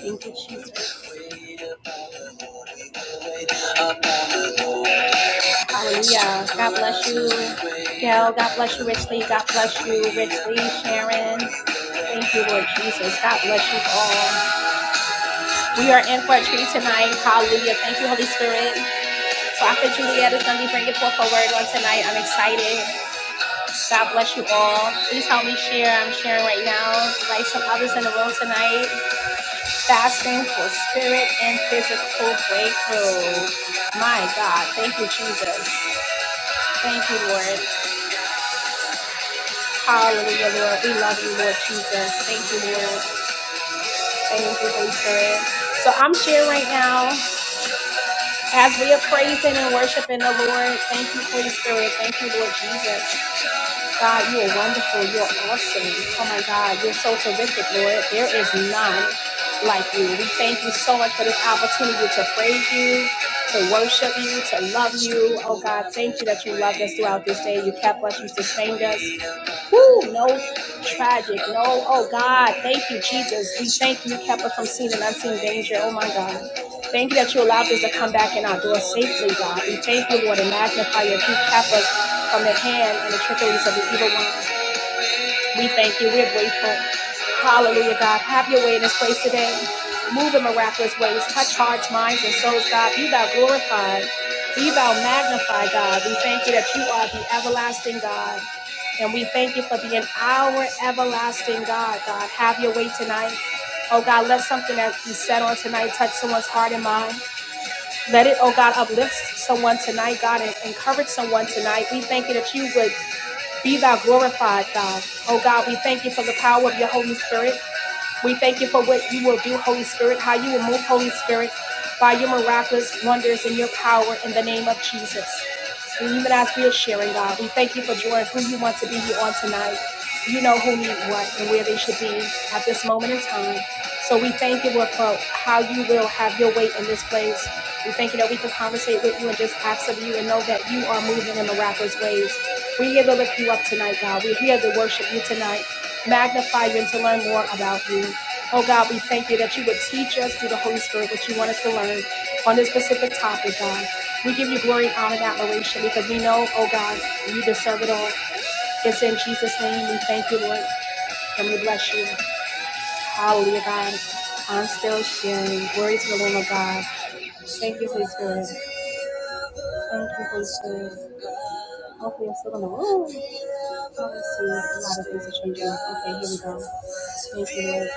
Thank you, Jesus. Hallelujah. God bless you, Gail. God bless you, Richly. God bless you, Richly, Sharon. Thank you, Lord Jesus. God bless you all. We are in for a treat tonight. Hallelujah. Thank you, Holy Spirit. Prophet Juliet is going to be bringing forth a word on tonight. I'm excited. God bless you all. Please help me share. I'm sharing right now. Invite some others in the room tonight. Fasting for spirit and physical breakthrough. My God. Thank you, Jesus. Thank you, Lord. Hallelujah, Lord. We love you, Lord Jesus. Thank you, Lord. Thank you, Holy Spirit. So I'm sharing right now as we are praising and worshiping the Lord. Thank you, Holy Spirit. Thank you, Lord Jesus. God, you are wonderful. You're awesome. Oh my God, you're so terrific, Lord. There is none like you. We thank you so much for this opportunity to praise you, to worship you, to love you. Oh God, thank you that you loved us throughout this day. You kept us, you sustained us. Woo, no tragic, no, oh God, thank you, Jesus. We thank you, kept us from seen and unseen danger. Oh my God. Thank you that you allowed us to come back in our door safely, God. We thank you, Lord, and magnify you. You kept us from the hand and the trickeries of the evil one. We thank you. We're grateful. Hallelujah, God. Have your way in this place today. Move in miraculous ways. Touch hearts, minds, and souls, God. Be thou glorified. Be thou magnified, God. We thank you that you are the everlasting God. And we thank you for being our everlasting God, God. Have your way tonight. Oh God, let something that be said on tonight touch someone's heart and mind. Let it, oh God, uplift someone tonight, God, and encourage someone tonight. We thank you that you would be thou glorified, God. Oh God, we thank you for the power of your Holy Spirit. We thank you for what you will do, Holy Spirit, how you will move, Holy Spirit, by your miraculous wonders and your power in the name of Jesus. And even as we are sharing, God, we thank you for joy, who you want to be here on tonight. You know who need what and where they should be at this moment in time. So we thank you, Lord, for how you will have your way in this place. We thank you that we can conversate with you and just ask of you and know that you are moving in miraculous ways. We're here to lift you up tonight, God. We're here to worship you tonight magnify you and to learn more about you. Oh God, we thank you that you would teach us through the Holy Spirit what you want us to learn on this specific topic, God. We give you glory, honor, and admiration because we know, oh God, you deserve it all. It's in Jesus' name. We thank you, Lord, and we bless you. Hallelujah, God. I'm still sharing. Glory to the Lord of God. Thank you, Holy Spirit. Thank you, Holy Spirit. Hopefully, I'm still in the room. Oh, let's see. A lot of things are changing. Okay, here we go. Thank you, Lord.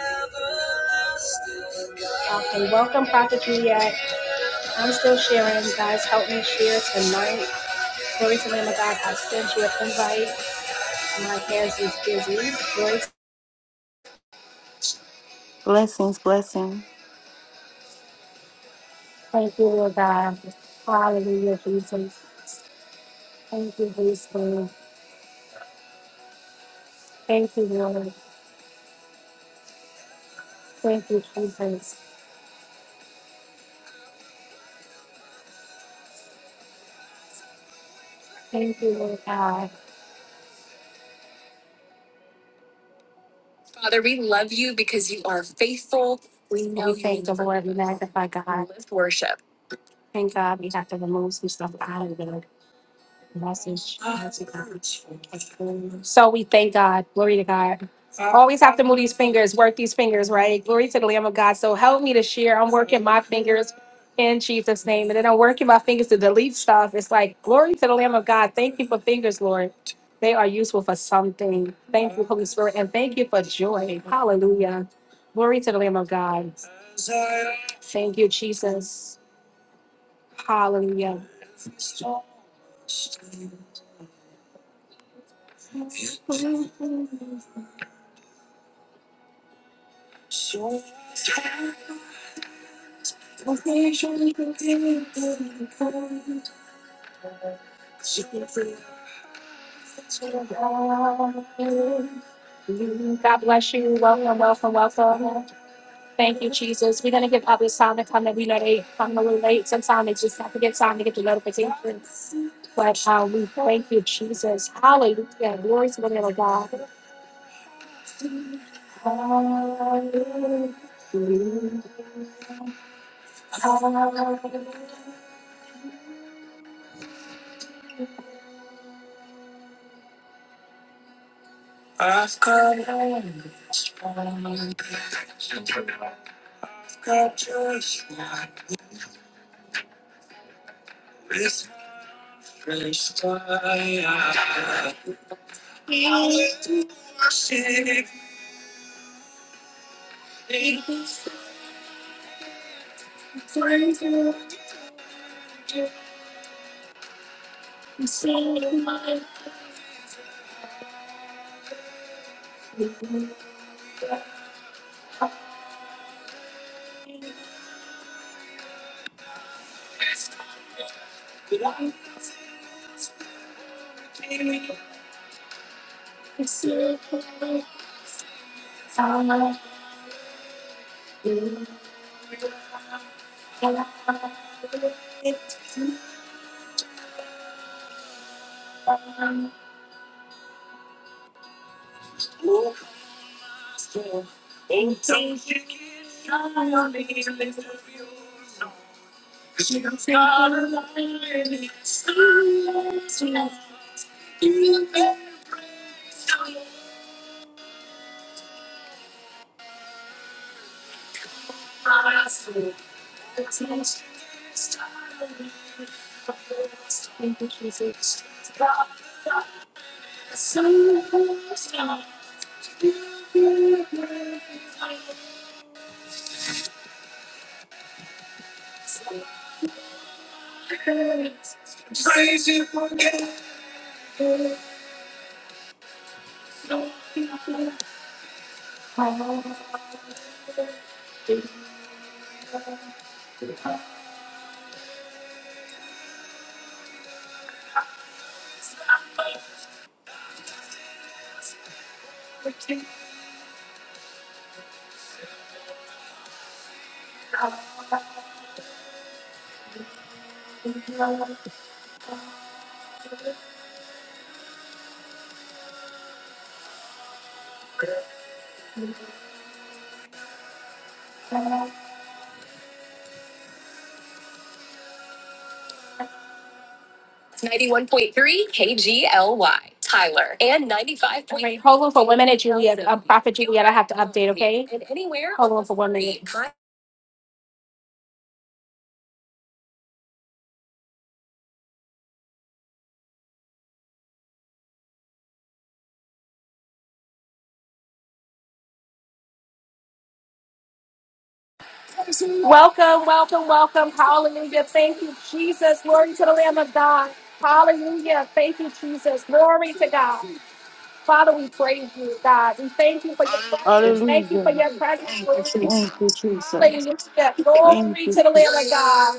Okay, welcome, Prophet Juliet. I'm still sharing. guys help me share tonight. Glory to the Lamb of God. I sent you an invite. My hands is busy. Glory to- Blessings, blessing. Thank you, Lord God. Hallelujah, Jesus. Thank you, Holy Spirit. Thank you, Lord. Thank you, Jesus. Thank you, Lord God. Father, we love you because you are faithful. We know we thank you the Lord. We magnify God. We lift worship. Thank God we have to remove some stuff out of there. message. So we thank God. Glory to God. Always have to move these fingers, work these fingers, right? Glory to the Lamb of God. So help me to share. I'm working my fingers in Jesus' name. And then I'm working my fingers to delete stuff. It's like, glory to the Lamb of God. Thank you for fingers, Lord. They are useful for something. Thank you, Holy Spirit. And thank you for joy. Hallelujah. Glory to the Lamb of God. Thank you, Jesus. Hallelujah. God bless you. Welcome, welcome, welcome. Thank you, Jesus. We're gonna give others time to come that we know they come a little late. Sometimes they just have to get time to get the notifications. But uh, we thank you, Jesus. Hallelujah. Glory to the name of God. Hallelujah. Praise you. Thank you. 91.3 KGLY, Tyler, and 95. point three. All right, hold on for one minute, Juliet. Um, Prophet Juliet, I have to update, okay? And anywhere hold on for one minute. on- Welcome, welcome, welcome. Hallelujah. Thank you, Jesus. Glory to the Lamb of God. Hallelujah. Thank you, Jesus. Glory to God. Father, we praise you, God. We thank you for your presence. Thank you Hallelujah. for your presence. Lord. Thank you, Jesus. Hallelujah. Thank Glory you, to the Jesus. Lamb of God.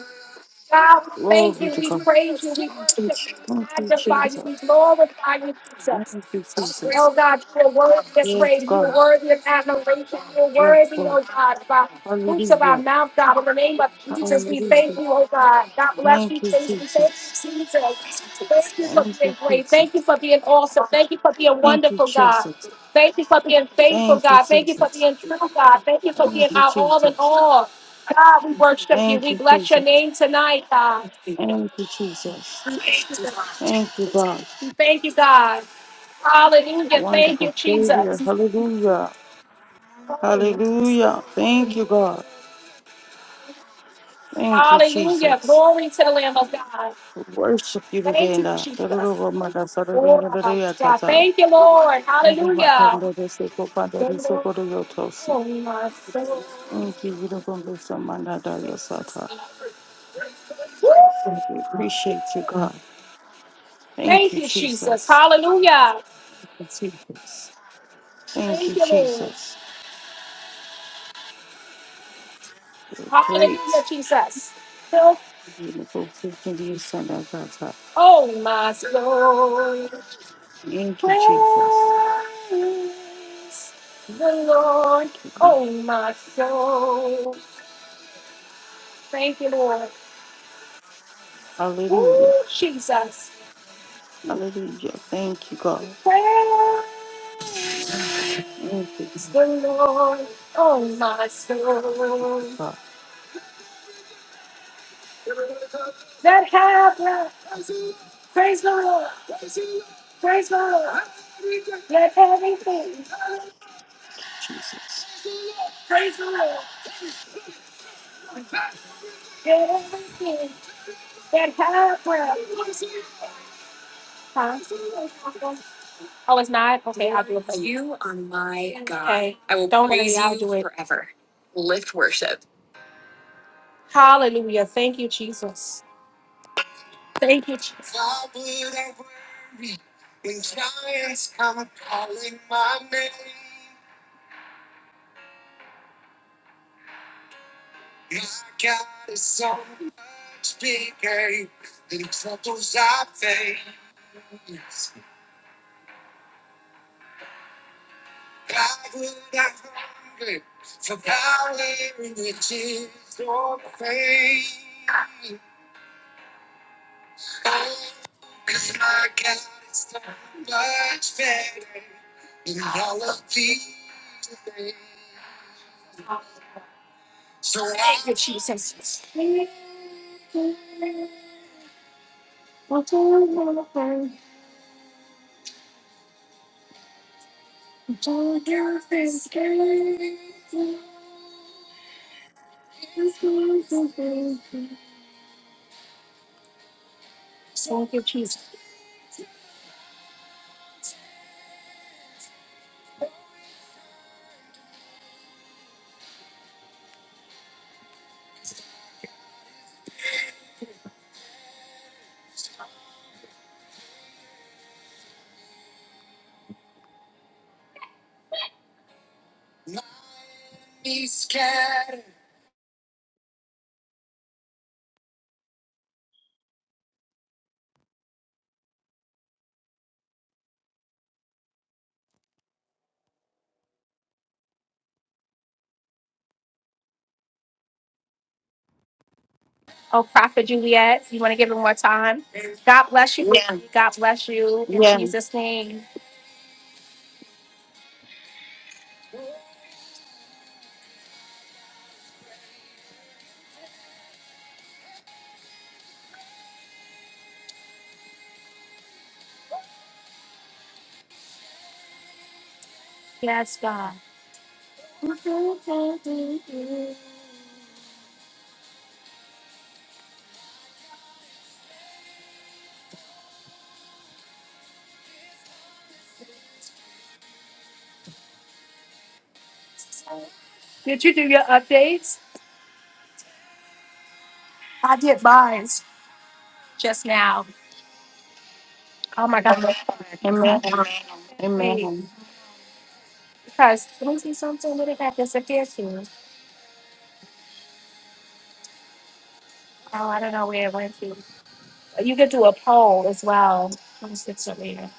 God, we thank Glory you, to we God. praise you, we worship you, we Thank you, magnify Jesus. you, we glorify you, Jesus. Thank you, Jesus. Oh God, you are worthy this Yes, way. You God. are worthy of admiration. You are Yes, worthy, God. oh God, of our fruits of our Hallelujah. mouth, God. In the name of Jesus, we Hallelujah. thank you, oh God. God bless you, Thank you, Jesus. We thank Jesus. you, Jesus. Thank you for Thank you, being great. Jesus. Thank you for being awesome. Thank you for being Thank you, Jesus. Thank you, wonderful, God. Jesus. Thank you for being faithful, Thank you, God. Thank you for Jesus. being true, God. Thank you for being Thank you, our all in Jesus. all. God, we worship you. Thank We bless your name tonight, God. you, Jesus. Thank you, God. We Thank you, God. Hallelujah. Thank you, Wonderful Savior. Jesus. Hallelujah. Hallelujah. Thank you, God. Thank you, Hallelujah. Jesus. Glory to the Lamb of God. We Worship you today, Thank you, Lord. Thank Jesus. you, Lord, God. Thank you, Lord. Hallelujah. Oh, my soul. We appreciate you, God. Thank Thank you, you, Jesus. Jesus. Hallelujah. Thank you, Jesus. Thank you, Thank you, Lord. Jesus. You're Hallelujah, Great. Jesus. Thank Oh, my soul. you, Praise Jesus. the Lord. Oh, my soul. Thank you, Lord. Hallelujah. Oh, Jesus. Hallelujah. Thank you, God. Praise Thank you, the Lord, oh my soul. God. Let heaven praise the Lord, praise the Lord. Let everything Jesus. praise the Lord. Oh, it's not? Okay, I'll do it for you. You are my God. Okay. I will Don't worry, praise I'll you do it. forever. Lift worship. Good Jesus. Thank you, Jesus. Oh, Prophet Juliet, you want to give it more time? God bless you. Yeah. God bless you in Yeah. Jesus' name. You did, I did mine just now. Oh my God. It's not mine. Amen. Wait, Amen. because let me see something. Where did that disappear to? Oh, I don't know where it went to. You could do a poll as well. Let me see something.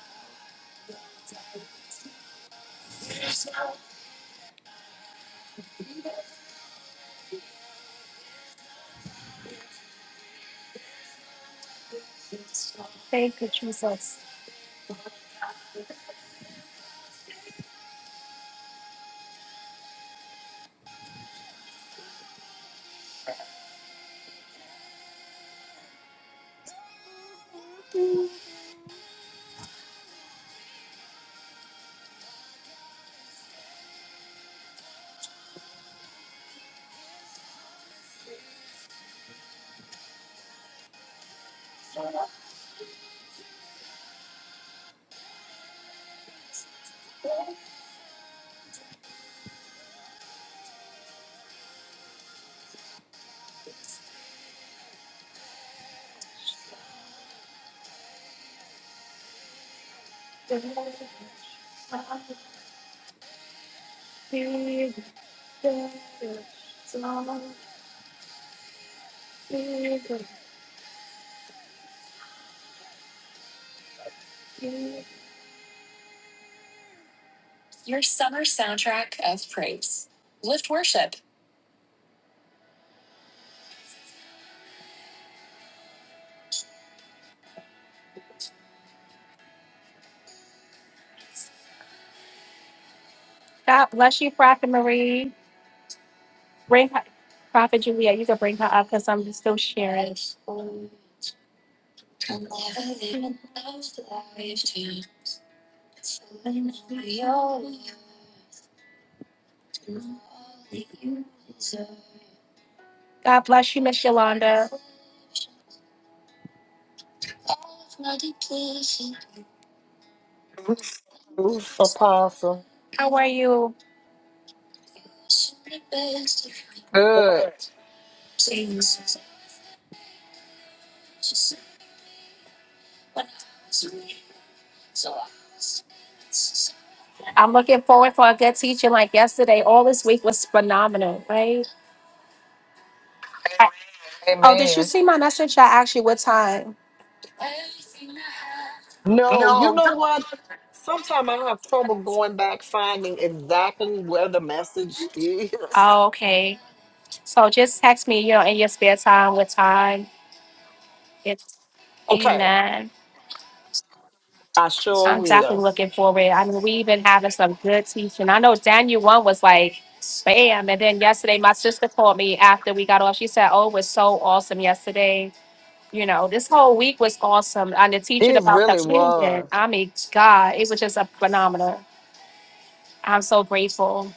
Your summer soundtrack of praise. Lift worship. God bless you, Prophet Marie. Bring her, Prophet Julia, you can bring her up because I'm still sharing. God bless you, Miss Yolanda. Oof, apostle. How are you? Good. I'm looking forward for a good teaching like yesterday. All this week was phenomenal, right? I- oh, did you Amen. see my message? I asked you what time. No, you know what? Sometimes I have trouble going back finding exactly where the message is. Oh, okay. So just text me, you know, in your spare time, what time. It's Okay, amen. I sure I'm will. definitely looking forward. I mean, we've been having some good teaching. I know Daniel one was like, bam. And then yesterday, my sister called me after we got off. She said, oh, it was so awesome yesterday. You know, this whole week was awesome. And the teaching It about really communion, was. I mean, God, it was just a phenomenal. I'm so grateful.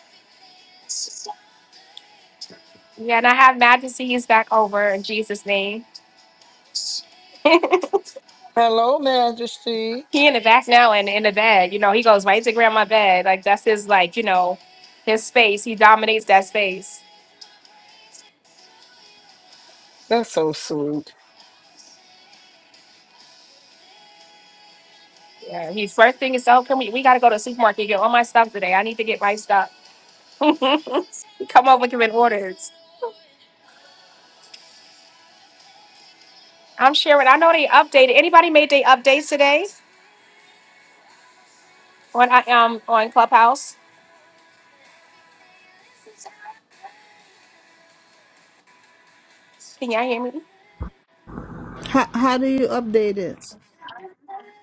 Yeah, and I have Majesty. He's back over in Jesus' name. Hello, Majesty. he in the back now and in the bed. You know, he goes right to grandma bed. Like that's his like, you know, his space. He dominates that space. That's so sweet. Yeah. He first thing is, oh, can we we gotta go to the supermarket, get all my stuff today. I need to get my stuff. Come over giving orders. I'm sharing. I know they updated. Anybody made their updates today on I um on Clubhouse? Can y'all hear me? How, how do you update it?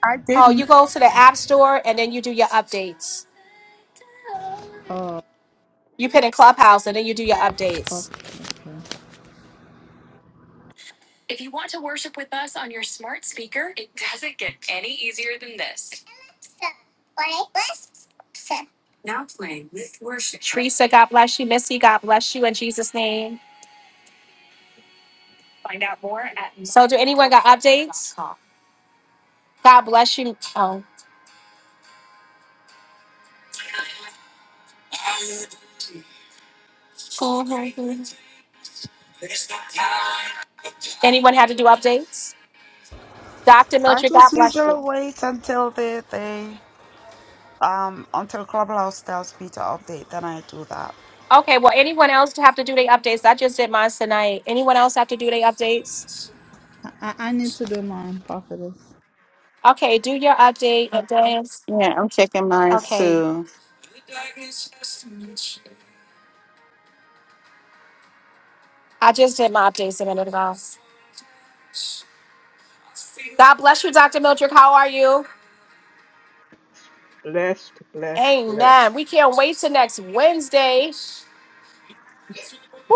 I Oh, you didn't. go to the app store and then you do your updates. Oh, You put in Clubhouse and then you do your okay. updates. okay. If you want to worship with us on your smart speaker, it doesn't get any easier than this. Now playing with worship. Teresa, God bless you. Missy, God bless you in Jesus' name. Find out more at So do anyone got updates? God bless you. Oh, cool. anyone had to do updates? Dr. I Mildred, God just bless you. usually wait until they, they um until Clubhouse tells me to update, then I do that. Okay, well, anyone else have to do their updates? I just did mine tonight. Anyone else have to do their updates? I, I need to do mine, prophetess. Okay, do your update. and then- Yeah, I'm checking mine Okay, too. I just did my updates a minute ago. God bless you, Dr. Mildred. How are you? Blessed, blessed, Amen. blessed. We can't wait till next Wednesday. Woo!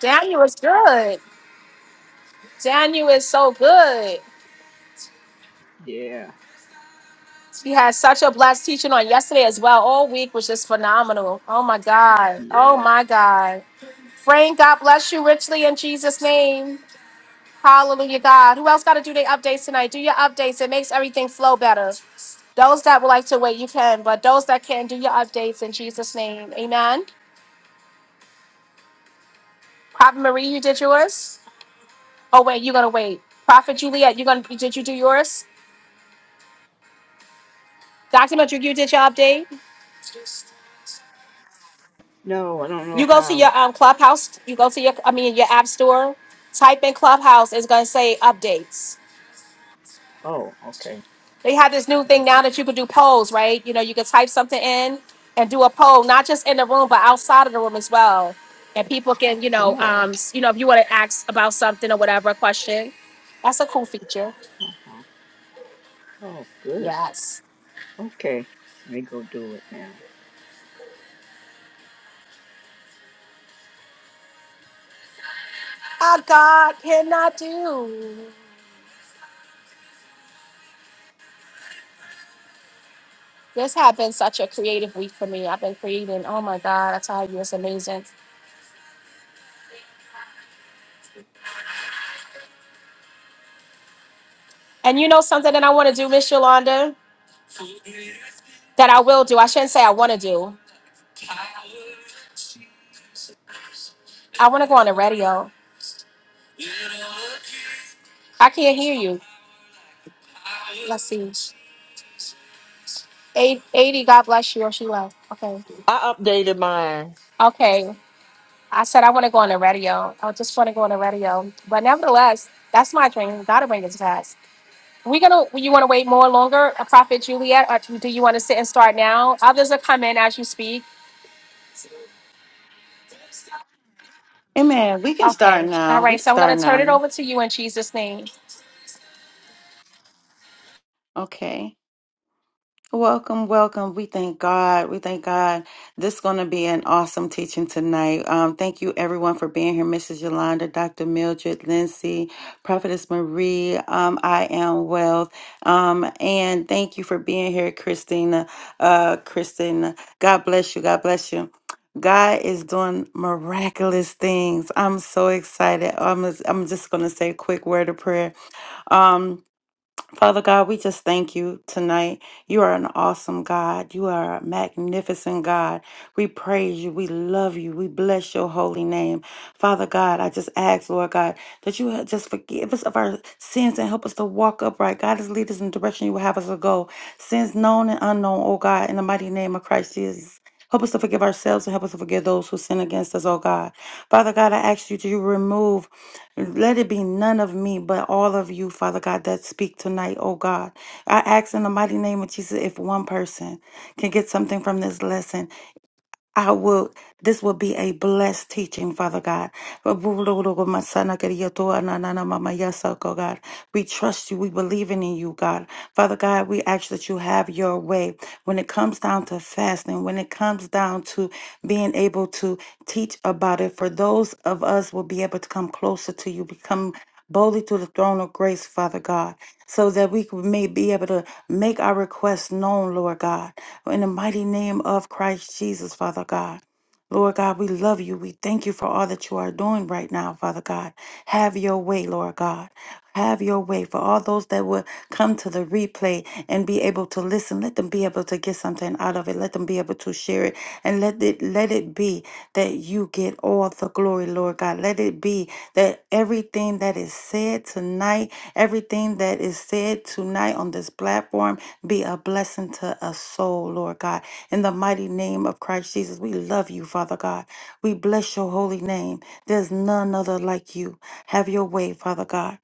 Daniel is good. Daniel is so good. Yeah, He had such a blessed teaching on yesterday as well. All week was just phenomenal. Oh my God. Oh yes. my God. Frank, God bless you richly in Jesus' name. Hallelujah, God. Who else got to do their updates tonight? Do your updates. It makes everything flow better. Those that would like to wait, you can. But those that can, do your updates in Jesus' name. Amen. Prophet Marie, you did yours? Oh wait, you're gonna wait. Prophet Juliet, you're gonna did you do yours? Dr. Madrid, you did your update. No, I don't You know go to how. your um clubhouse, you go to your I mean your app store, type in clubhouse, it's gonna say updates. Oh, okay. They have this new All thing now right. that you can do polls, right? You know, you can type something in and do a poll, not just in the room, but outside of the room as well. And people can, you know, Oh, um, s- you know, if you want to ask about something or whatever, a question, that's a cool feature. uh-huh. oh, good. Yes. Okay. Let me go do it now. Our God cannot do. this has been such a creative week for me. I've been creating. Oh my God, I tell you, it's amazing. And you know something that I want to do, Miss Yolanda, that I will do. I shouldn't say I want to do. I want to go on the radio. I can't hear you. Let's see. Eight- 80, God bless you, or she left. Okay. I updated mine. Okay. I said I want to go on the radio. I just want to go on the radio. But nevertheless, that's my dream. Gotta bring it to pass. We gonna you wanna wait more longer, uh, Prophet Juliet, or do you wanna sit and start now? Others are coming as you speak. Amen. We can start Okay. All now. We right. can So I'm going start to turn it now. over to you in Jesus' name. Okay. Welcome, welcome. We thank God. We thank God. This is going to be an awesome teaching tonight. Um, thank you, everyone, for being here. Mrs. Yolanda, Dr. Mildred, Lindsay, Prophetess Marie, um, I Am Wealth. Um, and thank you for being here, Christina. Uh, Christina, God bless you. God bless you. God is doing miraculous things. I'm so excited. I'm, I'm just going to say a quick word of prayer. Um, Father God, we just thank you tonight. You are an awesome God. You are a magnificent God. We praise you. We love you. We bless your holy name. Father God, I just ask, Lord God, that you just forgive us of our sins and help us to walk upright. God, just lead us in the direction you would have us to go. Sins known and unknown, oh God, in the mighty name of Christ Jesus. Help us to forgive ourselves and help us to forgive those who sin against us, oh God. Father God, I ask you to remove let it be none of me, but all of you, Father God, that speak tonight, oh God. I ask in the mighty name of Jesus if one person can get something from this lesson I will, this will be a blessed teaching, Father God. God. We trust you. We believe in you, God. Father God, we ask that you have your way when it comes down to fasting, when it comes down to being able to teach about it. For those of us will be able to come closer to you, become boldly to the throne of grace, Father God, so that we may be able to make our requests known, Lord God in the mighty name of Christ Jesus, Father God. Lord God, we love you. We thank you for all that you are doing right now, Father God. Have your way, Lord God. Have your way for all those that will come to the replay and be able to listen. Let them be able to get something out of it. Let them be able to share it. And let it let it be that you get all the glory, Lord God. Let it be that everything that is said tonight, everything that is said tonight on this platform be a blessing to us soul, Lord God. In the mighty name of Christ Jesus, we love you, Father God. We bless your holy name. There's none other like you. Have your way, Father God.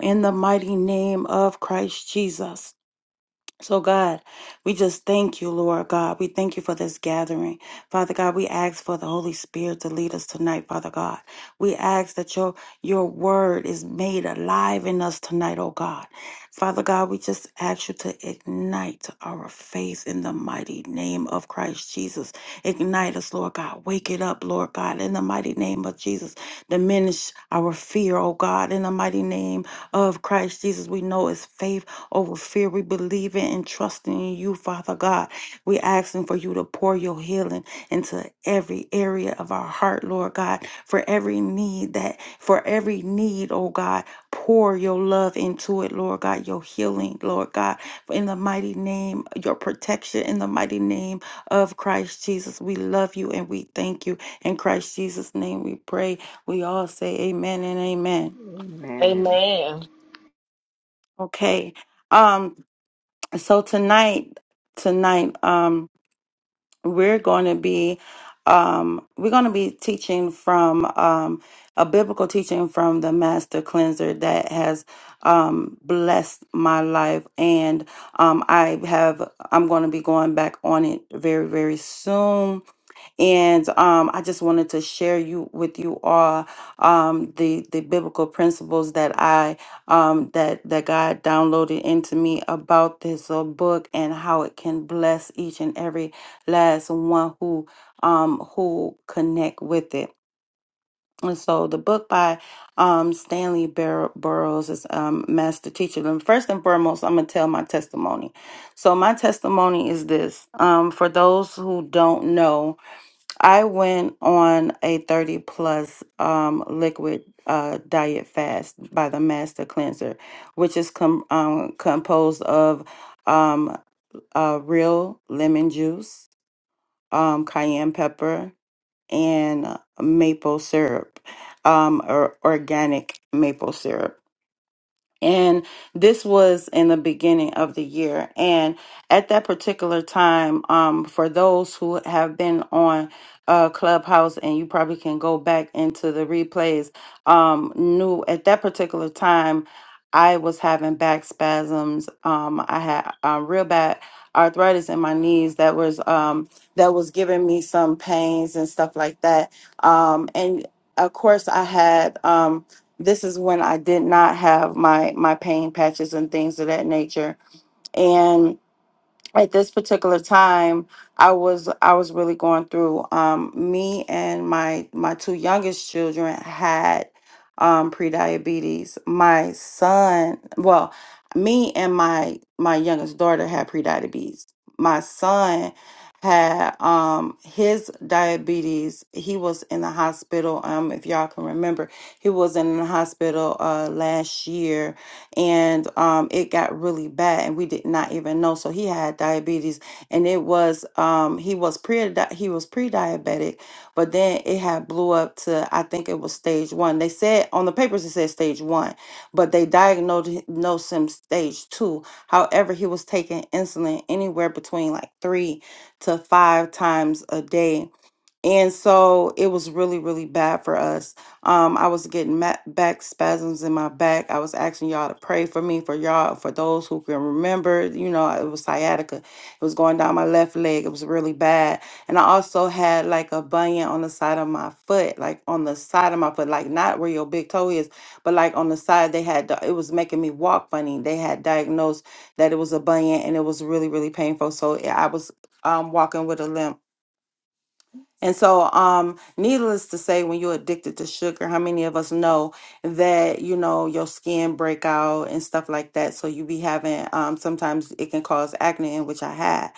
In the mighty name of Christ Jesus. So, God, we just thank you, Lord God. We thank you for this gathering. Father God, we ask for the Holy Spirit to lead us tonight, Father God. We ask that your, your word is made alive in us tonight, oh God. Father God, we just ask you to ignite our faith in the mighty name of Christ Jesus. Ignite us, Lord God. Wake it up, Lord God, in the mighty name of Jesus. Diminish our fear, oh God, in the mighty name of Christ Jesus. We know it's faith over fear. We believe in and trusting in you, Father God. We asking for you to pour your healing into every area of our heart, Lord God, for every need that, for every need, oh God, pour your love into it, Lord God, your healing, Lord God, in the mighty name, your protection, in the mighty name of Christ Jesus. We love you and we thank you. In Christ Jesus' name we pray. We all say amen and amen. Amen. Amen. Okay. Um, So tonight, tonight, um, we're going to be, um, we're going to be teaching from um, a biblical teaching from the Master Cleanser that has um, blessed my life, and um, I have, I'm going to be going back on it very, very soon and um, I just wanted to share you with you all um, the the biblical principles that I um, that that God downloaded into me about this uh, book and how it can bless each and every last one who um, who connect with it. And so the book by um, Stanley Bur- Burroughs is um, Master Teacher. And first and foremost, I'm gonna tell my testimony. So my testimony is this: um, for those who don't know. I went on a 30 plus um, liquid uh, diet fast by the Master Cleanser, which is com- um, composed of um, uh, real lemon juice, um, cayenne pepper, and maple syrup, um, or organic maple syrup. And this was in the beginning of the year. And at that particular time, um, for those who have been on uh, Clubhouse, and you probably can go back into the replays, um, knew at that particular time, I was having back spasms. Um, I had uh, real bad arthritis in my knees that was um, that was giving me some pains and stuff like that. Um, and of course, I had. Um, this is when I did not have my my pain patches and things of that nature. And at this particular time i was i was really going through um me and my my two youngest children had um prediabetes my son well me and my my youngest daughter had prediabetes my son had um his diabetes he was in the hospital um if y'all can remember he was in the hospital uh last year and um, it got really bad, and we did not even know. So he had diabetes, and it was um, he was pre he was pre diabetic, but then it had blew up to I think it was stage one. They said on the papers it said stage one, but they diagnosed hi- diagnosed him stage two. However, he was taking insulin anywhere between like three to five times a day and so it was really really bad for us um i was getting ma- back spasms in my back i was asking y'all to pray for me for y'all for those who can remember you know it was sciatica it was going down my left leg it was really bad and i also had like a bunion on the side of my foot like on the side of my foot like not where your big toe is but like on the side they had di- it was making me walk funny they had diagnosed that it was a bunion and it was really really painful so i was um walking with a limp and so, um, needless to say, when you're addicted to sugar, how many of us know that you know your skin break out and stuff like that? So you be having um, sometimes it can cause acne, in which I had.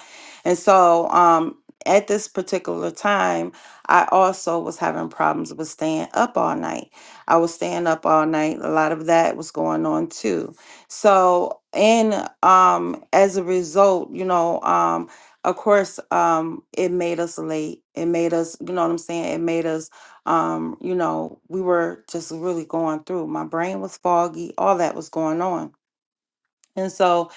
And so, um, at this particular time, I also was having problems with staying up all night. I was staying up all night. A lot of that was going on too. So, and um, as a result, you know, um, of course um it made us late it made us you know what i'm saying it made us um you know we were just really going through my brain was foggy all that was going on and so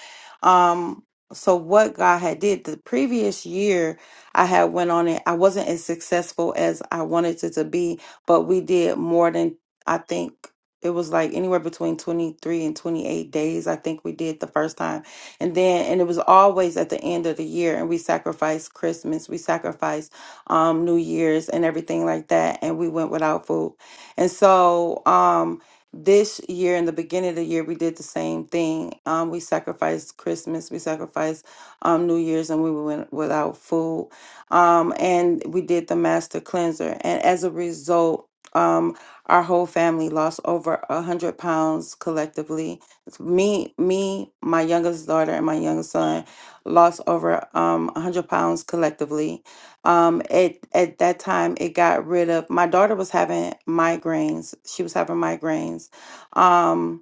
um so what god had did the previous year i had went on it i wasn't as successful as i wanted it to be but we did more than i think it was like anywhere between 23 and 28 days i think we did the first time and then and it was always at the end of the year and we sacrificed christmas we sacrificed um new year's and everything like that and we went without food and so um this year, in the beginning of the year, we did the same thing. Um, we sacrificed Christmas, we sacrificed um, New Year's, and we went without food. Um, and we did the master cleanser. And as a result, um, our whole family lost over a hundred pounds collectively. It's Me, me, my youngest daughter, and my youngest son lost over um a hundred pounds collectively um, at at that time, it got rid of. My daughter was having migraines. She was having migraines. Um,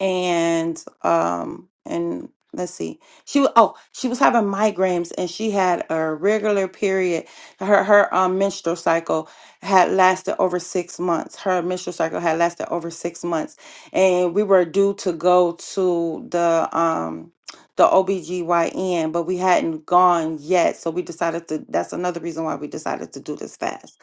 and um and let's see she wa- oh she was having migraines and she had a regular period her her um, menstrual cycle had lasted over six months her menstrual cycle had lasted over six months and we were due to go to the um the OBGYN but we hadn't gone yet so we decided to that's another reason why we decided to do this fast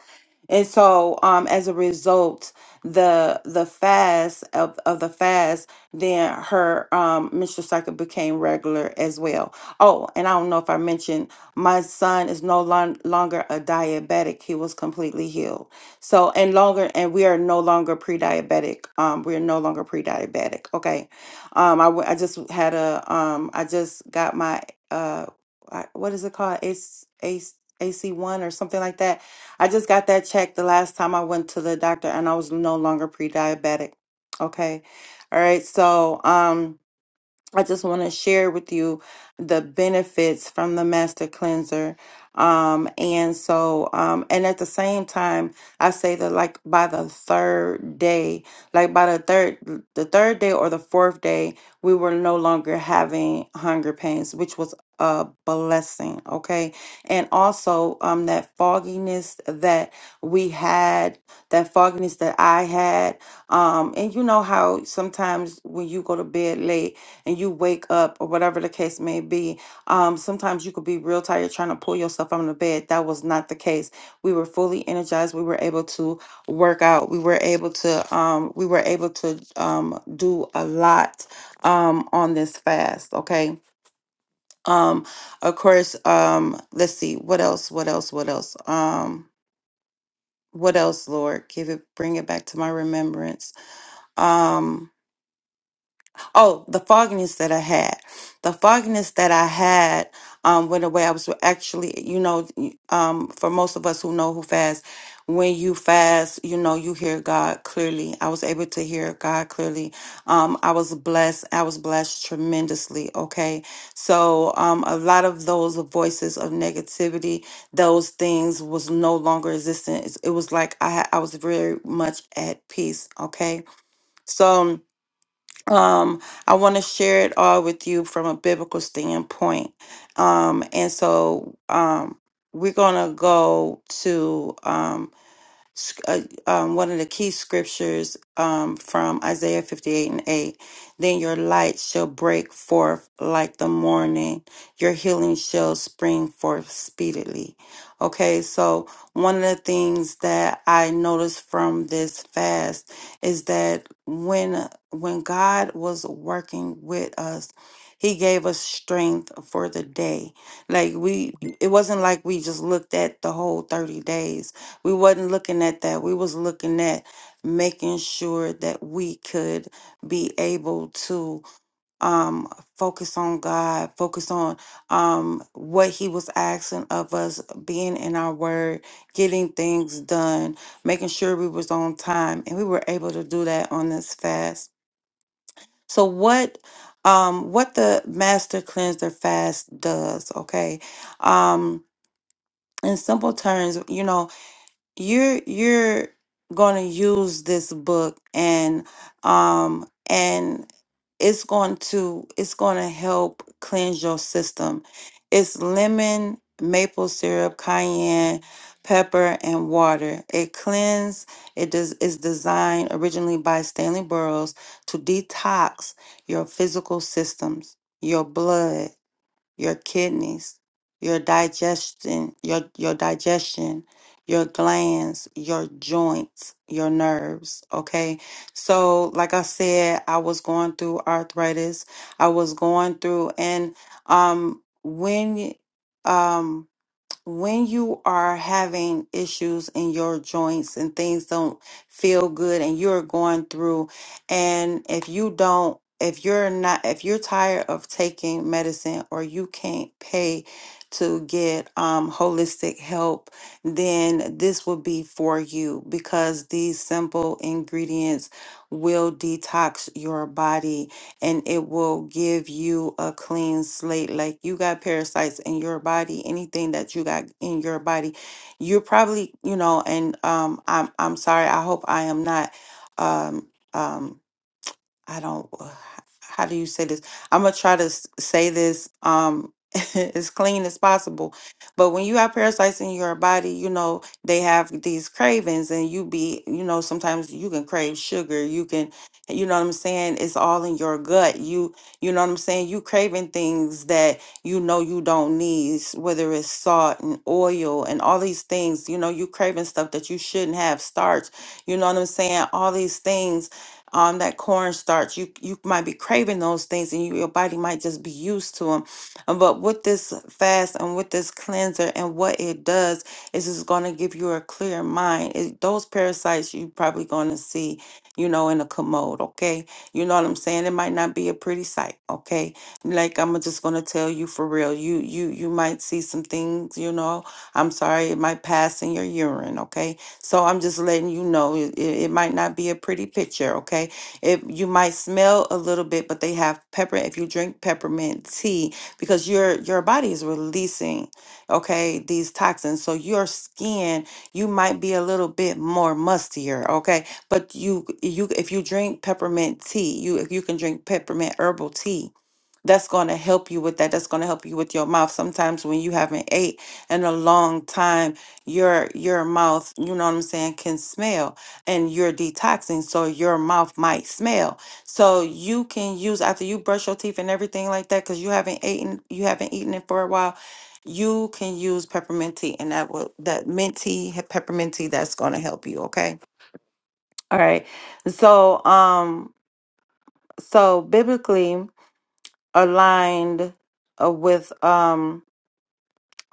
and so um as a result the the fast of, of the fast then her um menstrual cycle became regular as well oh and i don't know if i mentioned my son is no lon- longer a diabetic he was completely healed so and longer and we are no longer pre-diabetic um we are no longer pre-diabetic okay um i, w- I just had a um i just got my uh I- what is it called it's ac1 or something like that I just got that checked the last time I went to the doctor and I was no longer pre-diabetic. Okay. All right. So, um I just want to share with you the benefits from the Master Cleanser. Um, and so, um, and at the same time, I say that like by the third day, like by the third, the third day or the fourth day, we were no longer having hunger pains, which was a blessing. Okay. And also, um, that fogginess that we had, that fogginess that I had, um, and you know how sometimes when you go to bed late, and you wake up or whatever the case may be. Um, sometimes you could be real tired trying to pull yourself out of the bed. That was not the case. We were fully energized. We were able to work out. We were able to um, we were able to um, do a lot um, on this fast. Okay. Um, of course. Um, let's see. What else? What else? What else? Um, what else, Lord? Give it. Bring it back to my remembrance. Um, Oh, the fogginess that I had. The fogginess that I had um, went away. I was actually, you know, um, for most of us who know who fast, when you fast, you know, you hear God clearly. I was able to hear God clearly. Um, I was blessed. I was blessed tremendously. Okay. So um, a lot of those voices of negativity, those things was no longer existent. It was like I, ha- I was very much at peace. Okay. So, um, um, I want to share it all with you from a biblical standpoint. Um, and so um, we're going to go to um, sc- uh, um, one of the key scriptures um, from Isaiah 58 and 8. Then your light shall break forth like the morning, your healing shall spring forth speedily. Okay, so one of the things that I noticed from this fast is that when when God was working with us, he gave us strength for the day. Like we it wasn't like we just looked at the whole 30 days we wasn't looking at that. We was looking at making sure that we could be able to um, focus on God, focus on um, what He was asking of us, being in our Word, getting things done, making sure we was on time, and we were able to do that on this fast. So what? Um, what the Master Cleanser Fast does, okay? Um, in simple terms, you know, you're you're going to use this book and um and it's going to it's going to help cleanse your system it's lemon maple syrup cayenne pepper and water it cleanse it does is designed originally by stanley burroughs to detox your physical systems your blood your kidneys, your digestion, your, your digestion, your glands, your joints, your nerves. Okay. So, like I said, I was going through arthritis. I was going through, and um, when um when you are having issues in your joints and things don't feel good and you're going through and if you don't if you're not if you're tired of taking medicine or you can't pay to get um, holistic help then this will be for you because these simple ingredients will detox your body and it will give you a clean slate. Like you got parasites in your body, anything that you got in your body, you're probably, you know, and um I'm I'm sorry, I hope I am not um um I don't, uh, how do you say this? I'm gonna try to s- say this um as clean as possible. But when you have parasites in your body, you know, they have these cravings and you be, you know, sometimes you can crave sugar, you can, you know what I'm saying? It's all in your gut. You, you know what I'm saying? You craving things that you know you don't need, s- whether it's salt and oil and all these things, you know, you craving stuff that you shouldn't have, starch, you know what I'm saying? All these things um, that cornstarch. You you might be craving those things, and you, your body might just be used to them. But with this fast and with this cleanser and what it does is it's going to give you a clear mind. It, those parasites you probably going to see, you know, in a commode. Okay, you know what I'm saying. It might not be a pretty sight. Okay, like I'm just going to tell you for real. You you you might see some things. You know, I'm sorry, it might pass in your urine. Okay, so I'm just letting you know it, it it might not be a pretty picture, okay? If you might smell a little bit, but they have pepper. If you drink peppermint tea, because your your body is releasing, okay, these toxins. So your skin, you might be a little bit more mustier, okay? But you you if you drink peppermint tea, you if you can drink peppermint herbal tea that's going to help you with that that's going to help you with your mouth sometimes when you haven't ate in a long time your your mouth you know what i'm saying can smell and you're detoxing so your mouth might smell so you can use after you brush your teeth and everything like that because you haven't eaten you haven't eaten it for a while you can use peppermint tea and that will that mint tea peppermint tea that's going to help you okay all right so um so biblically aligned uh, with um,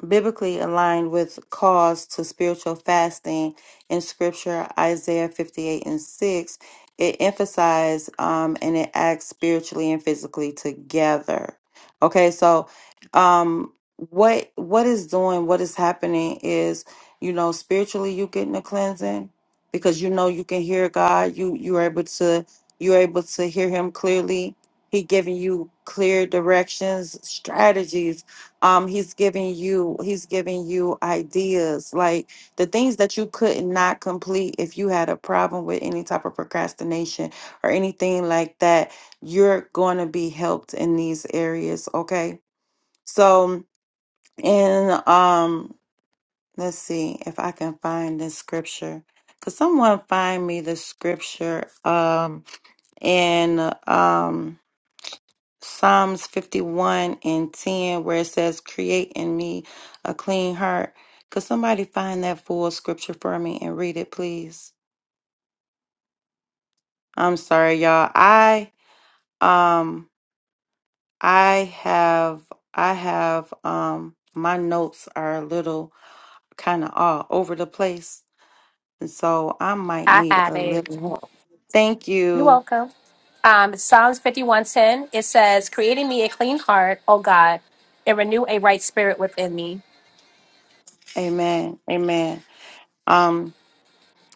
biblically aligned with calls to spiritual fasting in scripture isaiah 58 and 6 it emphasized um, and it acts spiritually and physically together okay so um, what what is doing what is happening is you know spiritually you getting a cleansing because you know you can hear god you you're able to you're able to hear him clearly he giving you clear directions strategies um he's giving you he's giving you ideas like the things that you could not complete if you had a problem with any type of procrastination or anything like that you're going to be helped in these areas okay so in um let's see if i can find this scripture could someone find me the scripture um in um Psalms 51 and 10, where it says, Create in me a clean heart. Could somebody find that full scripture for me and read it, please? I'm sorry, y'all. I um I have I have um my notes are a little kind of all over the place. And so I might I need have a it. little help. Thank You're you. welcome. Um, Psalms 51:10. It says, "Creating me a clean heart, O God, and renew a right spirit within me." Amen. Amen. Um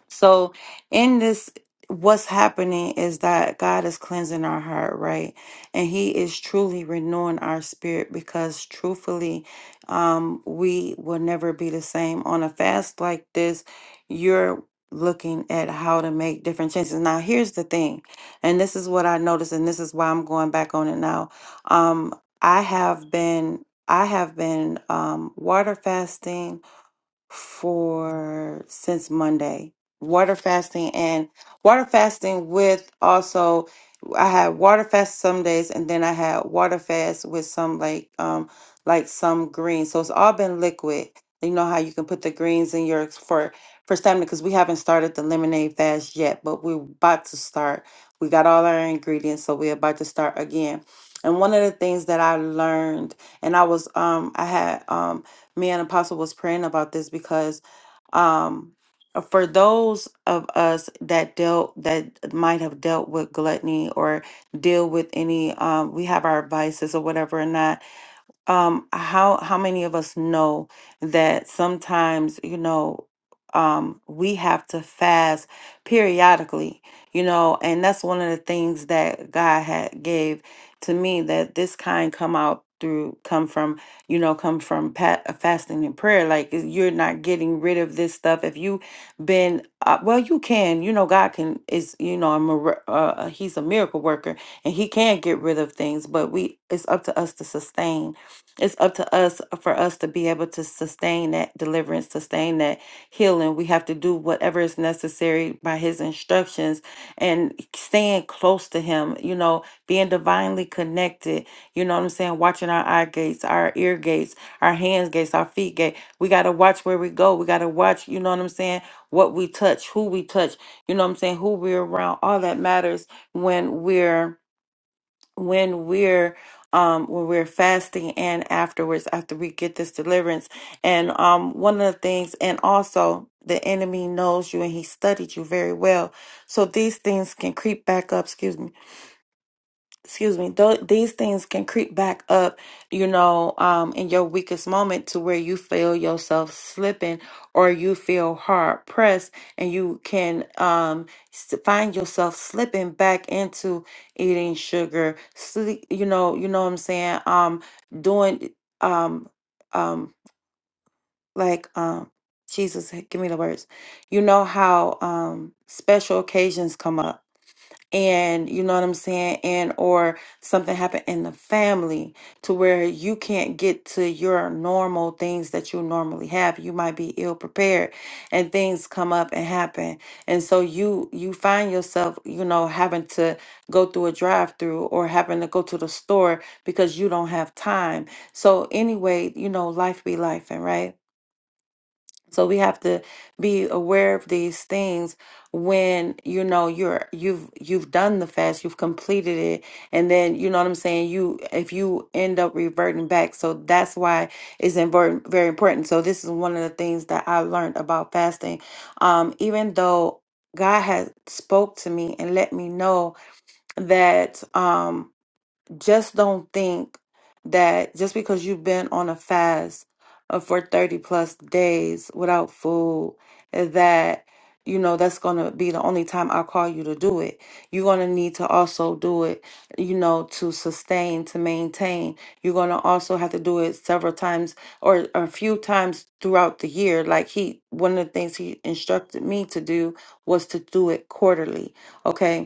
So, in this, what's happening is that God is cleansing our heart, right? And He is truly renewing our spirit because, truthfully, um, we will never be the same. On a fast like this, you're looking at how to make different changes. Now, here's the thing, and this is what I noticed, and this is why I'm going back on it now. Um, I have been. I have been um, water fasting for since Monday. Water fasting and water fasting with also I had water fast some days and then I had water fast with some like um like some greens. So it's all been liquid. You know how you can put the greens in your for for stamina because we haven't started the lemonade fast yet, but we're about to start. We got all our ingredients, so we're about to start again. And one of the things that I learned, and I was um I had um me and Apostle was praying about this because um for those of us that dealt that might have dealt with gluttony or deal with any um we have our vices or whatever or not um how how many of us know that sometimes you know um we have to fast periodically you know and that's one of the things that god had gave to me that this kind come out through come from you know come from pat, fasting and prayer like is- you're not getting rid of this stuff if you been uh, well you can you know god can is you know a, mir- uh, uh, he's a miracle worker and he can get rid of things but we it's up to us to sustain it's up to us for us to be able to sustain that deliverance, sustain that healing. We have to do whatever is necessary by His instructions and staying close to Him, you know, being divinely connected, you know what I'm saying? Watching our eye gates, our ear gates, our hands gates, our feet gate. We got to watch where we go. We got to watch, you know what I'm saying? What we touch, who we touch, you know what I'm saying? Who we're around. All that matters when we're when we're um when we're fasting and afterwards after we get this deliverance and um one of the things and also the enemy knows you and he studied you very well so these things can creep back up excuse me excuse me, th- these things can creep back up, you know, um, in your weakest moment to where you feel yourself slipping or you feel hard pressed and you can um, s- find yourself slipping back into eating sugar, sleep, you know, you know what I'm saying? Um, doing, um, um, like, um, Jesus, give me the words. You know how um, special occasions come up and you know what I'm saying, and or something happened in the family to where you can't get to your normal things that you normally have. You might be ill prepared and things come up and happen. And so you you find yourself, you know, having to go through a drive-through or having to go to the store because you don't have time. So anyway, you know, life be life, and right? So we have to be aware of these things when you know you're you've you've done the fast, you've completed it, and then you know what I'm saying. You if you end up reverting back, so that's why it's important, very important. So this is one of the things that I learned about fasting. Um, even though God has spoke to me and let me know that. Um, just don't think that just because you've been on a fast uh, for 30 plus days without food eh, that you know that's going to be the only time I call you to do it. You're going to need to also do it, you know, to sustain, to maintain. You're going to also have to do it several times or a few times throughout the year. Like he one of the things he instructed me to do was to do it quarterly, okay?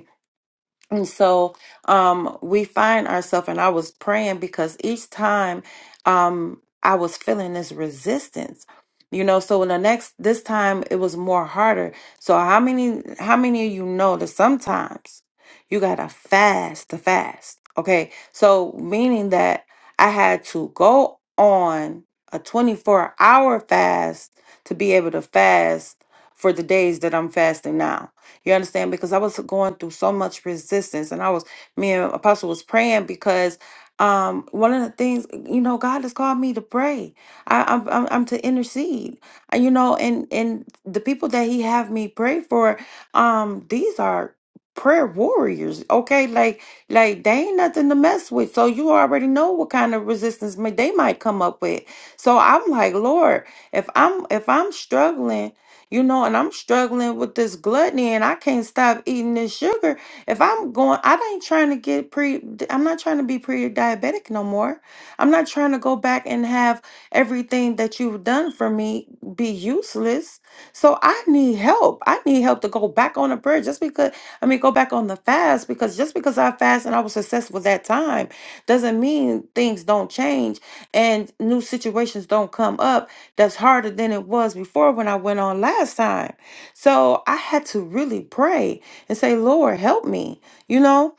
And so um, we find ourselves, and I was praying because each time um, I was feeling this resistance, you know. So in the next, this time it was more harder. So how many, how many of you know that sometimes you gotta fast to fast? Okay, so meaning that I had to go on a 24 hour fast to be able to fast for the days that I'm fasting now you understand? Because I was going through so much resistance and I was me and Apostle was praying because um one of the things you know God has called me to pray. I I'm I'm, I'm to intercede. Uh, You know, and and the people that he have me pray for um these are prayer warriors okay like like they ain't nothing to mess with so you already know what kind of resistance may, they might come up with so i'm like lord if i'm if i'm struggling you know, and I'm struggling with this gluttony and I can't stop eating this sugar. If I'm going, I ain't trying to get pre, I'm not trying to be pre diabetic no more. I'm not trying to go back and have everything that you've done for me be useless. So I need help. I need help to go back on a prayer just because, I mean, go back on the fast because just because I fast and I was successful that time doesn't mean things don't change and new situations don't come up that's harder than it was before when I went on last time. So I had to really pray and say, Lord, help me, you know?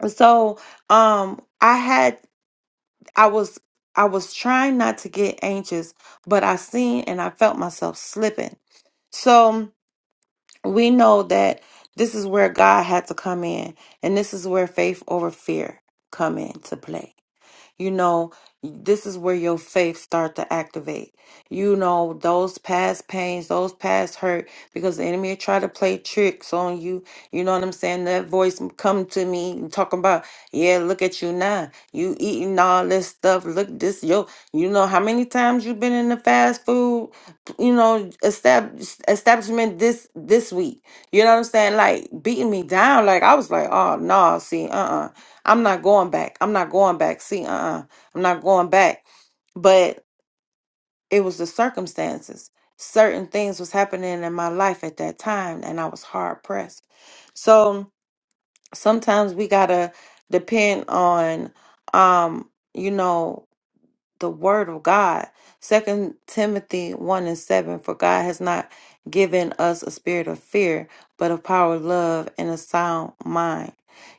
And So um I had I was I was trying not to get anxious, but I seen and I felt myself slipping. So we know that this is where God had to come in and this is where faith over fear come into play you know this is where your faith start to activate you know those past pains those past hurt because the enemy try to play tricks on you you know what i'm saying that voice come to me and talking about yeah look at you now you eating all this stuff look this yo you know how many times you been in the fast food you know establish, establishment this this week you know what i'm saying like beating me down like i was like oh no see uh-uh I'm not going back. I'm not going back. See, uh uh-uh. uh. i am not going back. But it was the circumstances. Certain things was happening in my life at that time and I was hard pressed. So sometimes we gotta depend on um, you know, the word of God. Second Timothy one and seven, for God has not given us a spirit of fear, but of power, love, and a sound mind.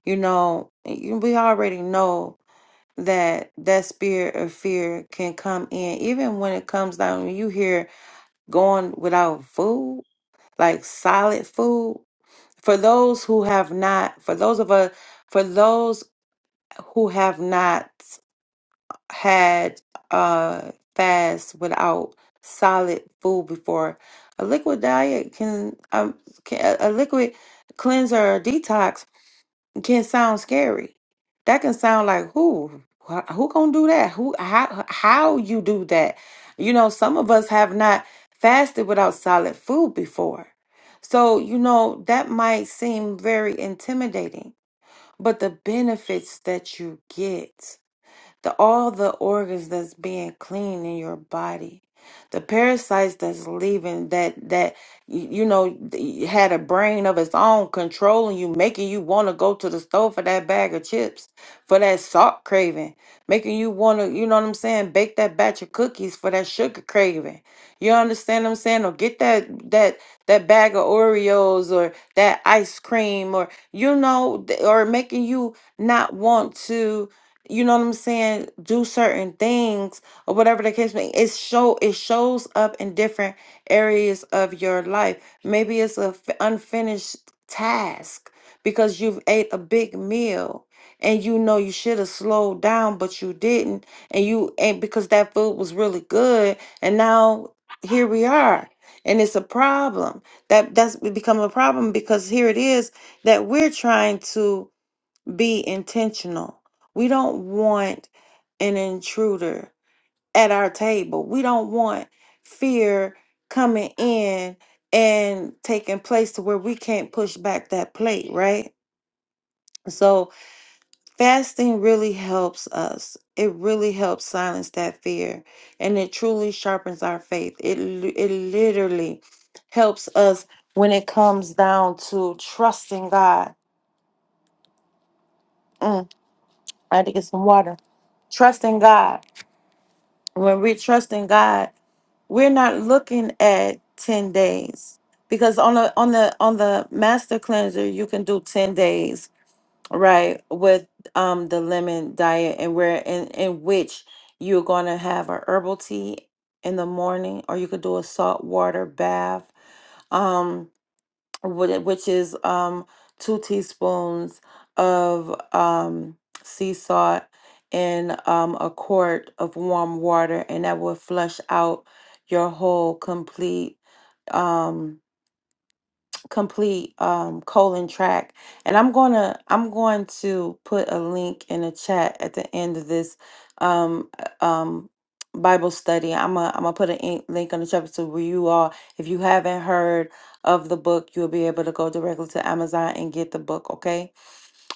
You know, you- we already know that that spirit of fear can come in even when it comes down when you hear going without food like solid food for those who have not for those of us for those who have not had uh fast without solid food before a liquid diet can um can, a a liquid cleanser or detox can sound scary. That can sound like who Wha- who gonna do that? Who how how you do that? You know, some of us have not fasted without solid food before. So, you know, that might seem very intimidating, but the benefits that you get the all the organs that's being clean in your body the parasites that's leaving that that y- you know y- had a brain of its own controlling you making you want to go to the store for that bag of chips for that salt craving making you want to you know what i'm saying bake that batch of cookies for that sugar craving you understand what i'm saying or get that that that bag of oreos or that ice cream or you know th- or making you not want to you know what I'm saying, do certain things or whatever the case may it show it shows up in different areas of your life. Maybe it's a f- unfinished task because you've ate a big meal and you know you should have slowed down but you didn't and you and because that food was really good and now here we are and it's a problem that that's become a problem because here it is that we're trying to be intentional. We don't want an intruder at our table. We don't want fear coming in and taking place to where we can't push back that plate, right? So, fasting really helps us. It really helps silence that fear and it truly sharpens our faith. It li- it literally helps us when it comes down to trusting God. Mm, I had to get some water. Trusting God when we're trusting God, we're not looking at 10 days because on the on the on the master cleanser you can do 10 days right with um the lemon diet and where in in which you're going to have a herbal tea in the morning or you could do a salt water bath Um, wh- which is um, two teaspoons of um, sea salt in um, a quart of warm water, and that will flush out your whole complete. um, complete um colon track and i'm gonna i'm going to put a link in the chat at the end of this um uh, um bible study i'm gonna i'm gonna put a in- link on the chapter so where you all if you haven't heard of the book you'll be able to go directly to amazon and get the book okay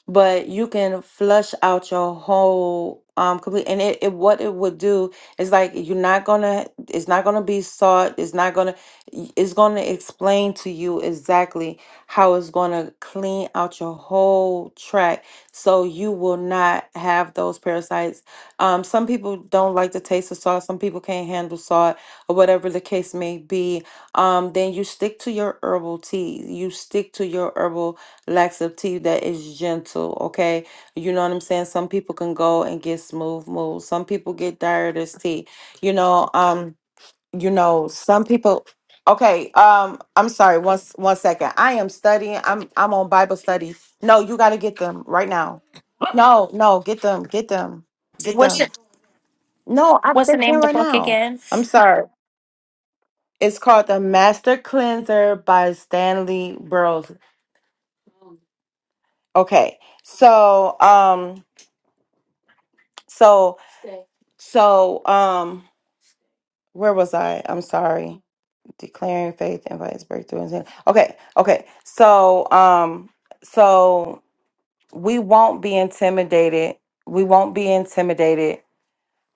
but you can flush out your whole um complete and it, it what it would do is like you're not gonna it's not gonna be sought it's not gonna y- it's gonna explain to you exactly how it's gonna clean out your whole tract so you will not have those parasites um some people don't like the taste of salt some people can't handle salt or whatever the case may be um then you stick to your herbal tea you stick to your herbal laxative that is gentle, okay? You know what I'm saying? Some people can go and get smooth moves. Some people get tired as tea. You know, um, you know, some people okay, um, I'm sorry, one s- one second. I am studying, I'm I'm on Bible study. No, you gotta get them right now. No, no, get them, get them, get What's it, them. No, I What's they the name can of the right book now. again? I'm sorry. It's called The Master Cleanser by Stanley Burroughs. Okay. So, um, So Stay. so um where was I? I'm sorry. Declaring faith invites breakthrough. and- Okay, okay. So um so we won't be intimidated. We won't be intimidated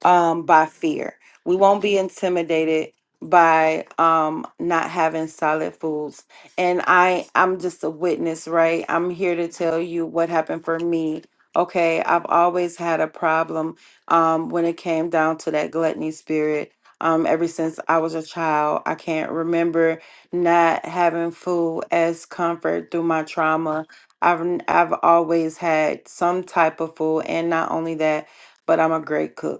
um, by fear. We won't be intimidated by um, not having solid foods. And I, I'm just a witness, right? I'm here to tell you what happened for me. Okay, I've always had a problem um, when it came down to that gluttony spirit. Um, ever since I was a child, I can't remember not having food as comfort through my trauma. I've n- I've always had some type of food, and not only that, but I'm a great cook.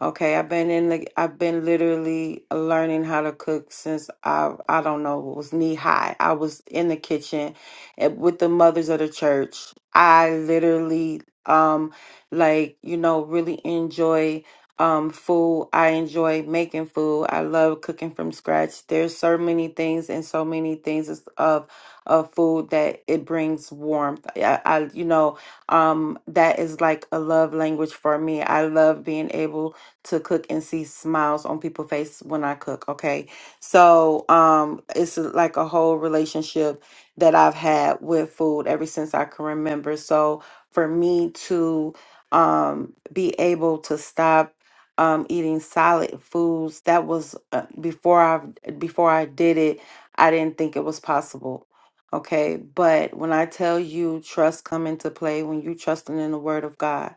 Okay, I've been in the I've been literally learning how to cook since I I don't know, was knee high. I was in the kitchen at- with the mothers of the church. I literally um like, you know, really enjoy um food. I enjoy making food. I love cooking from scratch. There's so many things and so many things is- of of food that it brings warmth. I, I you know, um that is like a love language for me. I love being able to cook and see smiles on people's face when I cook. Okay. So um it's uh, like a whole relationship that I've had with food ever since I can remember. So for me to um be able to stop um eating solid foods that was uh, before I before I did it, I didn't think it was possible. Okay, but when I tell you trust come into play when you trusting in the word of God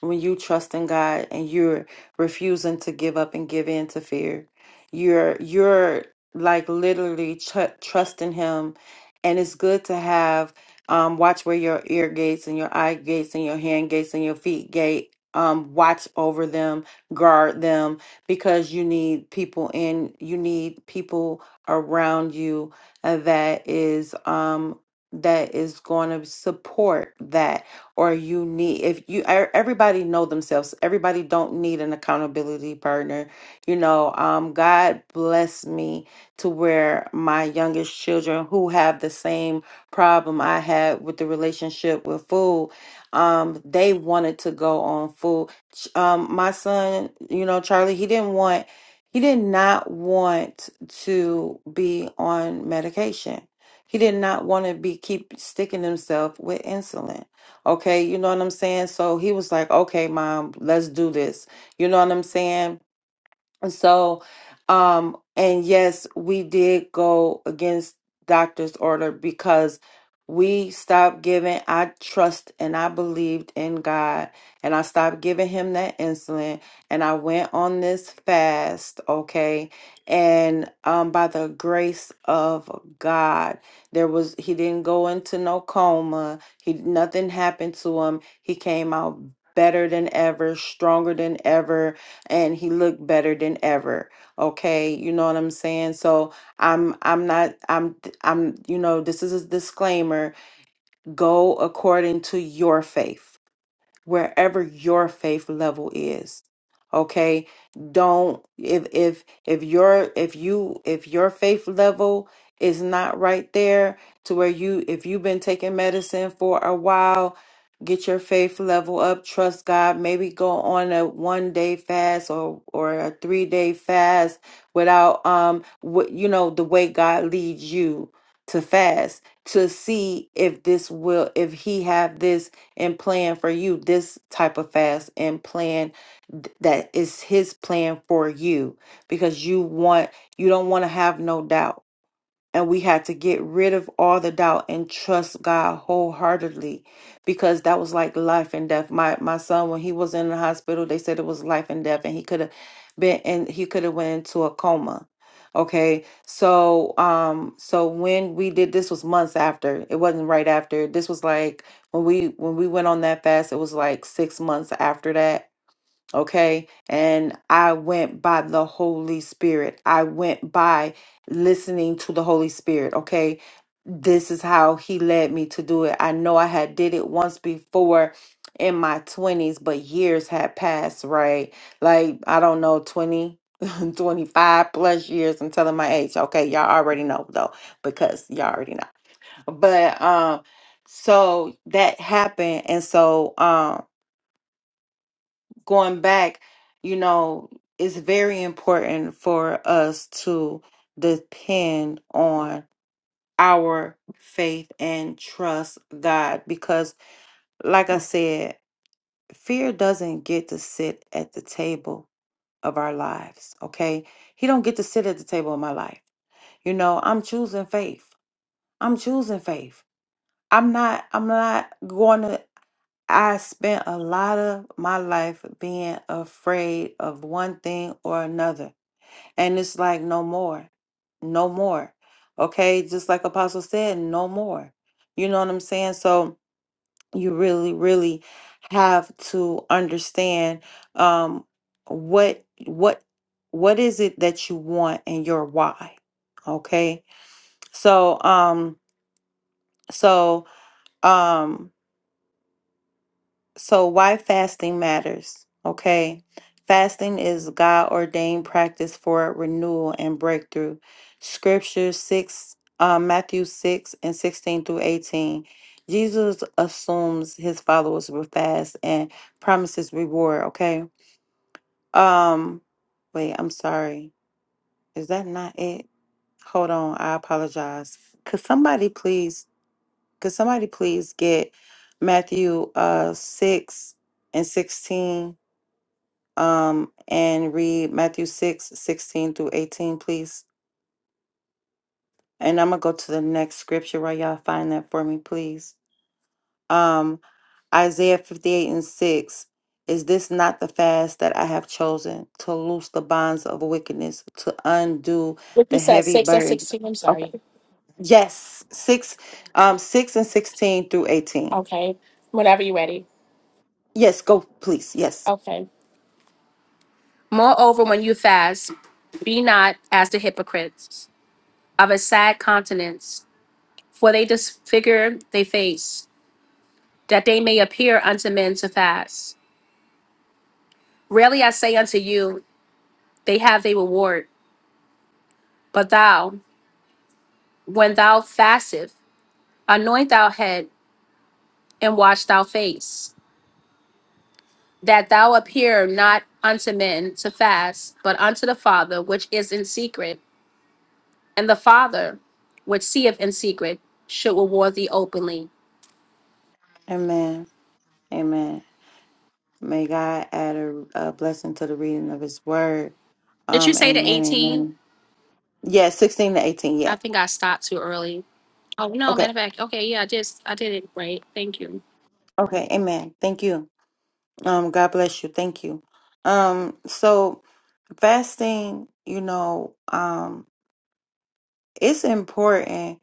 when you trust in God and you're refusing to give up and give in to fear. You're you're like literally tr- trusting Him, and it's good to have um, watch where your ear gates and your eye gates and your hand gates and your feet gate. Um, watch over them, guard them, because you need people in. You need people around you uh, that is um, that is going to support that or you need if you e- everybody know themselves everybody don't need an accountability partner you know um god bless me to where my youngest children who have the same problem i had with the relationship with food um they wanted to go on food Ch- um my son you know charlie he didn't want he did not want to be on medication he did not want to be keep sticking himself with insulin Okay, you know what I'm saying? So he was like, okay, mom, let's do this. You know what I'm saying? So, um, and yes, we did go against doctor's order because we stopped giving. I trust and I believed in God, and I stopped giving him that insulin, and I went on this fast, okay? And um, by the grace of God, there was he didn't go into no coma. He nothing happened to him. He came out better than ever, stronger than ever and he looked better than ever okay you know what i'm saying so i'm i'm not i'm i'm you know this is a disclaimer go according to your faith wherever your faith level is okay don't if if if your if you if your faith level is not right there to where you if you've been taking medicine for a while get your faith level up trust god maybe go on a one day fast or or a three day fast without um what you know the way god leads you to fast to see if this will if he have this and plan for you this type of fast and plan th- that is his plan for you because you want you don't want to have no doubt and we had to get rid of all the doubt and trust God wholeheartedly because that was like life and death. My my son, when he was in the hospital, they said it was life and death, and he could have been and he could have went into a coma. Okay. So um so when we did this was months after. It wasn't right after. This was like when we when we went on that fast, it was like six months after that Okay. And I went by the Holy Spirit. I went by listening to the Holy Spirit. Okay. This is how he led me to do it. I know I had did it once before in my 20s, but years had passed, right? Like, I don't know, 20, 25 plus years. I'm telling my age. Okay. Y'all already know though, because y'all already know. But, um, so that happened. And so, um going back, you know, it's very important for us to depend on our faith and trust God because, like I said, fear doesn't get to sit at the table of our lives, okay? He don't get to sit at the table of my life. You know, I'm choosing faith. I'm choosing faith. I'm not I'm not going to I spent a lot of my life being afraid of one thing or another. And it's like, no more, no more. Okay. Just like Apostle said, no more. You know what I'm saying? So you really, really have to understand um, what, what, what is it that you want and your why. Okay. So, um, so, um, So, why fasting matters, okay? Fasting is God ordained practice for renewal and breakthrough. Scripture 6, uh, Matthew 6 and 16 through 18. Jesus assumes his followers will fast and promises reward, okay? Um, wait, I'm sorry. Is that not it? Hold on, I apologize. Could somebody please, could somebody please get Matthew uh 6 and 16? um, and read Matthew 6 16 through 18, please. And I'm going to go to the next scripture, right? Y'all find that for me, please. Um, Isaiah 58 and 6. Is this not the fast that I have chosen to loose the bonds of wickedness, to undo What the you said, heavy six and burden? sixteen. I'm Okay. sorry. Yes. Six, um, six and sixteen through eighteen. Okay. Whenever you're ready. Yes, go please. Yes. Okay. Moreover, when you fast, be not as the hypocrites of a sad countenance, for they disfigure their face, that they may appear unto men to fast. Rarely I say unto you, they have their reward. But thou, when thou fastest, anoint thou head and wash thou face, that thou appear not unto men to fast, but unto the Father which is in secret, and the Father which seeth in secret should reward thee openly. Amen. Amen. May God add a, a blessing to the reading of His Word. Did you Um, say the amen, 18? amen. Yeah, sixteen to eighteen. Yeah. I think I stopped too early. Oh no, matter Okay. of fact, okay, yeah, I just I did it right. Thank you. Okay. Amen. Thank you. Um, God bless you. Thank you. Um, so fasting, you know, um, it's important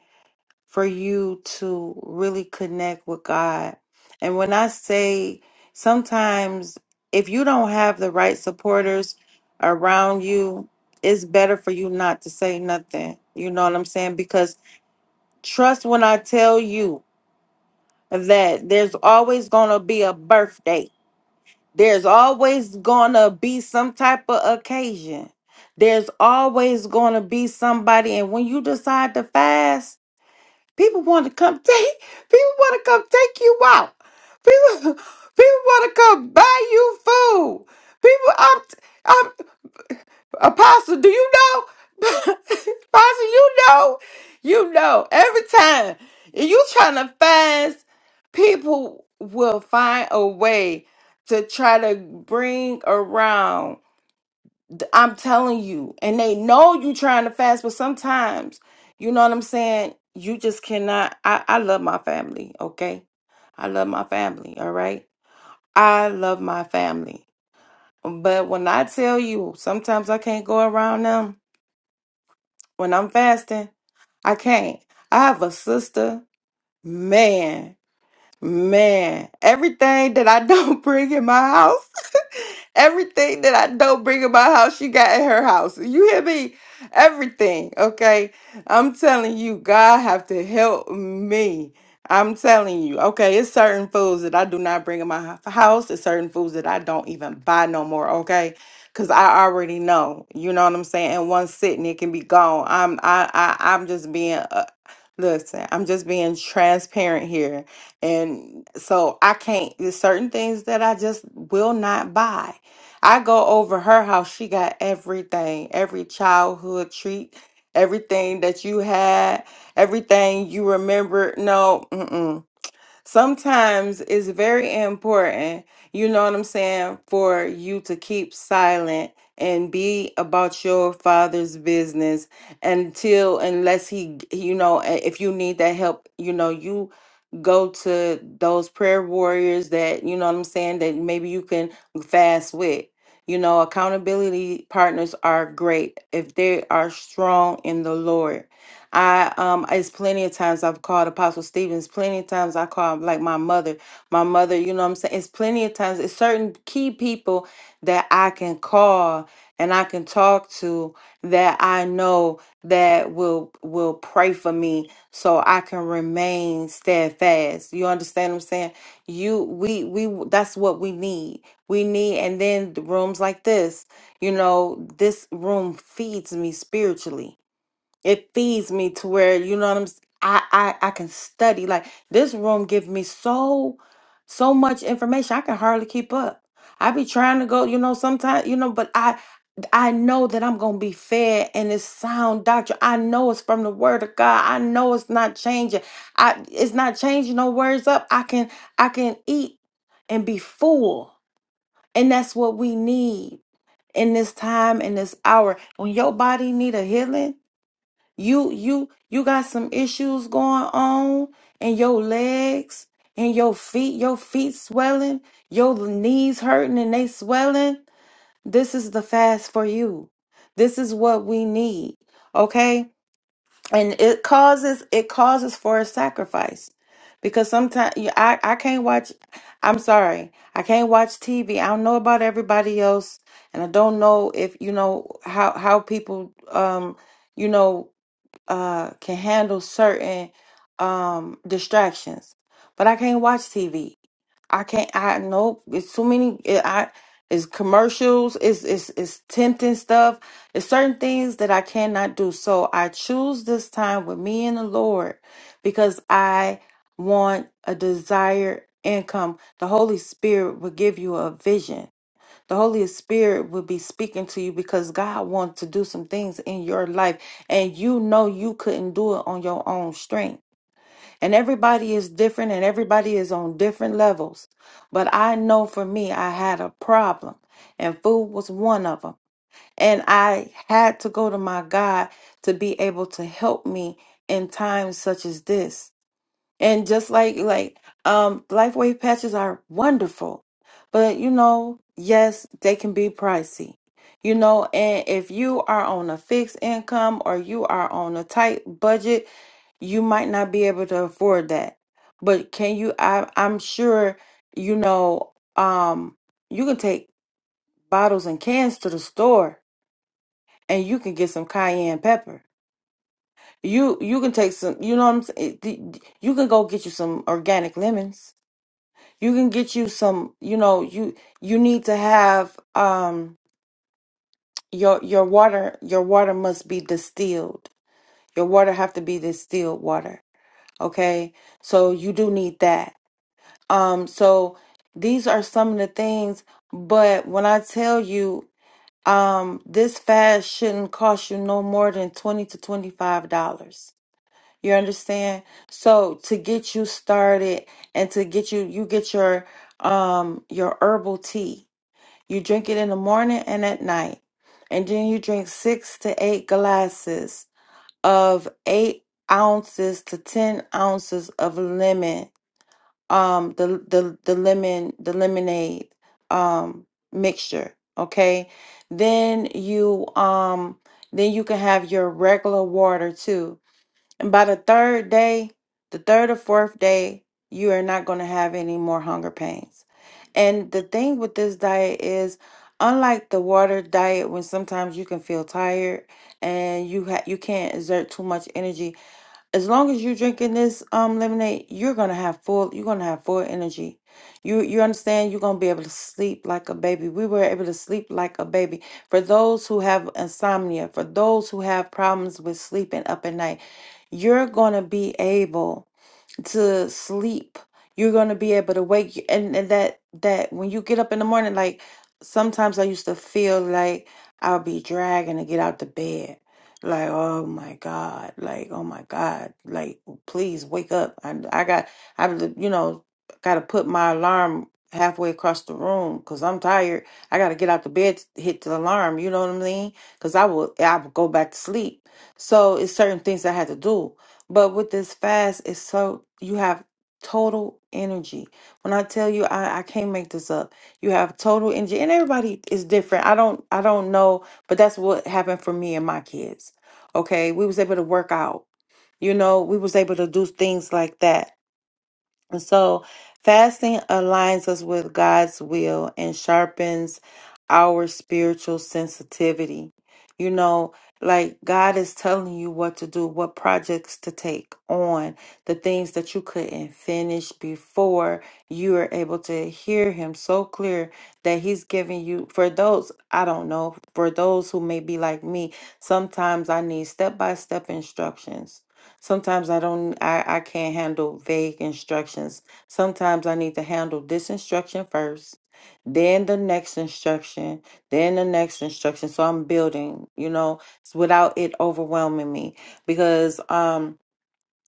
for you to really connect with God. And when I say sometimes if you don't have the right supporters around you, it's better for you not to say nothing. You know what I'm saying? Because trust when I tell you that there's always going to be a birthday. There's always going to be some type of occasion. There's always going to be somebody and when you decide to fast, People want to come take. People want to come take you out. People, people want to come buy you food. People, I'm, I'm Apostle. Do you know? Apostle, you know, you know. Every time And you trying to fast, people will find a way to try to bring around I'm telling you, and they know you trying to fast, but sometimes, you know what I'm saying? You just cannot. I, I love my family, okay? I love my family, all right? I love my family. But when I tell you, sometimes I can't go around them when I'm fasting. I can't. I have a sister, man, man. Everything that I don't bring in my house. Everything that I don't bring in my house, she got in her house. You hear me? Everything, okay? I'm telling you, God have to help me. I'm telling you, okay, it's certain foods that I do not bring in my h- house. It's certain foods that I don't even buy no more, okay? Cause I already know, you know what I'm saying. In one sitting, it can be gone. I'm, I, I, I'm just being, uh, listen, I'm just being transparent here. And so I can't, there's certain things that I just will not buy. I go over her house. She got everything, every childhood treat, everything that you had, everything you remember. No, mm-mm sometimes it's very important, you know what I'm saying, for you to keep silent and be about your father's business until unless he you know a- if you need that help, you know, you go to those prayer warriors that you know what I'm saying that maybe you can fast with. You know, accountability partners are great if they are strong in the Lord I um it's plenty of times I've called Apostle Stevens, plenty of times I call like my mother, my mother, you know what I'm saying? It's plenty of times it's certain key people that I can call and I can talk to that I know that will will pray for me so I can remain steadfast. You understand what I'm saying? You we we that's what we need. We need and then the rooms like this, you know, this room feeds me spiritually it feeds me to where you know what I'm s- I I, I can study like this room give me so so much information I can hardly keep up. I be trying to go, you know, sometimes, you know, but I I know that I'm gonna be fed and it's sound doctrine. I know it's from the word of God. I know it's not changing. I it's not changing no words up. I can I can eat and be full. And that's what we need in this time, in this hour. When your body need a healing, you you you got some issues going on in your legs and your feet your feet swelling your knees hurting and they swelling this is the fast for you this is what we need okay and it causes it causes for a sacrifice because sometimes I, I can't watch i'm sorry i can't watch tv i don't know about everybody else and i don't know if you know how how people um you know uh can handle certain um distractions but i can't watch tv i can't i nope. it's too many it, i it's commercials it's, it's it's tempting stuff it's certain things that i cannot do so i choose this time with me and the lord because i want a desired income the holy spirit will give you a vision the Holy Spirit will be speaking to you because God wants to do some things in your life and you know you couldn't do it on your own strength. And everybody is different and everybody is on different levels. But I know for me, I had a problem and food was one of them. And I had to go to my God to be able to help me in times such as this. And just like like um LifeWave patches are wonderful, but you know, yes, they can be pricey. You know, and if you are on a fixed income or you are on a tight budget, you might not be able to afford that. But can you I I'm sure you know um you can take bottles and cans to the store and you can get some cayenne pepper. You you can take some, you know what I'm saying? You can go get you some organic lemons you can get you some you know you you need to have um your your water your water must be distilled your water have to be distilled water okay so you do need that um so these are some of the things but when i tell you um this fast shouldn't cost you no more than 20 to 25 dollars you understand so to get you started and to get you you get your um your herbal tea You drink it in the morning and at night. And then you drink six to eight glasses of eight ounces to ten ounces of lemon, um, the the, the lemon the lemonade um mixture. Okay. Then you um then you can have your regular water too and by the third day, the third or fourth day, you are not going to have any more hunger pains. And the thing with this diet is, unlike the water diet, when sometimes you can feel tired and you ha- you can't exert too much energy, as long as you're drinking this um lemonade, you're gonna have full you're gonna have full energy. You you understand you're gonna be able to sleep like a baby. We were able to sleep like a baby. For those who have insomnia, for those who have problems with sleeping up at night, you're gonna be able to sleep. You're going to be able to wake and, and that that when you get up in the morning like sometimes I used to feel like I'll be dragging to get out the bed. Like, oh my God, like, oh my God, like, please wake up. I, I got, I, you know, got to put my alarm halfway across the room because I'm tired. I got to get out the bed to hit the alarm. You know what I mean? Because I will, I will go back to sleep. So it's certain things I had to do. But with this fast, it's so you have total energy. When I tell you, I, I can't make this up. You have total energy, and everybody is different. I don't I don't know, but that's what happened for me and my kids. Okay, we was able to work out. You know, we was able to do things like that so, fasting aligns us with God's will and sharpens our spiritual sensitivity. You know, like God is telling you what to do, what projects to take on, the things that you couldn't finish before you are able to hear Him so clear that He's giving you, for those, I don't know, for those who may be like me, sometimes I need step by step instructions Sometimes I don't, I, I can't handle vague instructions. Sometimes I need to handle this instruction first, then the next instruction, then the next instruction. So I'm building, you know, s- without it overwhelming me because, um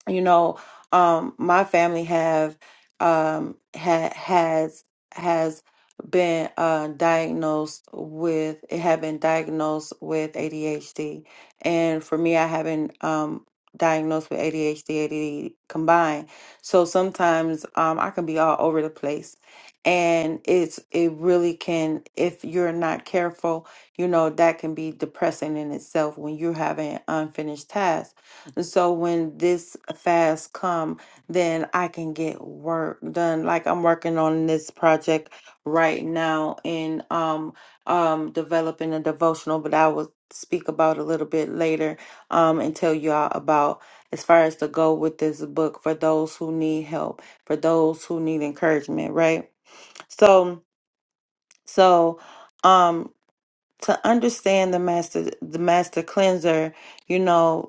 you know um my family have um ha- has has been uh diagnosed with it have been diagnosed with ADHD and for me I haven't um diagnosed with ADHD ADD combined so sometimes um I can be all over the place and it's it really can if you're not careful you know that can be depressing in itself when you're having unfinished tasks and so when this fast come, then I can get work done. Like I'm working on this project right now in um um developing a devotional, but I will speak about a little bit later um and tell y'all about as far as to go with this book for those who need help, for those who need encouragement, right? So so um to understand the master the master cleanser, you know,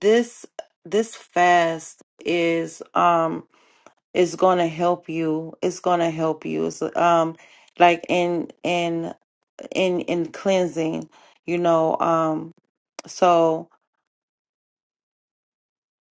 this this fast is um is going to help you it's going to help you it's um like in in in in cleansing you know um so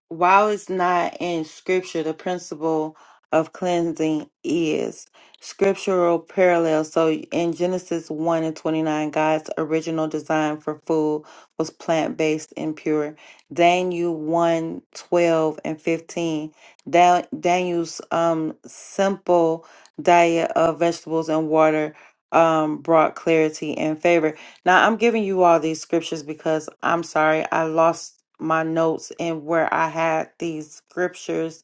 while it's not in scripture, the principle of cleansing is scriptural parallel. So in Genesis 1 and 29, God's original design for food was plant based and pure. Daniel one 12 and 15. Da- Daniel's um, simple diet of vegetables and water um, brought clarity and favor. Now, I'm giving you all these scriptures because I'm sorry, I lost my notes and where I had these scriptures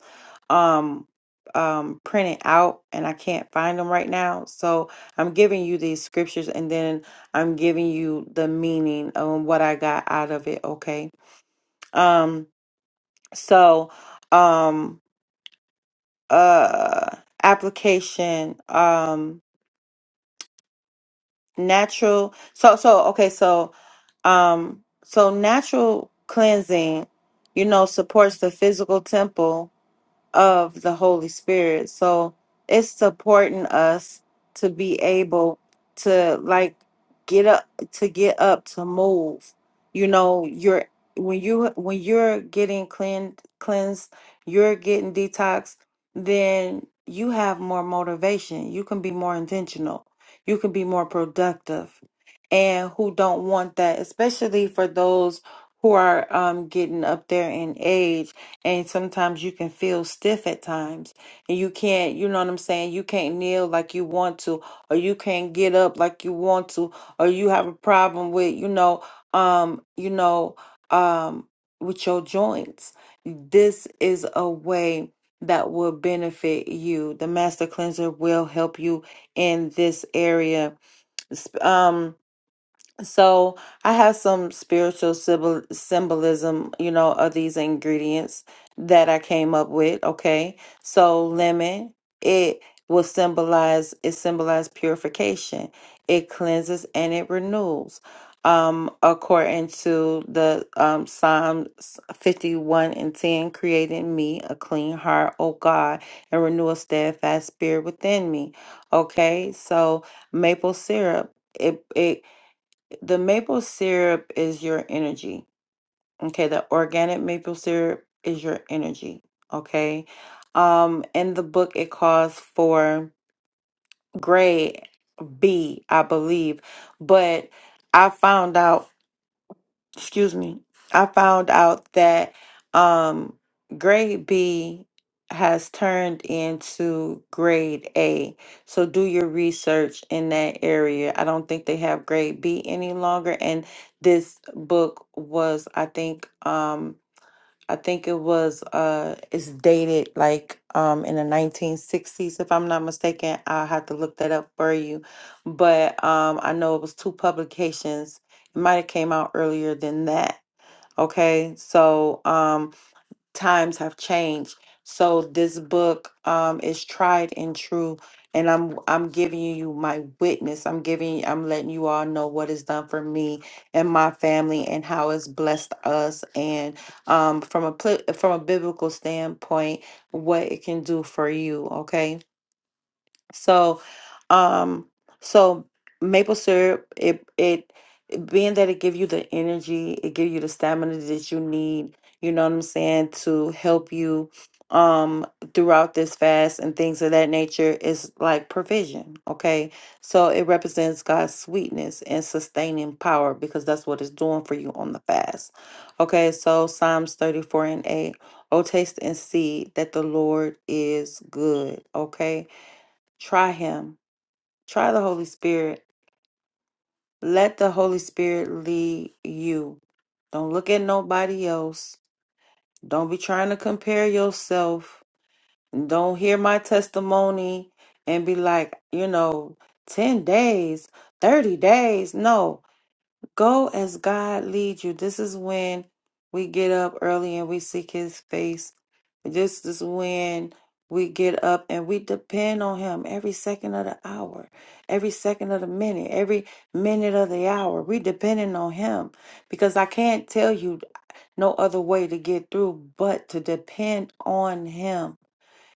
um um printed out and I can't find them right now. So, I'm giving you these scriptures and then I'm giving you the meaning of what I got out of it, okay? Um so um uh application um natural so so okay so Um, so natural cleansing, you know, supports the physical temple of the Holy Spirit. So it's supporting us to be able to like get up to get up to move. You know, you're when you when you're getting cleaned cleansed, you're getting detox, then you have more motivation. You can be more intentional. You can be more productive. And who don't want that, especially for those who are um, getting up there in age and sometimes you can feel stiff at times and you can't you know what i'm saying you can't kneel like you want to or you can't get up like you want to or you have a problem with you know um you know um with your joints this is a way that will benefit you the master cleanser will help you in this area Sp- um so I have some spiritual symbol symbolism, you know, of these ingredients that I came up with. Okay, so lemon, it will symbolize it symbolizes purification. It cleanses and it renews. Um, according to the um, Psalms 51 and 10, create in me a clean heart, O God, and renew a steadfast spirit within me. Okay, so maple syrup, it it the maple syrup is your energy. Okay, the organic maple syrup is your energy. Okay. Um, in the book it calls for grade B, I believe, but I found out excuse me, I found out that um grade B has turned into grade A. So do your research in that area. I don't think they have grade B any longer and this book was I think um I think it was uh it's dated like um in the 1960s if I'm not mistaken. I'll have to look that up for you. But um I know it was two publications. It might have came out earlier than that. Okay? So um times have changed. So this book um, is tried and true, and I'm I'm giving you my witness. I'm giving I'm letting you all know what is done for me and my family, and how it's blessed us, and um, from a pli- from a biblical standpoint, what it can do for you. Okay so, um, so maple syrup, it it it- being that it give you the energy, it give you the stamina that you need. You know what I'm saying to help you um throughout this fast and things of that nature is like provision okay so it represents god's sweetness and sustaining power because that's what it's doing for you on the fast okay so psalms 34 and 8 oh taste and see that the lord is good okay Try Him. Try the Holy Spirit. Let the Holy Spirit lead you. Don't look at nobody else. Don't be trying to compare yourself. Don't hear my testimony and be like, you know, 10 days, 30 days. No, Go as God leads you. This is when we get up early and we seek his face. This is when we get up and we depend on him every second of the hour, every second of the minute, every minute of the hour. We depending on him because I can't tell you no other way to get through but to depend on him.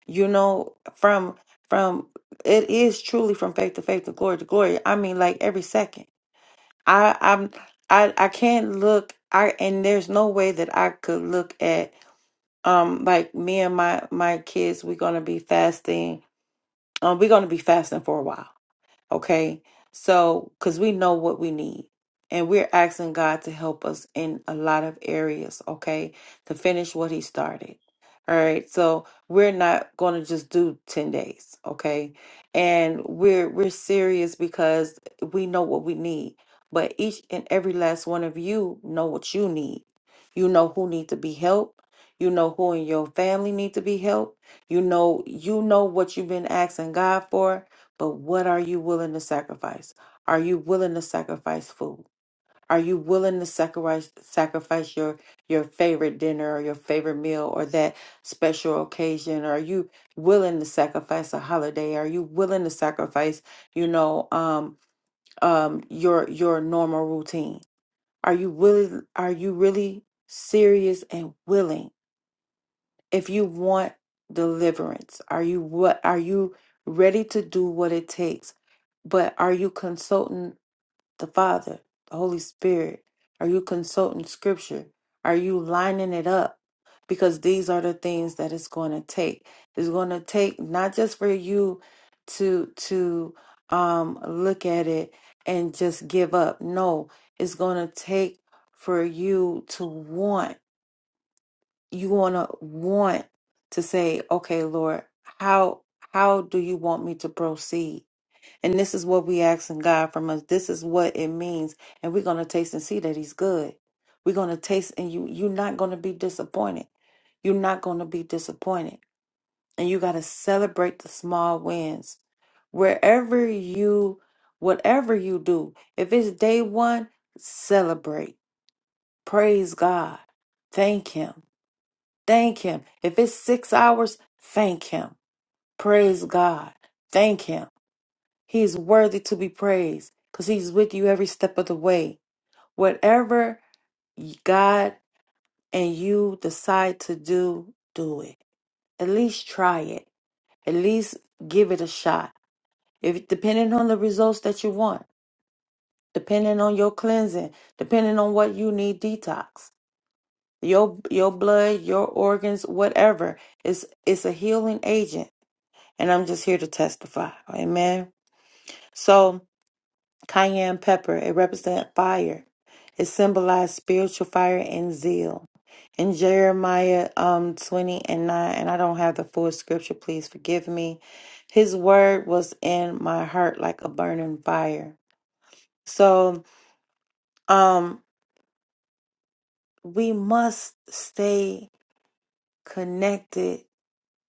You know, from from it is truly from faith to faith to glory to glory. I mean like every second. I I'm I I can't look I and there's no way that I could look at um like me and my my kids we're gonna be fasting um we're gonna be fasting for a while Okay. So, because we know what we need, and we're asking God to help us in a lot of areas, okay, to finish what He started. All right. So, we're not going to just do 10 days, okay? And we're we're serious because we know what we need. But each and every last one of you know what you need. You know who need to be helped. You know who in your family need to be helped. You know you know what you've been asking God for but what are you willing to sacrifice? Are you willing to sacrifice food? Are you willing to sacrifice sacrifice your your favorite dinner or your favorite meal or that special occasion? Are you willing to sacrifice a holiday? Are you willing to sacrifice, you know, um, um, your your normal routine? Are you willing? Are you really serious and willing? if you want deliverance are you what are you ready to do what it takes but are you consulting the father the holy spirit are you consulting scripture are you lining it up because these are the things that it's going to take it's going to take not just for you to to um look at it and just give up no it's going to take for you to want you want to want to say okay lord how how do you want me to proceed and this is what we asking god from us this is what it means and we're going to taste and see that he's good we're going to taste and you you're not going to be disappointed you're not going to be disappointed and you got to celebrate the small wins wherever you whatever you do if it's day one celebrate praise god thank him Thank Him. If it's six hours, thank Him. Praise God. Thank Him. He is worthy to be praised because He's with you every step of the way. Whatever God and you decide to do, do it. At least try it. At least give it a shot. If depending on the results that you want, depending on your cleansing, depending on what you need detox, your your blood, your organs, whatever, it's it's a healing agent. and I'm just here to testify. Amen. So, cayenne pepper, it represents fire. It symbolized spiritual fire and zeal. In Jeremiah um 20 and 9, and I don't have the full scripture, please forgive me. His word was in my heart like a burning fire. So, um we must stay connected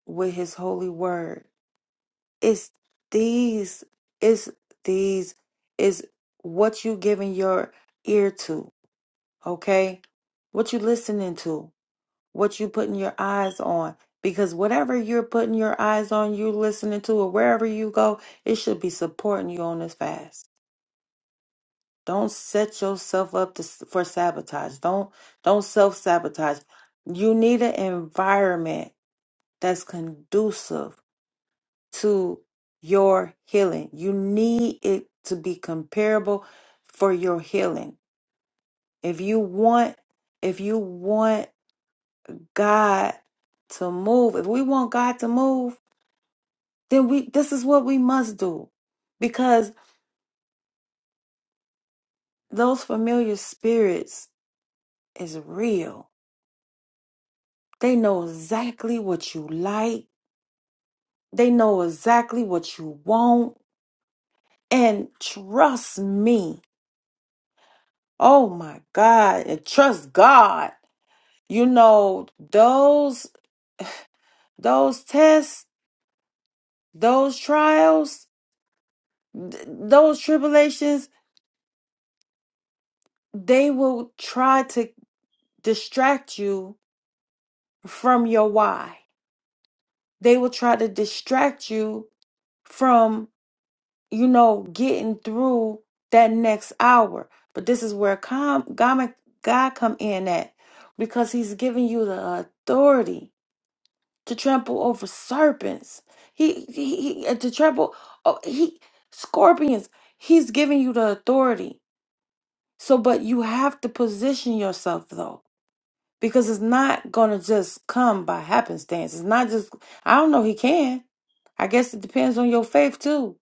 with his holy word. It's these, it's these, it's what you giving your ear to, okay? What you listening to, what you putting your eyes on. Because whatever you're putting your eyes on, you listening to, or wherever you go, it should be supporting you on this fast. Don't set yourself up to, for sabotage. Don't don't self sabotage. You need an environment that's conducive to your healing. You need it to be comparable for your healing. If you want if you want God to move, if we want God to move, then we this is what we must do. Because those familiar spirits is real. They know exactly what you like. They know exactly what you want. And trust me. Oh my God. And trust God you know those those tests those trials th- those tribulations they will try to distract you from your why they will try to distract you from you know getting through that next hour but this is where com- god, god come in at because he's giving you the authority to trample over serpents. He, he, he- uh, to trample, oh, he, scorpions. He's giving you the authority. So, but you have to position yourself though, because it's not gonna just come by happenstance. It's not just. I don't know. He can. I guess it depends on your faith too,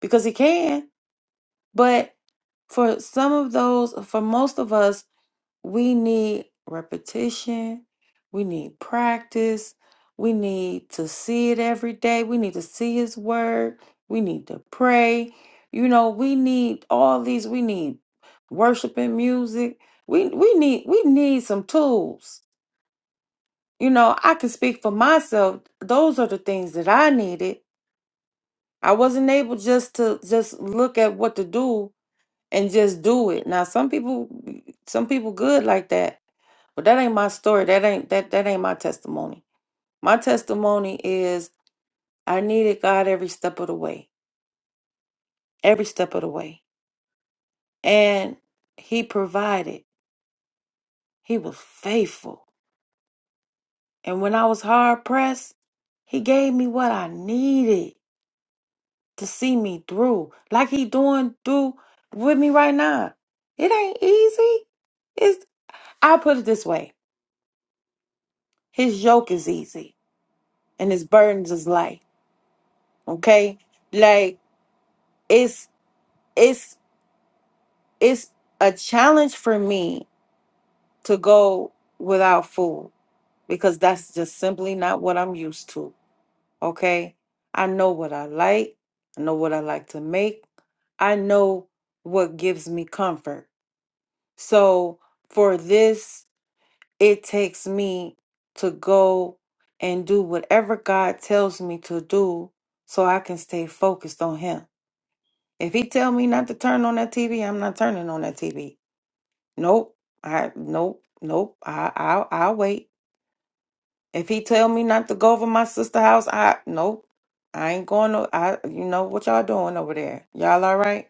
because he can. But for some of those, for most of us, we need repetition. We need practice. We need to see it every day. We need to see His Word. We need to pray. You know, we need all these. We need worshiping music. We we need we need some tools. You know, I can speak for myself. Those are the things that I needed. I wasn't able just to just look at what to do and just do it. Now some people some people good like that. But that ain't my story. That ain't that that ain't my testimony. My testimony is I needed God every step of the way. Every step of the way. And he provided. He was faithful. And when I was hard pressed, he gave me what I needed to see me through. Like he doing through with me right now. It ain't easy. It's I put it this way. His yoke is easy and his burdens is light. Okay? Like it's it's it's a challenge for me to go without food because that's just simply not what I'm used to. Okay? I know what I like. I know what I like to make. I know what gives me comfort. So for this, it takes me to go and do whatever God tells me to do so I can stay focused on him If he tell me not to turn on that TV, I'm not turning on that TV. Nope. I nope nope. I I'll, I'll wait. If he tell me not to go over my sister house, I nope. I ain't going to. I you know what y'all doing over there? Y'all all right?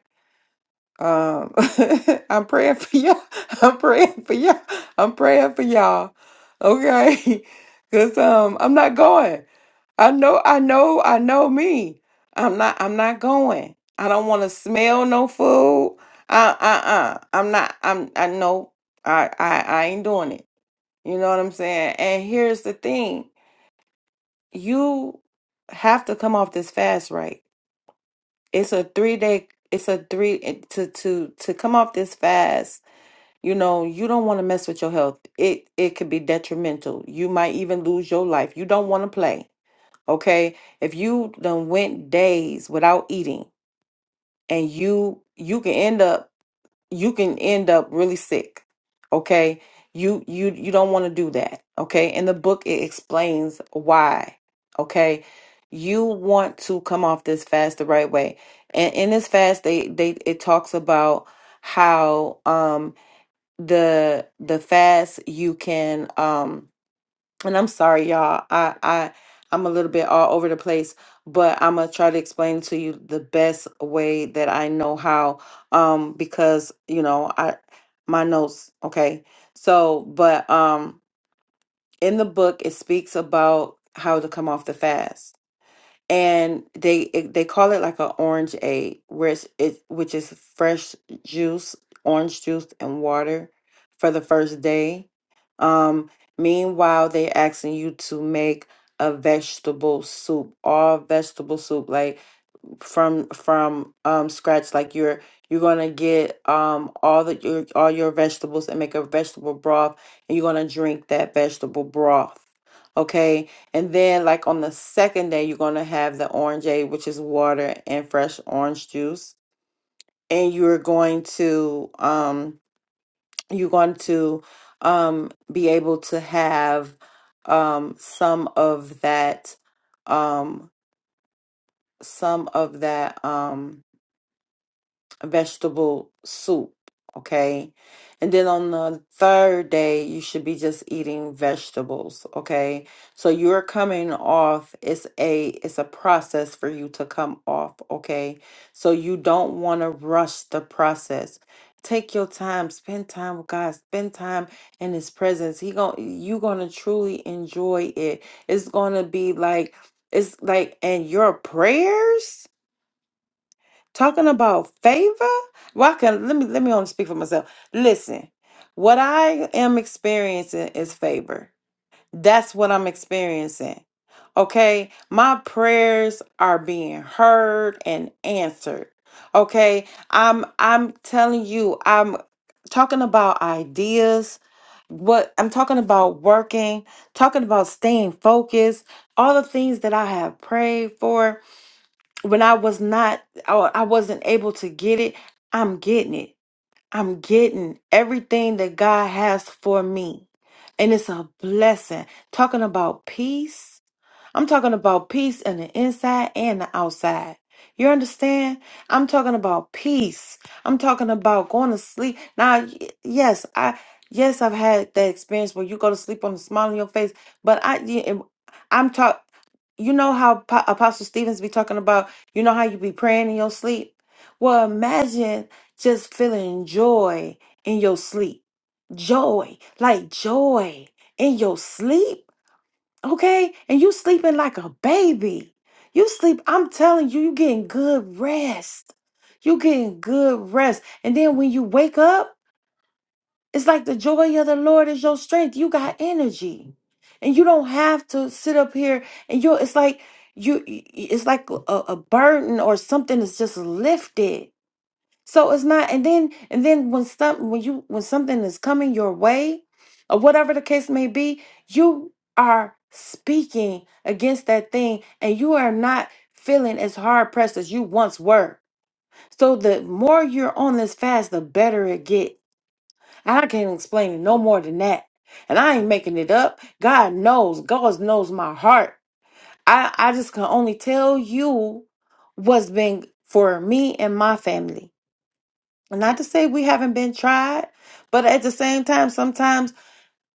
Um, I'm praying for y'all. I'm praying for y'all. I'm praying for y'all. Okay, cause um, I'm not going. I know, I know, I know me. I'm not, I'm not going. I don't want to smell no food. Uh, uh, uh. I'm not. I'm. I know. I, I, I ain't doing it. You know what I'm saying? And here's the thing: you have to come off this fast, right? It's a three day. It's a three it- to to to come off this fast. You know, you don't want to mess with your health. It it could be detrimental. You might even lose your life. You don't want to play okay if you done went days without eating and you you can end up you can end up really sick okay you you you don't want to do that okay in the book it explains why okay you want to come off this fast the right way and in this fast they they it talks about how um the the fast you can um and I'm sorry, y'all. I I I'm a little bit all over the place, but I'm gonna try to explain to you the best way that I know how. Um, because you know, I my notes. Okay, so but um, in the book, it speaks about how to come off the fast and they it, they call it like an orange aid, where it's, it which is fresh juice, orange juice and water for the first day. Um, meanwhile, they asking you to make a vegetable soup, all vegetable soup, like from from um scratch like you're you're gonna get um all the your all your vegetables and make a vegetable broth and you're gonna drink that vegetable broth okay and then like on the second day you're gonna have the orangeade which is water and fresh orange juice and you're going to um you're going to um be able to have um some of that um some of that um vegetable soup. Okay. And then on the third day, you should be just eating vegetables. Okay. So you're coming off. It's a it's a process for you to come off. Okay. So you don't want to rush the process. Take your time, spend time with God, spend time in his presence. He going you're gonna truly enjoy it. It's gonna be like it's like and your prayers talking about favor well i can let me let me only speak for myself listen what i am experiencing is favor that's what i'm experiencing okay my prayers are being heard and answered okay i'm i'm telling you i'm talking about ideas what i'm talking about working talking about staying focused all the things that i have prayed for when I was not, I I wasn't able to get it, I'm getting it. I'm getting everything that God has for me. And it's a blessing. Talking about peace. I'm talking about peace in the inside and the outside. You understand? I'm talking about peace. I'm talking about going to sleep. Now, y- yes, I yes, I've had that experience where you go to sleep on a smile on your face, but I yeah, I'm talk you know how Po- Apostle Stevens be talking about, you know how you be praying in your sleep? Well, imagine just feeling joy in your sleep. Joy, like joy in your sleep Okay? And you sleeping like a baby. You sleep, I'm telling you, you getting good rest. You getting good rest. And then when you wake up, it's like the joy of the Lord is your strength. You got energy. And you don't have to sit up here and you it's like you it's like a, a burden or something is just lifted so it's not, and then and then when some when you when something is coming your way, or whatever the case may be, you are speaking against that thing, and you are not feeling as hard pressed as you once were. So the more you're on this fast, the better it get. I can't explain it no more than that, and I ain't making it up. God knows, God knows my heart. I I just can only tell you what's been for me and my family. Not to say we haven't been tried, but at the same time, sometimes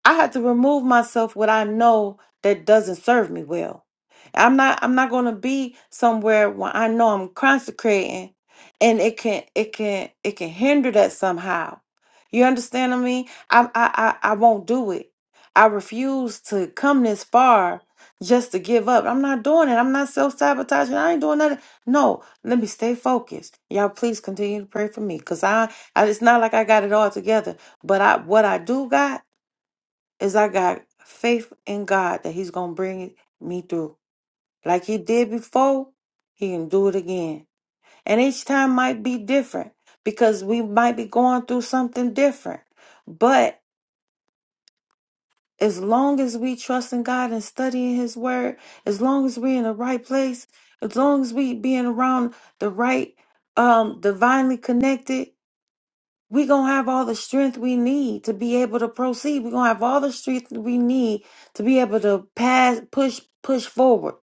I have to remove myself what I know that doesn't serve me well. I'm not I'm not gonna be somewhere where I know I'm consecrating and it can it can it can hinder that somehow. You understand what I mean? I I I, I won't do it. I refuse to come this far just to give up. I'm not doing it. I'm not self-sabotaging. I ain't doing nothing. No, let me stay focused. Y'all please continue to pray for me. Cause I, I it's not like I got it all together. But I what I do got is I got faith in God that He's gonna bring me through. Like He did before, He can do it again. And each time might be different because we might be going through something different. But as long as we trust in God and studying His Word, as long as we're in the right place, as long as we being around the right, um, divinely connected we're going to have all the strength we need to be able to proceed. We're going to have all the strength we need to be able to pass, push, push forward.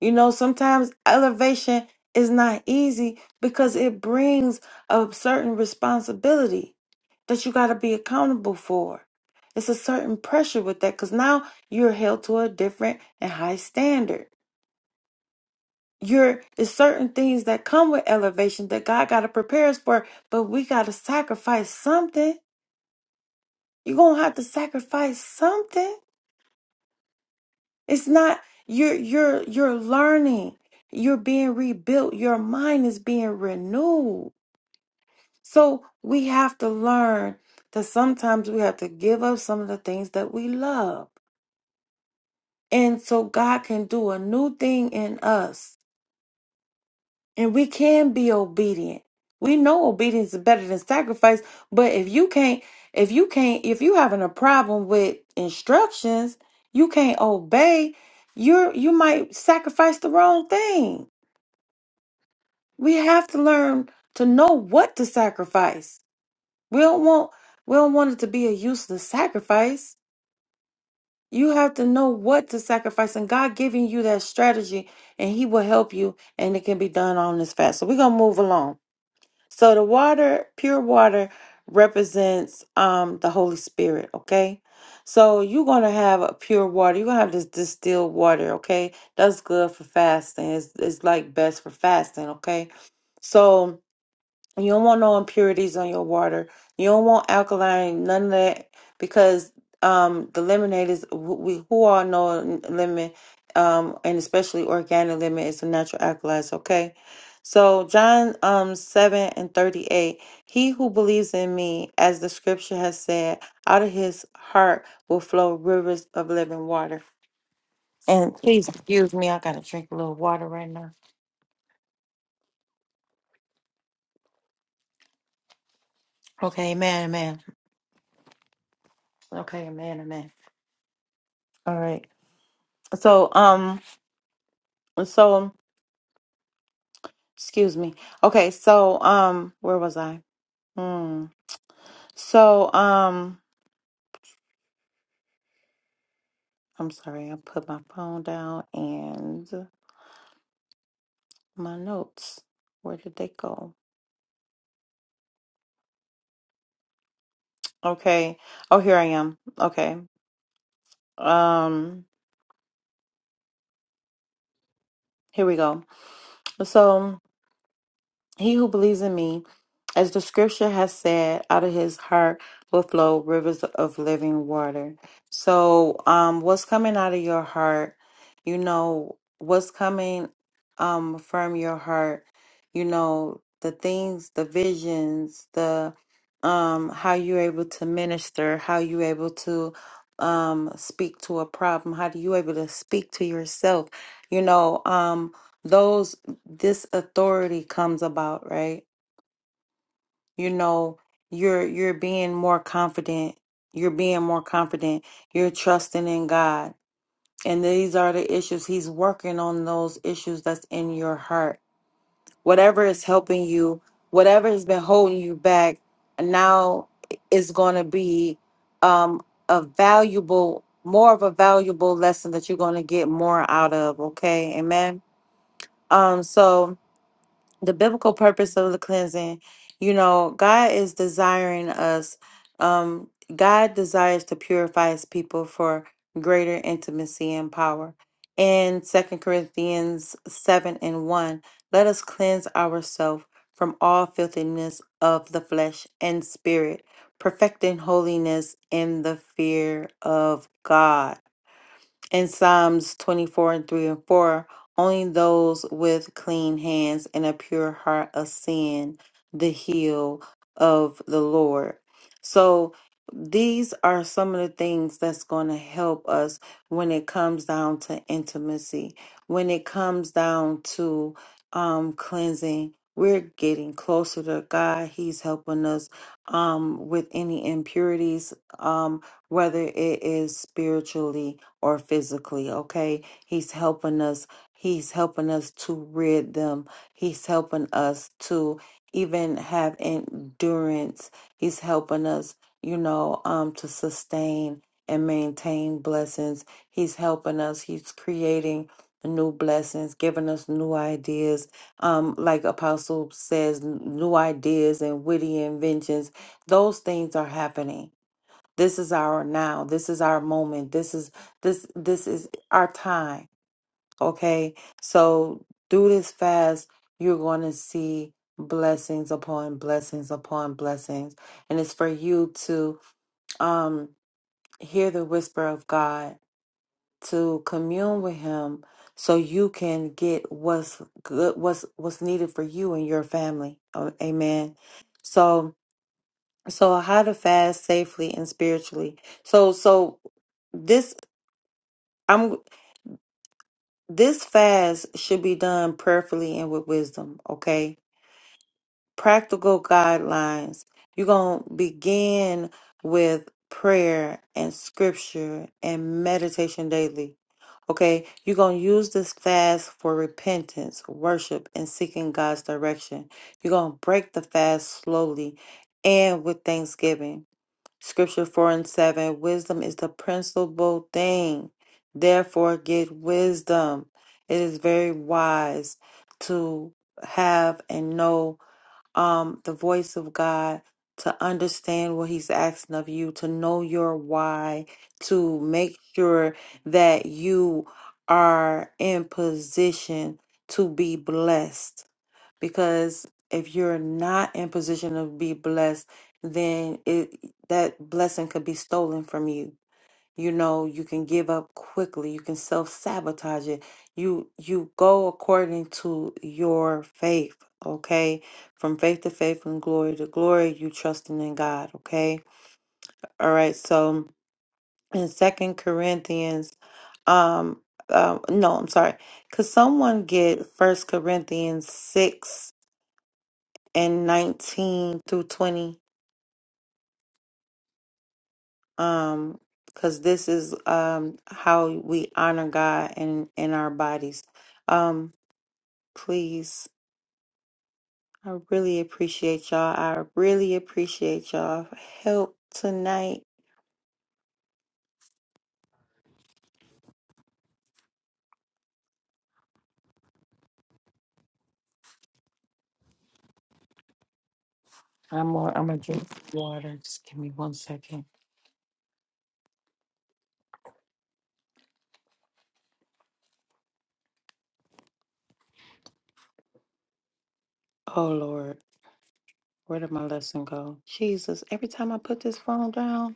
You know, sometimes elevation is not easy because it brings a certain responsibility that you got to be accountable for. It's a certain pressure with that because now you're held to a different and high standard. You're, there's certain things that come with elevation that God got to prepare us for, but we got to sacrifice something You're gonna have to sacrifice something. It's not you're you're you're learning. You're being rebuilt. Your mind is being renewed. So we have to learn that sometimes we have to give up some of the things that we love. And so God can do a new thing in us. And we can be obedient. We know obedience is better than sacrifice, but if you can't if you can't if you having a problem with instructions, you can't obey, you're you might sacrifice the wrong thing. We have to learn to know what to sacrifice. We don't want we don't want it to be a useless sacrifice. You have to know what to sacrifice, and God giving you that strategy, and He will help you, and it can be done on this fast. So we're gonna move along. So the water, pure water, represents um the Holy Spirit, okay? So you're gonna have a pure water, you're gonna have this distilled water, okay? That's good for fasting. It's it's like best for fasting, okay? So you don't want no impurities on your water. You don't want alkaline, none of that, because um, the lemonade is wh- we who all know lemon, um, and especially organic lemon is a natural alkalized. Okay, so John um seven and thirty eight. He who believes in me, as the scripture has said, out of his heart will flow rivers of living water. And please excuse me, I gotta drink a little water right now. Okay, amen, amen. Okay, amen, amen. All right. So, um, so, excuse me. Okay, so, um, where was I? Hmm. So, um, I'm sorry, I put my phone down and my notes. Where did they go? Okay. Oh, here I am. Okay. Um, here we go. So, He who believes in me, as the scripture has said, out of his heart will flow rivers of living water. So, um, what's coming out of your heart, you know, what's coming um, from your heart, you know, the things, the visions, the um, how you're able to minister, how you're able to um, speak to a problem, how do you able to speak to yourself, you know, um, those this authority comes about, right? You know, you're you're being more confident. You're being more confident. You're trusting in God. And these are the issues he's working on those issues that's in your heart. Whatever is helping you, whatever has been holding you back, now is going to be um a valuable more of a valuable lesson that you're going to get more out of, okay? Amen. Um so the biblical purpose of the cleansing you know god is desiring us um god desires to purify his people for greater intimacy and power in second corinthians 7 and 1 let us cleanse ourselves from all filthiness of the flesh and spirit perfecting holiness in the fear of god in Psalms 24 and 3 and 4, only those with clean hands and a pure heart ascend the hill of the Lord. So these are some of the things that's going to help us when it comes down to intimacy, when it comes down to um, cleansing. We're getting closer to God. He's helping us um, with any impurities, um, whether it is spiritually or physically, okay? He's helping us. He's helping us to rid them. He's helping us to even have endurance. He's helping us, you know, um to sustain and maintain blessings. He's helping us. He's creating new blessings, giving us new ideas. Um like apostle says n- new ideas and witty inventions. Those things are happening this is our now. This is our moment. This is this this is our time. Okay? So through this fast, you're going to see blessings upon blessings upon blessings. And it's for you to um hear the whisper of God, to commune with him so you can get what's good what's what's needed for you and your family. Oh, Amen. So so how to fast safely and spiritually. So so this I'm this fast should be done prayerfully and with wisdom, okay? Practical guidelines. You're going to begin with prayer and scripture and meditation daily. Okay, you're going to use this fast for repentance, worship, and seeking God's direction. You're going to break the fast slowly and with thanksgiving. Scripture 4 and 7 Wisdom is the principal thing. Therefore, get wisdom. It is very wise to have and know um, the voice of God, to understand what He's asking of you, to know your why, to make sure that you are in position to be blessed because if you're not in position to be blessed then it that blessing could be stolen from you you know you can give up quickly you can self-sabotage it you you go according to your faith okay from faith to faith from glory to glory you trusting in god okay all right so in second corinthians um uh, no i'm sorry could someone get first corinthians 6 and 19 through 20 um because this is um how we honor god in in our bodies um please i really appreciate y'all i really appreciate y'all help tonight I'm more, I'm gonna drink water. Just give me one second. oh lord where did my lesson go jesus every time i put this phone down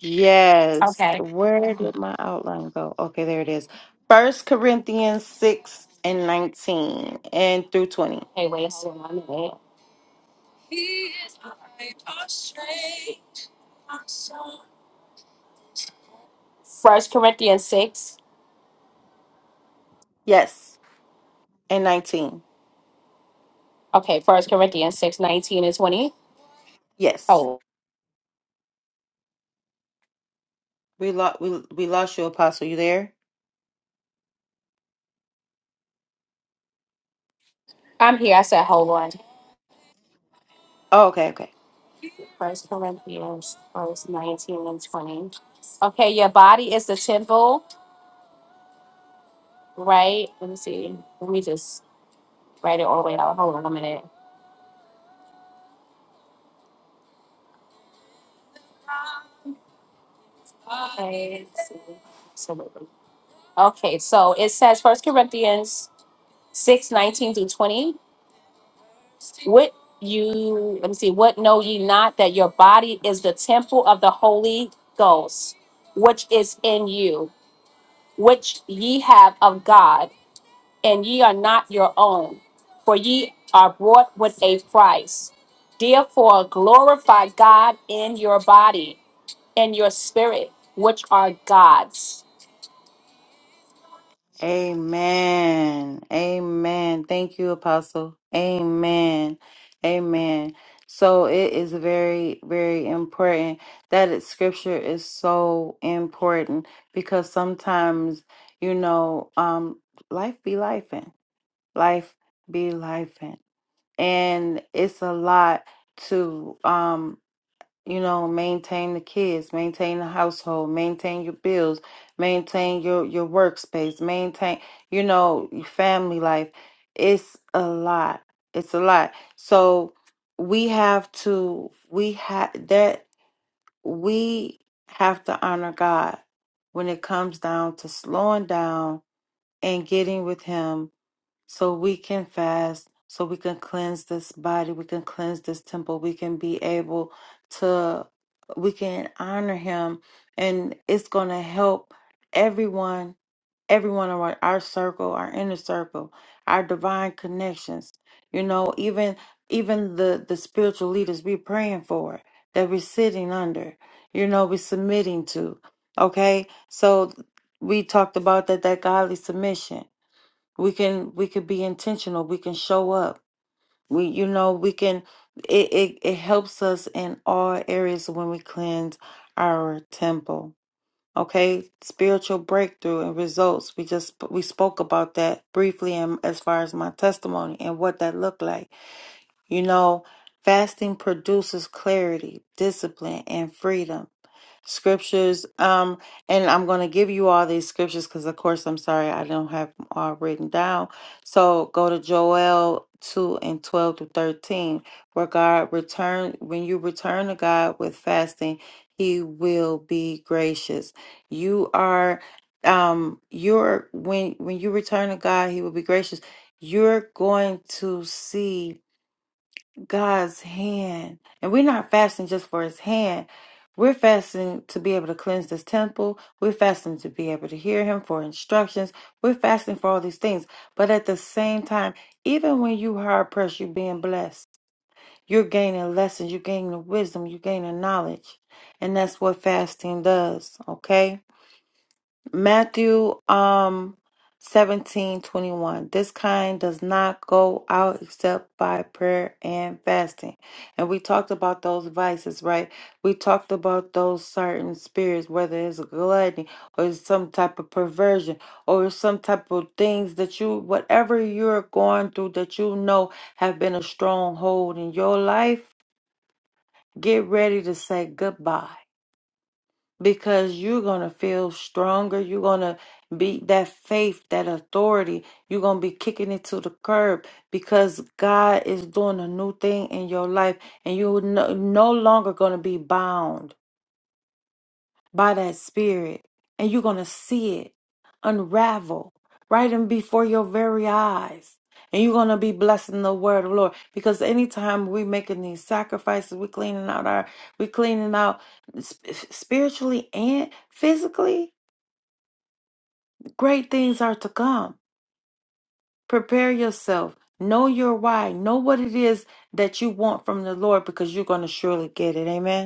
Yes. Where did my outline go? Okay, there it is. First Corinthians 6 and 19 and through 20. Hey, wait, hold on a minute. First Corinthians six. Yes. And 19. Okay, First Corinthians six nineteen and twenty. Yes. Oh, We lost we we lost you, Apostle. You there? I'm here. I said hold on. Oh, okay, okay. First Corinthians verse nineteen and twenty. Okay, your body is the temple, right? Let me see. Let me just write it all the way out. Hold on a minute. Okay. let's see. So- Okay, so it says First Corinthians six nineteen through twenty. What you let me see. What know ye not that your body is the temple of the Holy Ghost, which is in you? which ye have of God, and ye are not your own, for ye are bought with a price. Therefore glorify God in your body and your spirit, which are God's. Amen. Amen. Thank you, Apostle. Amen. Amen. So it is very, very important that it, scripture is so important because sometimes, you know, um, life be lifing, life be lifing, and and it's a lot to um you know maintain the kids maintain the household maintain your bills maintain your your workspace maintain you know your family life it's a lot it's a lot so we have to we have that we have to honor god when it comes down to slowing down and getting with him so we can fast, so we can cleanse this body, we can cleanse this temple, we can be able to, we can honor Him, and it's going to help everyone, everyone around our circle, our inner circle, our divine connections. You know, even even the the spiritual leaders we are praying for that we're sitting under, you know, we're submitting to. Okay, so we talked about that that godly submission we can we could be intentional we can show up we you know we can it it, it helps us in all areas when we cleanse our temple okay spiritual breakthrough and results we just we spoke about that briefly and as far as my testimony and what that looked like you know fasting produces clarity discipline and freedom scriptures. Um, and I'm going to give you all these scriptures because, of course, I'm sorry I don't have 'em all written down. So go to Joel 2 and 12 to 13, where God return when you return to God with fasting, He will be gracious. You are um you're when when you return to God, He will be gracious. You're going to see God's hand. And we're not fasting just for his hand. We're fasting to be able to cleanse this temple. We're fasting to be able to hear him for instructions. We're fasting for all these things. But at the same time, even when you hard pressed, you're being blessed. You're gaining lessons. You're gaining wisdom. You're gaining knowledge. And that's what fasting does. Okay? Matthew um seventeen twenty one. This kind does not go out except by prayer and fasting. And we talked about those vices, right? We talked about those certain spirits, whether it's gluttony or it's some type of perversion or it's some type of things that you whatever you're going through that you know have been a stronghold in your life, get ready to say goodbye because you're going to feel stronger. You're going to be that faith, that authority. You're going to be kicking it to the curb because God is doing a new thing in your life and you're no, no longer going to be bound by that spirit and you're going to see it unravel right in before your very eyes and you're going to be blessing the word of the lord because anytime we are making these sacrifices we are cleaning out our we are cleaning out sp- spiritually and physically great things are to come prepare yourself know your why know what it is that you want from the lord because you're going to surely get it amen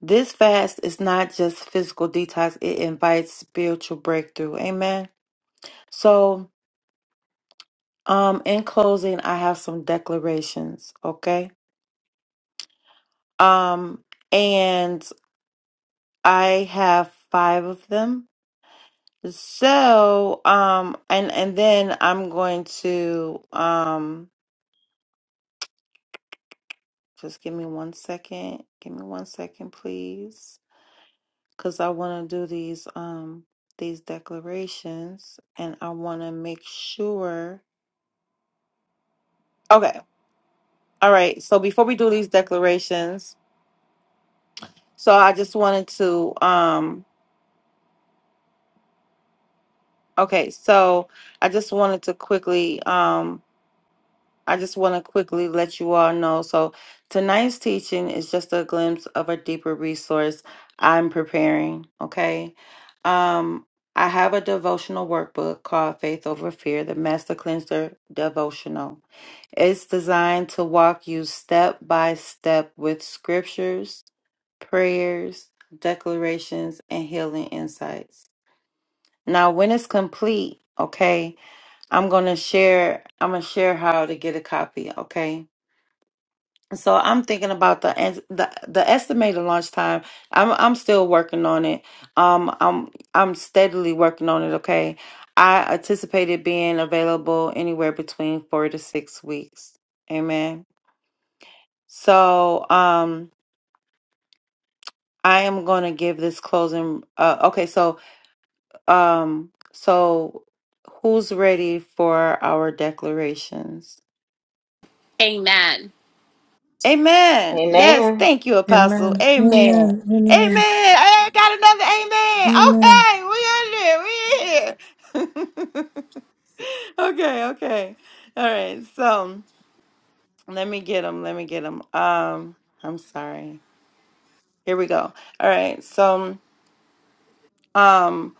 This fast is not just physical detox, it invites spiritual breakthrough. Amen. So, um in closing, I have some declarations, okay? Um and I have 5 of them. So, um and and then I'm going to um just give me one second. Give me one second, please, cuz I want to do these um these declarations and I want to make sure Okay. All right. So before we do these declarations, so I just wanted to um okay, so I just wanted to quickly um I just want to quickly let you all know. So tonight's teaching is just a glimpse of a deeper resource I'm preparing, okay? Um I have a devotional workbook called Faith Over Fear, the Master Cleanser Devotional. It's designed to walk you step by step with scriptures, prayers, declarations, and healing insights. Now, when it's complete, okay, I'm gonna share. I'm gonna share how to get a copy. Okay, so I'm thinking about the es- the, the estimated launch time. I'm I'm still working on it. Um, I'm I'm steadily working on it. Okay, I anticipate it being available anywhere between four to six weeks. Amen. So, um, I am going to give this closing. Uh, okay, so, um, so who's ready for our declarations? Amen. Yes, Amen. thank you, Apostle. Amen. Amen. Amen. Amen. Amen. I ain't got another Amen. amen. Okay, we in here. We in here. okay, okay. All right. So let me get them. Let me get them. Um, I'm sorry. Here we go. All right. So, um,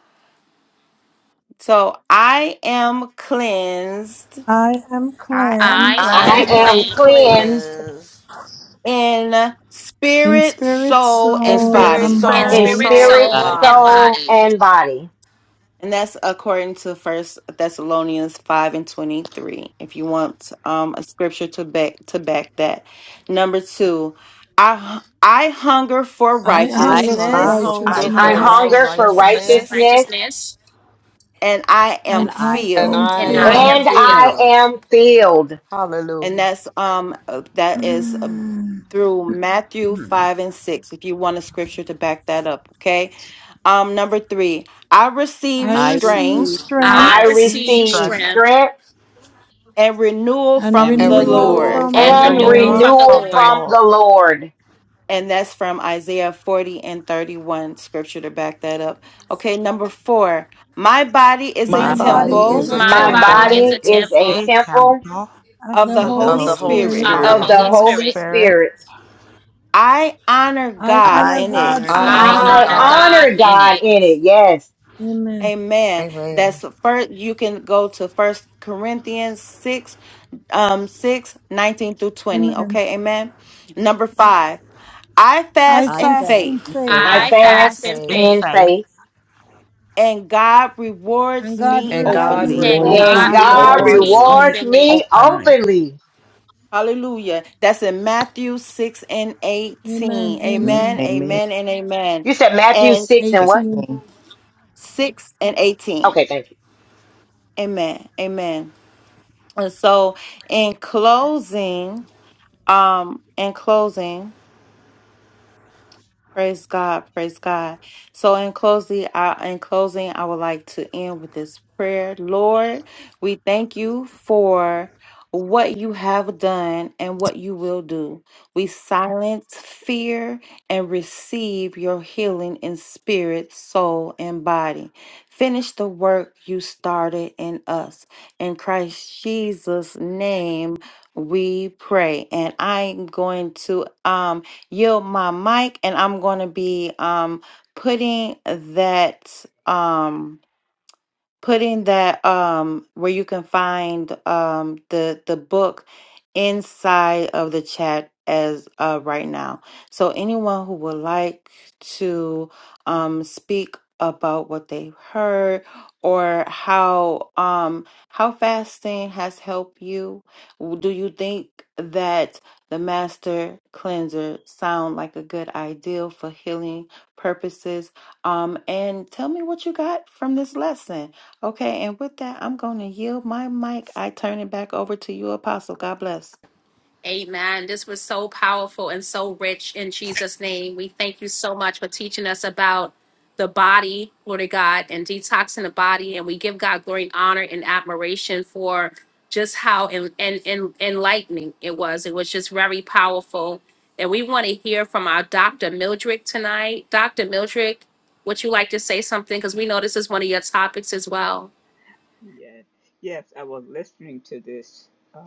So I am cleansed I am I am I cleansed am I I am cleansed am clean cleansed cleansed in in spirit, spirit, soul, in and soul, in spirit, body. and in in spirit, soul, body. spirit, soul, spirit, and and soul, body. and body. body. soul, body, and body. And that's according to First Thessalonians five and twenty three. If you want um, a scripture to back to back that. Number two, I I hunger for I I hunger for hunger I for righteousness, I hunger I for hunger righteousness righteousness for hunger for for Christ's righteousness. righteousness, righteousness righteousness, and I am and and I I am and am filled. I and and I am filled. I filled. am am and filled. I filled. filled am filled. And Hallelujah. that's um uh, that is uh, through Matthew five and six. If you want a scripture to back that up, okay. Um, number three, I I receive I receive strength receive I strength strength I I receive receive receive strength strength strength and renewal and and from and the renewal renewal renewal Lord. from the from and and from the the and renewal Lord. Lord. Lord. renewal from the renewal from the Lord. from the Lord. Lord. And that's from Isaiah 40 and 31 scripture to back that up. Okay, number four, my body is a My My My body body body is temple is is a a a My My My temple body temple temple is body body a is is a temple a temple temple of of the the of the Holy of Holy the Holy Holy Spirit. Spirit. of the of Spirit. of the Spirit. the Holy Holy Holy Spirit. Spirit. Spirit. I honor I God honor I in God honor it. I I in God I it. honor honor in I honor it. God God in God honor it. in in God it in it. it. Yes, Amen. Amen. That's Amen. the first you can go to first Corinthians 6, um 6 19 through 20. Amen. Okay, amen. Number five, I I fast I in fast fast in faith. and faith faith, I I I fast fast in fast in Amen. in faith, faith, faith and God rewards and God and me And reward God God me openly. and and rewards rewards and God me God me openly. God rewards openly. me rewards openly. me rewards openly. me openly. openly. Hallelujah. That's in Matthew 6 and Amen. 18. Amen, Amen. Amen. amen, and amen. You said Matthew And 6 and what? 16. 18. 6 and 18. Okay, thank you. Amen, amen. And so, in closing, um, in closing, Praise God, praise God. So in closing, I in closing, I would like to end with this prayer. Lord, we thank you for what you have done and what you will do. We silence fear and receive your healing in spirit, soul, and body. Finish the work you started in us. In Christ Jesus' name, we pray. And I'm going to um yield my mic and I'm going to be um, putting that. Um, putting that um where you can find um the the book inside of the chat as uh right now so anyone who would like to um speak about what they've heard or how um how fasting has helped you do you think that the master cleanser sound like a good idea for healing purposes um and tell me what you got from this lesson Okay, and with that, I'm going to yield my mic. I turn it back over to you, Apostle. God bless. Amen. This was so powerful and so rich in Jesus' name. We thank you so much for teaching us about the body, glory to God, and detoxing the body. And we give God glory and honor and admiration for just how en- en- en- enlightening it was. It was just very powerful. And we want to hear from our Dr. Mildred tonight. Dr. Mildred, would you like to say something? Because we know this is one of your topics as well. Yes. Yes, I was listening to this uh,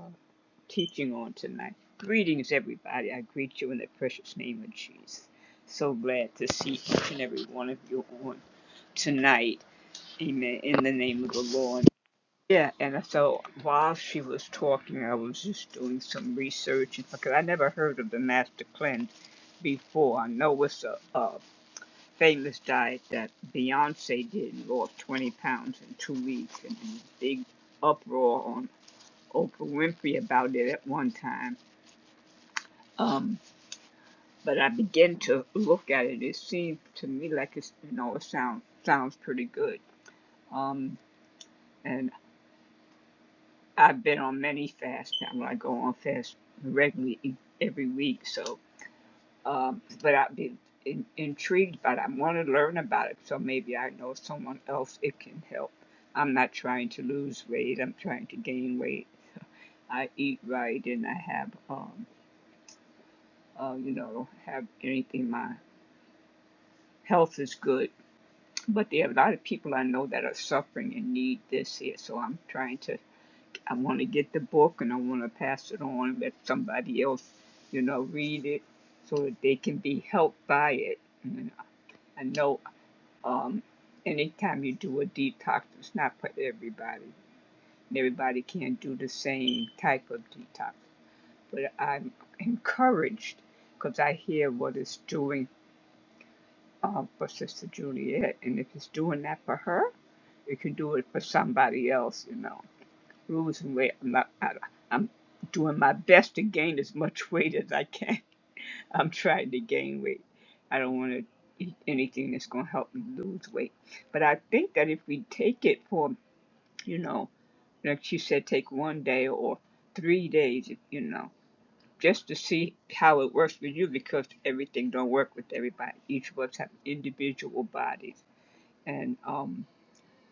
teaching on tonight. Greetings, everybody. I greet you in the precious name of Jesus. So glad to see each and every one of you on tonight. Amen. In the name of the Lord. Yeah, and so while she was talking, I was just doing some research and because I never heard of the Master Cleanse before. I know it's a, a famous diet that Beyonce did and lost 20 pounds in two weeks, and there was a big uproar on Oprah Winfrey about it at one time. Um, but I began to look at it. It seemed to me like it's you know it sounds sounds pretty good. Um, and I've been on many fasts, Pamela. I go on fast regularly e- every week. So, um, but I've been in, intrigued by it. I want to learn about it. So maybe I know someone else it can help. I'm not trying to lose weight. I'm trying to gain weight. I eat right and I have, um, uh, you know, have anything. My health is good. But there are a lot of people I know that are suffering and need this here. So I'm trying to I want to get the book and I want to pass it on, and let somebody else, you know, read it so that they can be helped by it. And I know um, anytime you do a detox, it's not for everybody. Everybody can't do the same type of detox. But I'm encouraged because I hear what it's doing uh, for Sister Juliet. And if it's doing that for her, it can do it for somebody else, you know. losing weight. I'm, not, I, I'm doing my best to gain as much weight as I can. I'm trying to gain weight. I don't want to eat anything that's going to help me lose weight. But I think that if we take it for, you know, like she said, take one day or three days, you know, just to see how it works with you because everything don't work with everybody. Each of us have individual bodies, and um,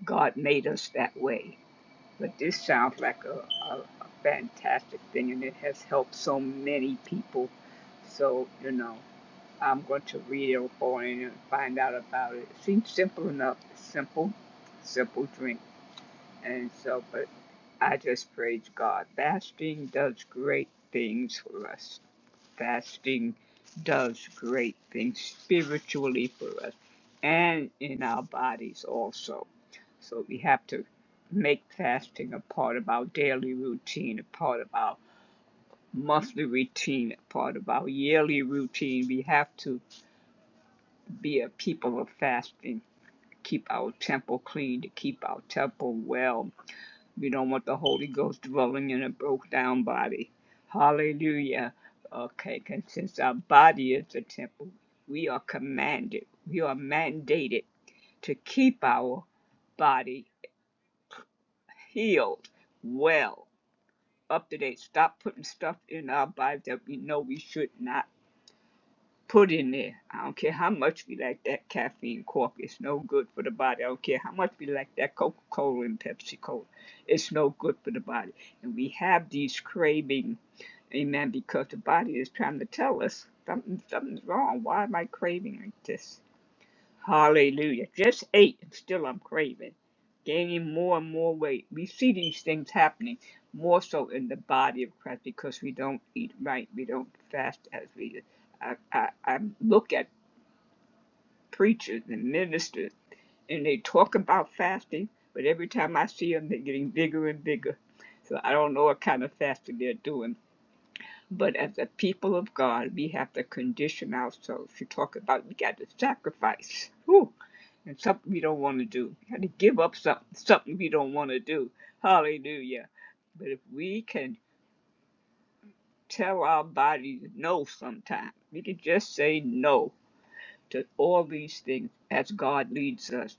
God made us that way. But this sounds like a, a, a fantastic thing, and it has helped so many people. So, you know, I'm going to read up on it for you and find out about it. It Seems simple enough, simple, simple drink. And so, but I just praise God. Fasting does great things for us fasting does great things spiritually for us and in our bodies also. So we have to make fasting a part of our daily routine, a part of our monthly routine, a part of our yearly routine. We have to be a people of fasting, keep our temple clean, to keep our temple well, we don't want the Holy Ghost dwelling in a broke down body. Hallelujah. Okay, and since our body is the temple, we are commanded, we are mandated to keep our body healed, well, up to date. Stop putting stuff in our body that we know we should not put in there. I don't care how much we like that caffeine coffee. It's no good for the body. I don't care how much we like that Coca Cola and Pepsi Cola. It's no good for the body. And we have these cravings, amen, because the body is trying to tell us something, something's wrong. Why am I craving like this? Hallelujah. Just ate and still I'm craving. Gaining more and more weight. We see these things happening more so in the body of Christ because we don't eat right. We don't fast as we I, I, I look at preachers and ministers and they talk about fasting, but every time I see them, they're getting bigger and bigger. So I don't know what kind of fasting they're doing. But as a people of God, we have to condition ourselves. You talk about you got to sacrifice. Whew and something you don't want to do. You have to give up something, something you don't want to do. Hallelujah. But if we can tell our bodies no sometime, we can just say no to all these things as God leads us,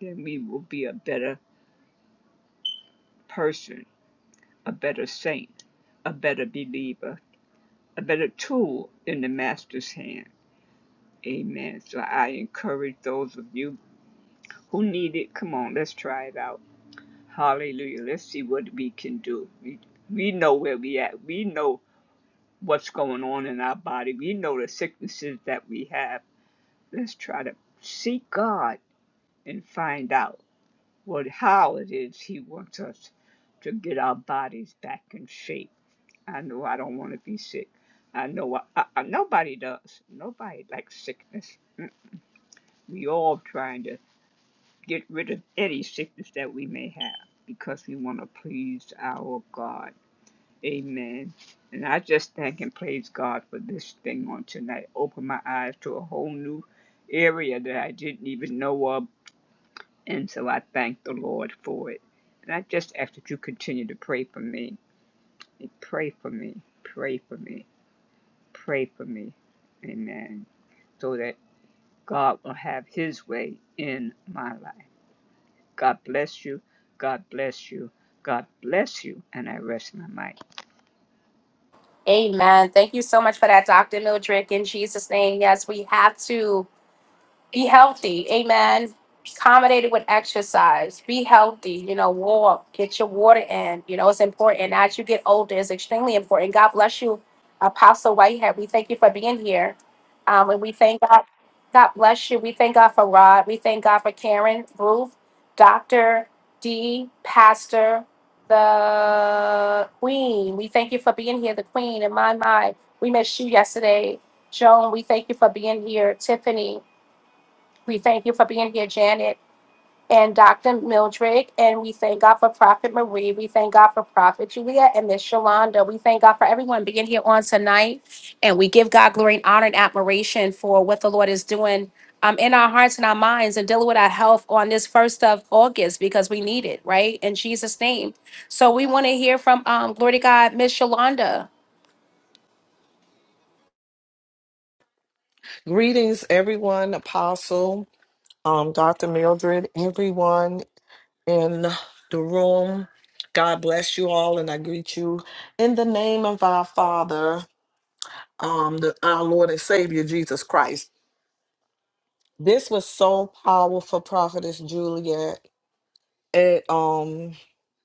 then we will be a better person, a better saint, a better believer, a better tool in the Master's hand. Amen. So I encourage those of you who need it, come on, let's try it out Hallelujah. Let's see what we can do. We, we know where we at. We know what's going on in our body. We know the sicknesses that we have. Let's try to seek God and find out what how it is He wants us to get our bodies back in shape. I know I don't want to be sick. I know I, I, I- nobody does. Nobody likes sickness. Mm. We all trying to get rid of any sickness that we may have because we want to please our God. Amen. And I just thank and praise God for this thing on tonight. Open my eyes to a whole new area that I didn't even know of. And so I thank the Lord for it. And I just ask that you continue to pray for me. And Pray for me. Pray for me. Pray for me. Amen. So that God will have his way in my life. God bless you. God bless you. God bless you. And I rest my mic. Amen. Thank you so much for that, Dr. Mildred. In Jesus' name, yes, we have to. Be healthy. Amen. Accommodated with exercise. Be healthy. You know, walk. Get your water in. You know, it's important. And As you get older, it's extremely important. God bless you, Apostle Whitehead. We thank you for being here. Um, and we thank God. God bless you. We thank God for Rod. We thank God for Karen, Ruth, Dr. D, Pastor, the Queen. We thank you for being here, the Queen. In my mind, we missed you yesterday. Joan, we thank you for being here. Tiffany, we thank you for being here, Janet and Dr. Mildred. And we thank God for Prophet Marie. We thank God for Prophet Julia and Miss Shalonda. We thank God for everyone being here on tonight. And we give God glory and honor and admiration for what the Lord is doing um, in our hearts and our minds and dealing with our health on this first of August because we need it, right? In Jesus' name. So we want to hear from um, Glory to God, Miss Shalonda. Greetings, everyone, Apostle, um, Dr. Mildred, everyone in the room. God bless you all, and I greet you in the name of our Father, um, the, our Lord and Savior, Jesus Christ. This was so powerful, Prophetess Julia. It um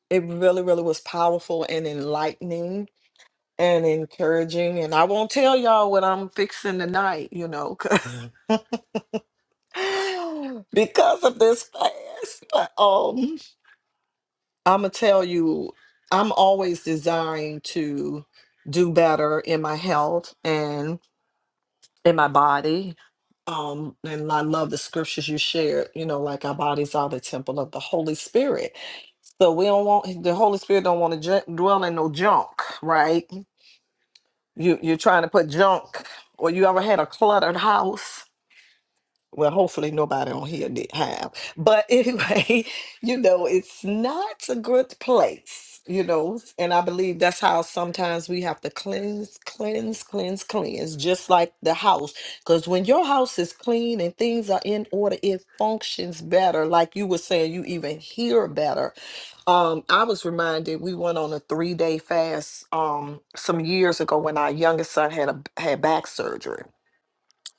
it really, really was powerful and enlightening and encouraging. And I won't tell y'all what I'm fixing tonight, you know, 'cause- because of this fast. But um I'ma tell you, I'm always desiring to do better in my health. and. in my body. Um, and I love the scriptures you shared, you know, like our bodies are the temple of the Holy Spirit. So we don't want the Holy Spirit don't want to j- dwell in no junk, right? You you're trying to put junk or you ever had a cluttered house well, hopefully nobody on here did have. But anyway, you know, it's not a good place, you know, and I believe that's how sometimes we have to cleanse, cleanse, cleanse, cleanse, just like the house. Because when your house is clean and things are in order, it functions better. Like you were saying, you even hear better. Um, I was reminded we went on a three day fast um some years ago when our youngest son had a had back surgery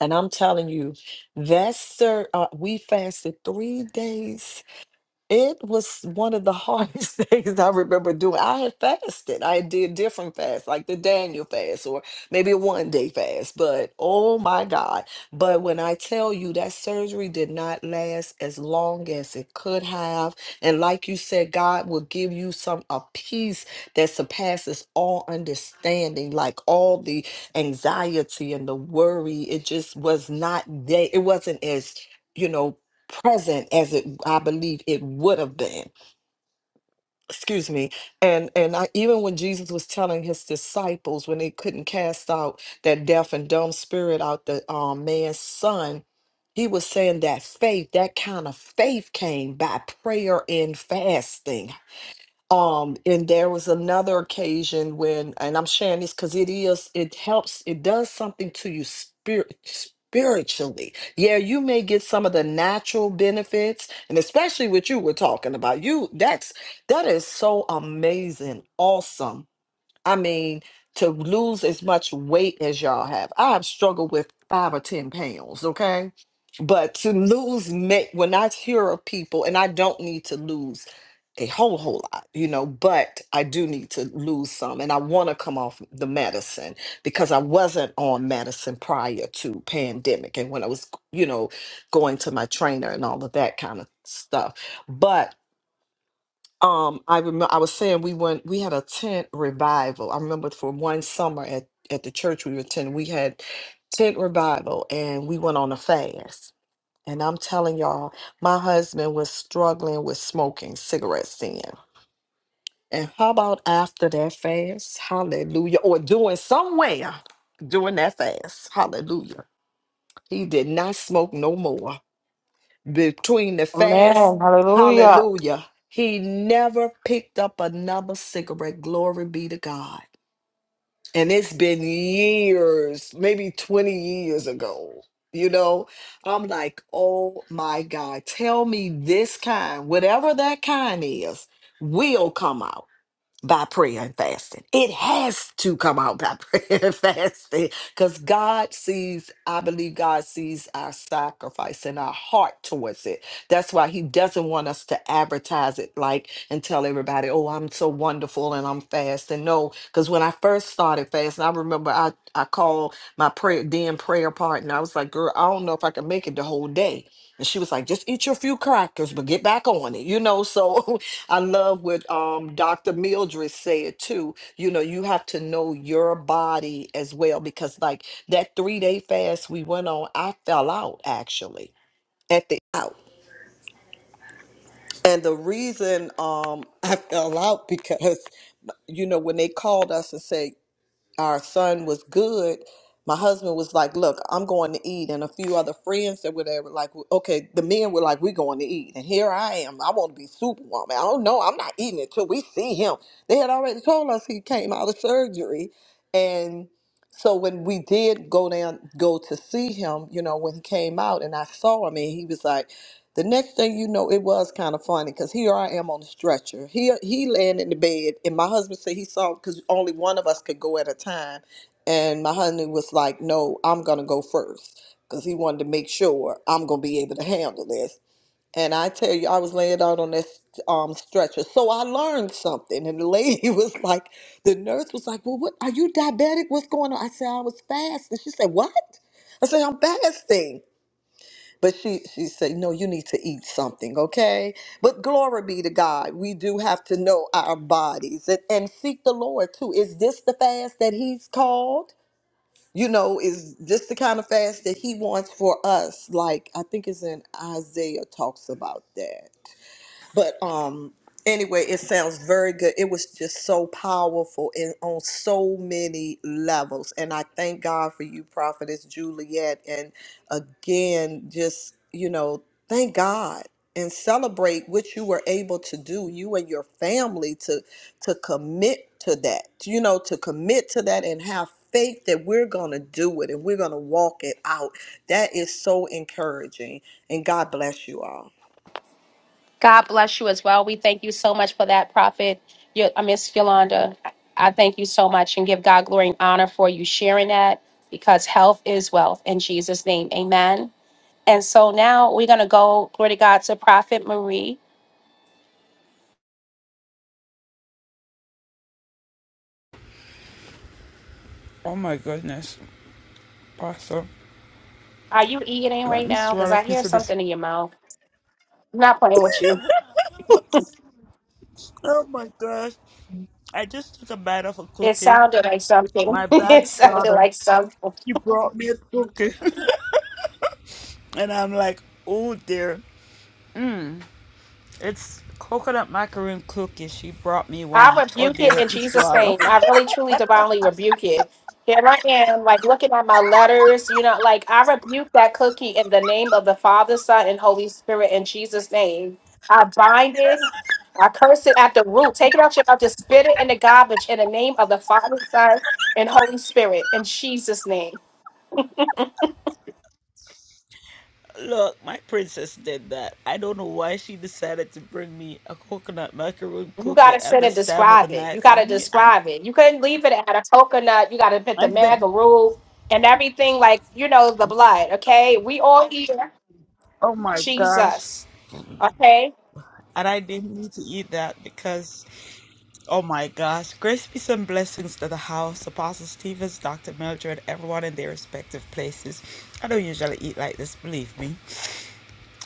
and I'm telling you, that sir, uh, we fasted three days it was one of the hardest things I remember doing. I had fasted. I did different fasts, like the Daniel fast or maybe a one day fast. But oh my God. But when I tell you that surgery did not last as long as it could have. And like you said, God will give you some a peace that surpasses all understanding, like all the anxiety and the worry. It just was not there. It wasn't as you know present as it I believe it would have been. Excuse me. And and I, even when Jesus was telling his disciples when they couldn't cast out that deaf and dumb spirit out the um, man's son, he was saying that faith, that kind of faith came by prayer and fasting. Um, and there was another occasion when, and I'm sharing this because it is, it helps, it does something to you spirit spiritually. Yeah, you may get some of the natural benefits, and especially what you were talking about. You that's that is so amazing, awesome I mean, to lose as much weight as y'all have. I have struggled with five or 10 pounds, okay? But to lose, ma- when I hear of people, and I don't need to lose a whole, whole lot, you know, but I do need to lose some. And I want to come off the medicine because I wasn't on medicine prior to pandemic and when I was, you know, going to my trainer and all of that kind of stuff. Um, I remember I was saying we went we had a tent revival. I remember for one summer at at the church we were attending, we had tent revival and we went on a fast. And I'm telling y'all, my husband was struggling with smoking cigarettes then. And how about after that fast? Hallelujah. Or doing somewhere during that fast. Hallelujah. He did not smoke no more between the fast, Amen. Hallelujah. hallelujah, he never picked up another cigarette. Glory be to God. And it's been years, maybe 20 years ago. You know, I'm like, oh my God, tell me this kind, whatever that kind is, will come out by prayer and fasting. It has to come out by prayer and fasting because God sees, I believe God sees our sacrifice and our heart towards it. That's why He doesn't want us to advertise it like and tell everybody, oh, I'm so wonderful and I'm fasting. No, because when I first started fasting, I remember I, I called my prayer, then prayer partner. I was like, girl, I don't know if I can make it the whole day. And she was like, just eat your few crackers, but get back on it, you know? So I love what um, Dr. Mildred said too. You know, you have to know your body as well because, like that three day fast we went on, I fell out actually at the out, and the reason um, I fell out because you know when they called us and said our son was good, my husband was like, "Look, I'm going to eat," and a few other friends that were there were like, "Okay." The men were like, "We're going to eat," and here I am. I want to be superwoman. I don't know. I'm not eating until we see him. They had already told us he came out of surgery, and so when we did go down, go to see him, you know, when he came out, and I saw him, and he was like. The next thing you know, it was kind of funny because here I am on a stretcher. He he laying in the bed, and my husband said he saw because only one of us could go at a time, and my husband was like, "No, I'm gonna go first because he wanted to make sure I'm gonna be able to handle this." And I tell you, I was laying out on this um, stretcher, so I learned something. And the lady was like, the nurse was like, "Well, what are you diabetic? What's going on?" I said, "I was fasting." She said, "What?" I said, "I'm fasting." But she she said, "No, you need to eat something, okay?" But glory be to God, we do have to know our bodies and, and seek the Lord too. Is this the fast that He's called? You know, is this the kind of fast that He wants for us? Like I think it's in Isaiah talks about that but um anyway it sounds very good it was just so powerful and on so many levels and i thank god for you prophetess juliet and again just you know thank god and celebrate what you were able to do you and your family to to commit to that you know to commit to that and have faith that we're going to do it and we're going to walk it out that is so encouraging and god bless you all God bless you as well. We thank you so much for that, Prophet. Yo- uh, Miss Yolanda, I thank you so much and give God glory and honor for you sharing that because health is wealth in Jesus' name. Amen. And so now we're going to go, glory to God, to Prophet Marie. Oh my goodness, Pastor. Are you eating Let right me now? Because swallow a I hear piece of this. something in your mouth. I'm not playing with you. Oh my gosh. I just took a bite of a It cookie. sounded like something. My bad it sounded daughter. like something. She brought me a cookie. and I'm like, oh dear. It's coconut macaroon cookie. She brought me I one. Oh rebuke dear, it in let me Jesus' swallow. name. I really, truly, divinely rebuke it. Here I am, like looking at my letters, you know, like I rebuke that cookie in the name of the Father, Son, and Holy Spirit in Jesus' name. I bind it, I curse it at the root. Take it out your mouth, just spit it in the garbage in the name of the Father, Son, and Holy Spirit in Jesus' name. Look, my princess did that. I don't know why she decided to bring me a coconut macaroon You got cookie to at sit and this time of the describe it. night. You got to And I describe it. You couldn't leave it at a coconut. You got to put the I bet. magaroo and everything, like, you know, the blood, okay? We all here. Oh my gosh. Jesus. Okay? And I didn't need to eat that because, oh my gosh. Grace, peace, and blessings to the house, Apostle Stevens, Dr. Mildred, everyone in their respective places. I don't usually eat like this, believe me.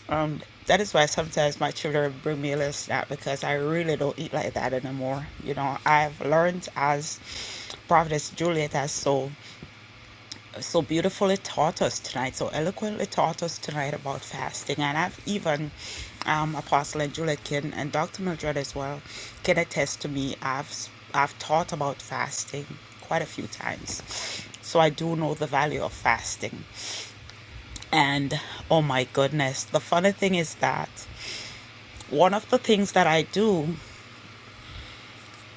Um, that is why sometimes my children bring me a little snack because I really don't eat like that anymore. You know, I've learned as Prophetess Juliet has so. so beautifully taught us tonight, so eloquently taught us tonight about fasting. And I've even, um, Apostle and Julia can, and Dr. Mildred as well, can attest to me. I've, i I've taught about fasting quite a few times. So I do know the value of fasting. And oh my goodness, the funny thing is that one of the things that I do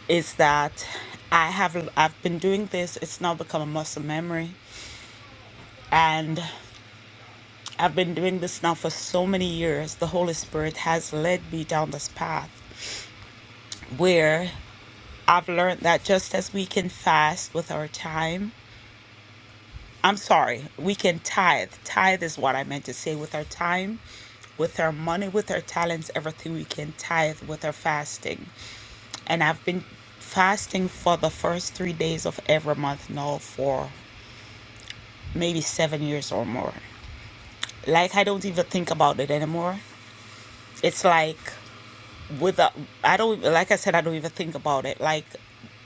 is that I have I've been doing this. It's now become a muscle memory, and I've been doing this now for so many years. The Holy Spirit has led me down this path where I've learned that just as we can fast with our time, I'm sorry, we can tithe. Tithe is what I meant to say with our time, with our money, with our talents, everything we can tithe with our fasting. And I've been fasting for the first three days of every month now for maybe seven years or more. Like, I don't even think about it anymore. It's like without i don't like i said i don't even think about it like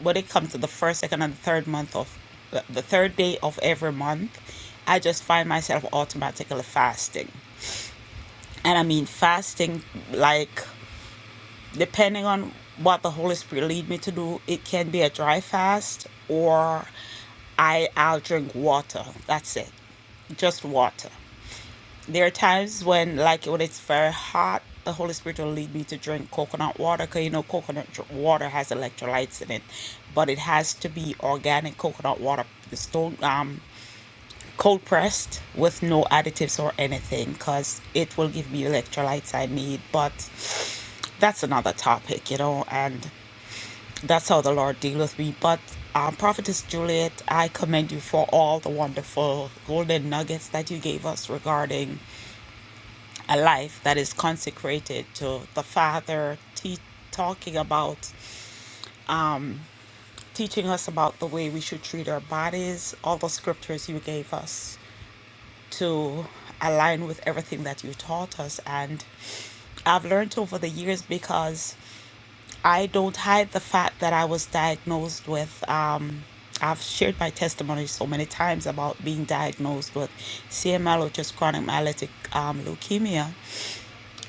when it comes to the first second and third month of the the third day of every month i just find myself automatically fasting and i mean fasting like depending on what the holy spirit lead me to do it can be a dry fast or i i'll drink water that's it just water there are times when like when it's very hot the holy spirit will lead me to drink coconut water because you know coconut dr- water has electrolytes in it but it has to be organic coconut water it's don't um cold pressed with no additives or anything because it will give me electrolytes i need but that's another topic you know and that's how the lord deal with me but um, prophetess juliet i commend you for all the wonderful golden nuggets that you gave us regarding a life that is consecrated to the Father, te- talking about, teaching us about the way we should treat our bodies, all the scriptures you gave us to align with everything that you taught us. And I've learned over the years because I don't hide the fact that I was diagnosed with. Um, I've shared my testimony so many times about being diagnosed with CML, which is chronic myelotic um, leukemia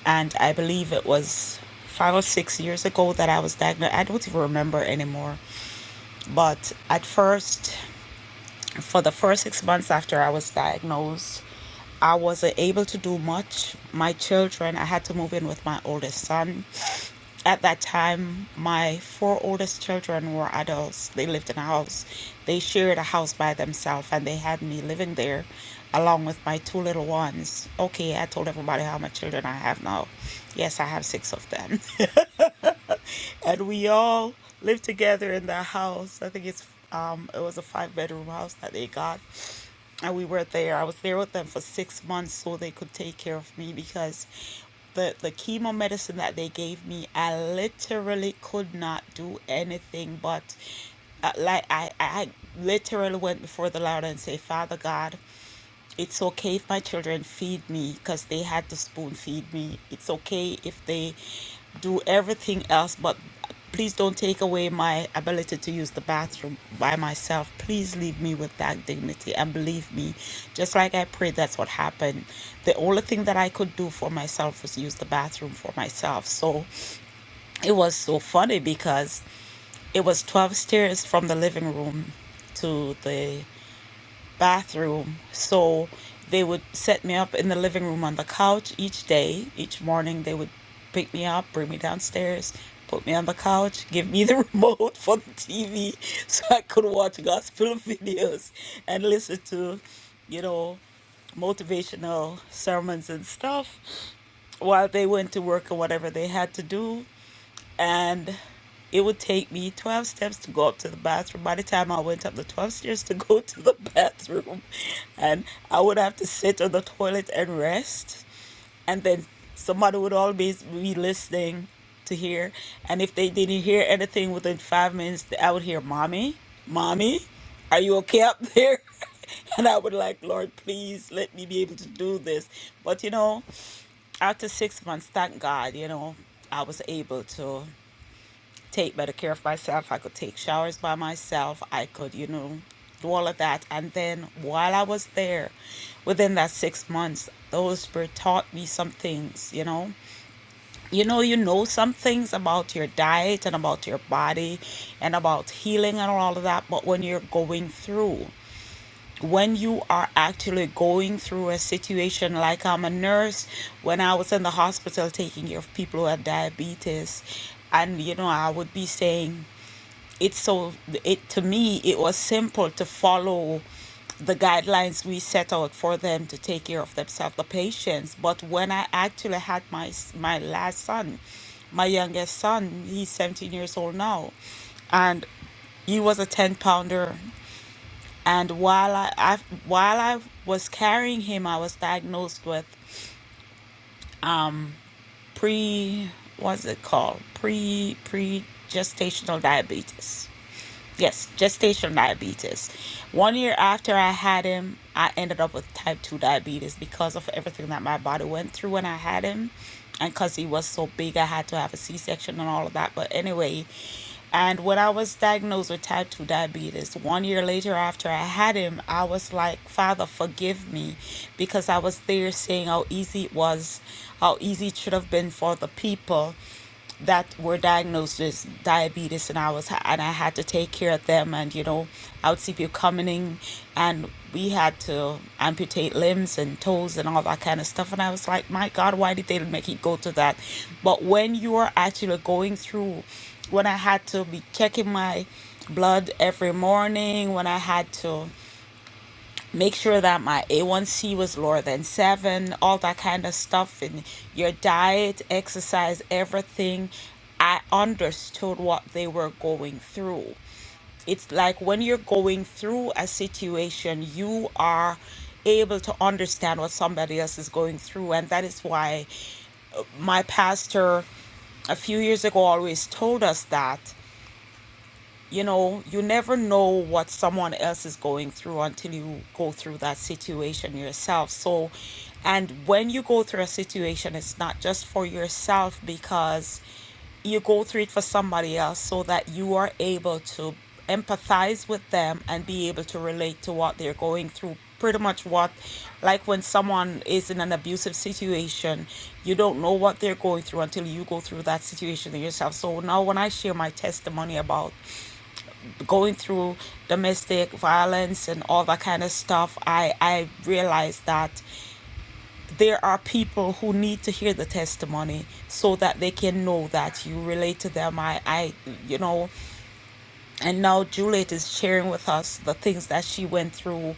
and I believe it was five or six years ago that I was diagnosed. I don't even remember anymore. But at first, for the first six months after I was diagnosed, I wasn't able to do much. My children, I had to move in with my oldest son. At that time, my four oldest children were adults. They lived in a house. They shared a house by themselves and they had me living there along with my two little ones. Okay, I told everybody how many children I have now. Yes, I have six of them and we all lived together in the house. I think it's um, it was a five bedroom house that they got, and we were there. I was there with them for six months so they could take care of me because the the chemo medicine that they gave me, I literally could not do anything but uh, like I I literally went before the Lord and say, Father God it's okay if my children feed me because they had to spoon feed me. It's okay if they do everything else, but please don't take away my ability to use the bathroom by myself. Please leave me with that dignity and believe me, just like I prayed, that's what happened. The only thing that I could do for myself was use the bathroom for myself. So it was so funny because it was 12 stairs from the living room to the bathroom. So they would set me up in the living room on the couch each day. Each morning, they would pick me up, bring me downstairs, put me on the couch, give me the remote for the TV so I could watch gospel videos and listen to, you know, motivational sermons and stuff while they went to work or whatever they had to do and it would take me 12 steps to go up to the bathroom. By the time I went up the 12 stairs to go to the bathroom, and I would have to sit on the toilet and rest, and then somebody would always be listening to hear. And if they didn't hear anything within five minutes, I would hear, Mommy, Mommy, are you okay up there? And I would like, Lord, please let me be able to do this. But you know, after six months, thank God, you know, I was able to take better care of myself. I could take showers by myself. I could, you know, do all of that. And then while I was there, within that six months, those spirit taught me some things, you know. You know, you know some things about your diet and about your body and about healing and all of that, but when you're going through, when you are actually going through a situation like I'm a nurse, when I was in the hospital taking care of people who had diabetes, and you know, I would be saying it's so it to me it was simple to follow the guidelines we set out for them to take care of themselves, the patients. But when I actually had my my last son, my youngest son, he's 17 years old now, and he was a 10 pounder and while I, I while I was carrying him, I was diagnosed with pre what's it called pre pre gestational diabetes. Yes, gestational diabetes. One year after I had him, I ended up with type 2 diabetes because of everything that my body went through when I had him. And because he was so big, I had to have a C section and all of that. But anyway, and when I was diagnosed with type 2 diabetes, one year later after I had him, I was like, Father, forgive me because I was there saying how easy it was, how easy it should have been for the people that were diagnosed with diabetes and I was and I had to take care of them and you know I would see people coming in and we had to amputate limbs and toes and all that kind of stuff and I was like my god why did they make it go to that but when you are actually going through when I had to be checking my blood every morning when I had to make sure that my A1C was lower than seven, all that kind of stuff, and your diet, exercise, everything. I understood what they were going through. It's like when you're going through a situation, you are able to understand what somebody else is going through. And that is why my pastor a few years ago always told us that you know you never know what someone else is going through until you go through that situation yourself so and when you go through a situation it's not just for yourself because you go through it for somebody else so that you are able to empathize with them and be able to relate to what they're going through pretty much what like when someone is in an abusive situation you don't know what they're going through until you go through that situation yourself so now when i share my testimony about going through domestic violence and all that kind of stuff, I, I realized that there are people who need to hear the testimony so that they can know that you relate to them. I, I you know, and now Juliet is sharing with us the things that she went through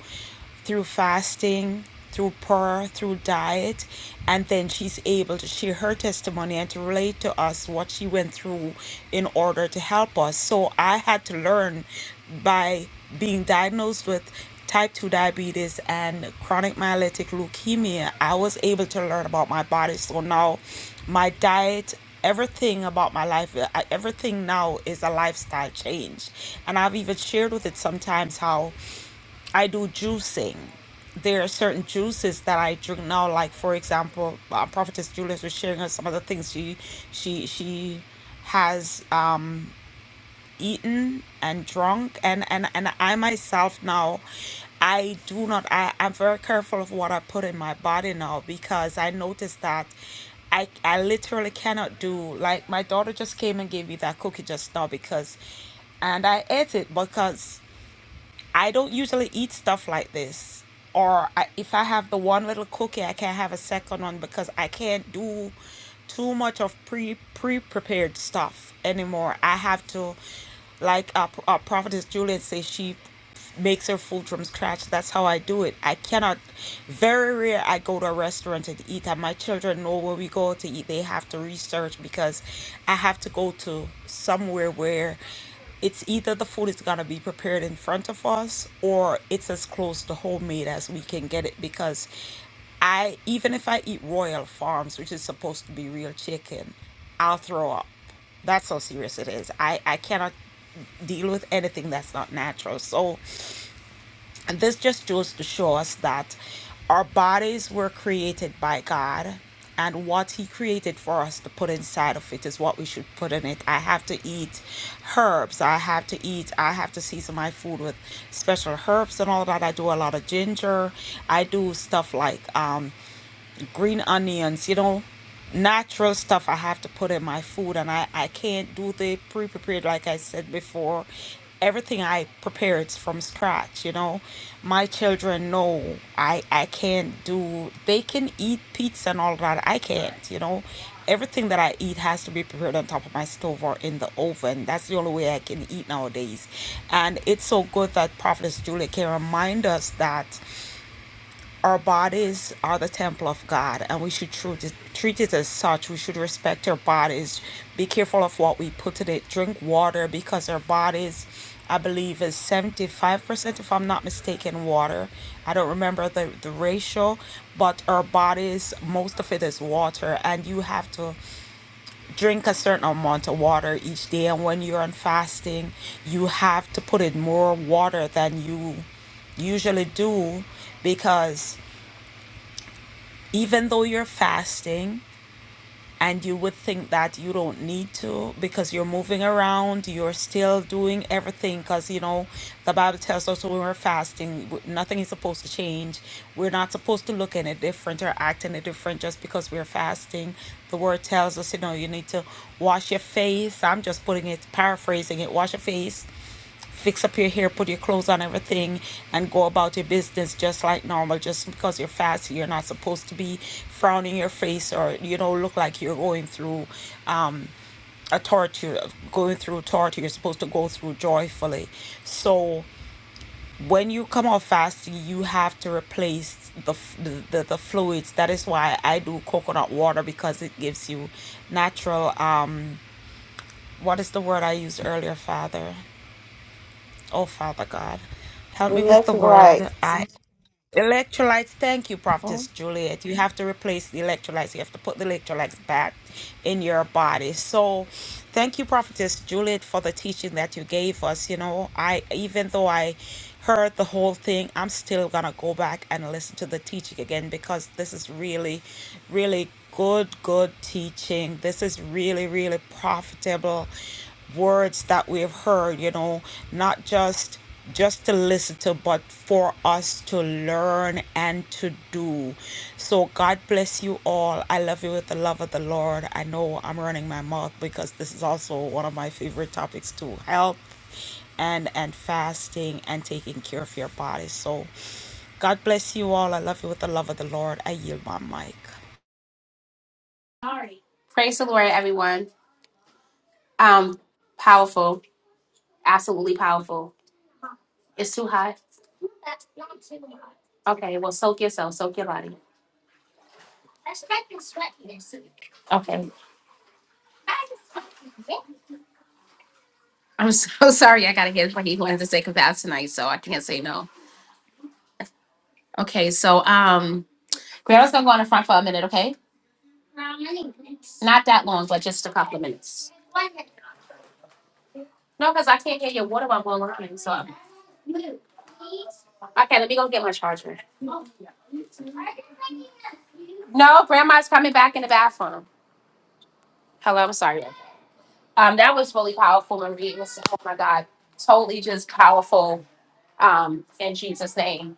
through fasting, through prayer, through diet, and then she's able to share her testimony and to relate to us what she went through in order to help us. So I had to learn by being diagnosed with type 2 diabetes and chronic myelolytic leukemia, I was able to learn about my body. So now my diet everything about my life uh, I- everything now is a lifestyle change and i've even shared with it sometimes how i do juicing there are certain juices that i drink now like for example uh, prophetess julius was sharing us some of the things she she she has eaten and drunk and and and i myself now i do not i i'm very careful of what i put in my body now because i noticed that i i literally cannot do like my daughter just came and gave me that cookie just now because and i ate it because I don't usually eat stuff like this. Or I, if I have the one little cookie, I can't have a second one because I can't do too much of pre pre prepared stuff anymore. I have to, like uh, uh, Prophetess Julian says, she makes her food from scratch. That's how I do it. I cannot. Very rare I go to a restaurant and eat, and my children know where we go to eat. They have to research because I have to go to somewhere where it's either the food is going to be prepared in front of us or it's as close to homemade as we can get it because I even if I eat Royal Farms, which is supposed to be real chicken, I'll throw up. That's how serious it is. I I cannot deal with anything that's not natural. So and this just goes to show us that our bodies were created by God, and what He created for us to put inside of it is what we should put in it. I have to eat herbs. I have to eat, I have to season my food with special herbs and all that. I do a lot of ginger. I do stuff like, um, green onions, you know, natural stuff I have to put in my food, and I, I can't do the pre prepared, like I said before. Everything I prepare it's from scratch, you know. My children know I, I can't do, they can eat pizza and all that. I can't, you know. Everything that I eat has to be prepared on top of my stove or in the oven. That's the only way I can eat nowadays. And it's so good that Prophetess Julie can remind us that our bodies are the temple of God, and we should treat it, treat it as such. We should respect our bodies. Be careful of what we put in it. Drink water because our bodies, I believe, is 75%, if I'm not mistaken, water. I don't remember the, the ratio, but our bodies, most of it is water, and you have to drink a certain amount of water each day. And when you're on fasting, you have to put in more water than you usually do because even though you're fasting and you would think that you don't need to because you're moving around, you're still doing everything because you know the Bible tells us when we're fasting, w- nothing is supposed to change. We're not supposed to look any different or act any different just because we're fasting. The word tells us, you know, you need to wash your face. I'm just putting it, paraphrasing it, wash your face fix up your hair, put your clothes on, everything, and go about your business just like normal. Just because you're fasting, you're not supposed to be frowning your face or you know look like you're going through um, a torture, going through torture. You're supposed to go through joyfully. So when you come off fasting, you have to replace the, the the the fluids. That is why I do coconut water because it gives you natural. Um, what is the word I used earlier, Father? Oh, Father God, help me with the That's right. word. I electrolytes. Thank you, Oh, Prophetess Juliet. You have to replace the electrolytes. You have to put the electrolytes back in your body. So, thank you, Prophetess Juliet, for the teaching that you gave us. You know, I even though I heard the whole thing, I'm still gonna go back and listen to the teaching again because this is really, really good, good teaching. This is really, really profitable words that we have heard you know not just just to listen to but for us to learn and to do so god bless you all i love you with the love of the lord i know i'm running my mouth because this is also one of my favorite topics too health and and fasting and taking care of your body so god bless you all i love you with the love of the lord i yield my mic Praise the Lord, everyone. Um, powerful, absolutely powerful. It's too hot. Okay, well, soak yourself, soak your body. Okay. I'm so sorry. I gotta get it. He wanted to say confess tonight, so I can't say no. Okay, so um, Grandma's gonna go on the front for a minute, okay? Not that long, but just a couple of minutes. No, because I can't get your water while I'm on so Okay, let me go get my charger. No, grandma's coming back in the bathroom. Hello, I'm sorry. Um, that was really powerful, Marie. It was, oh my God, totally just powerful. Um, in Jesus' name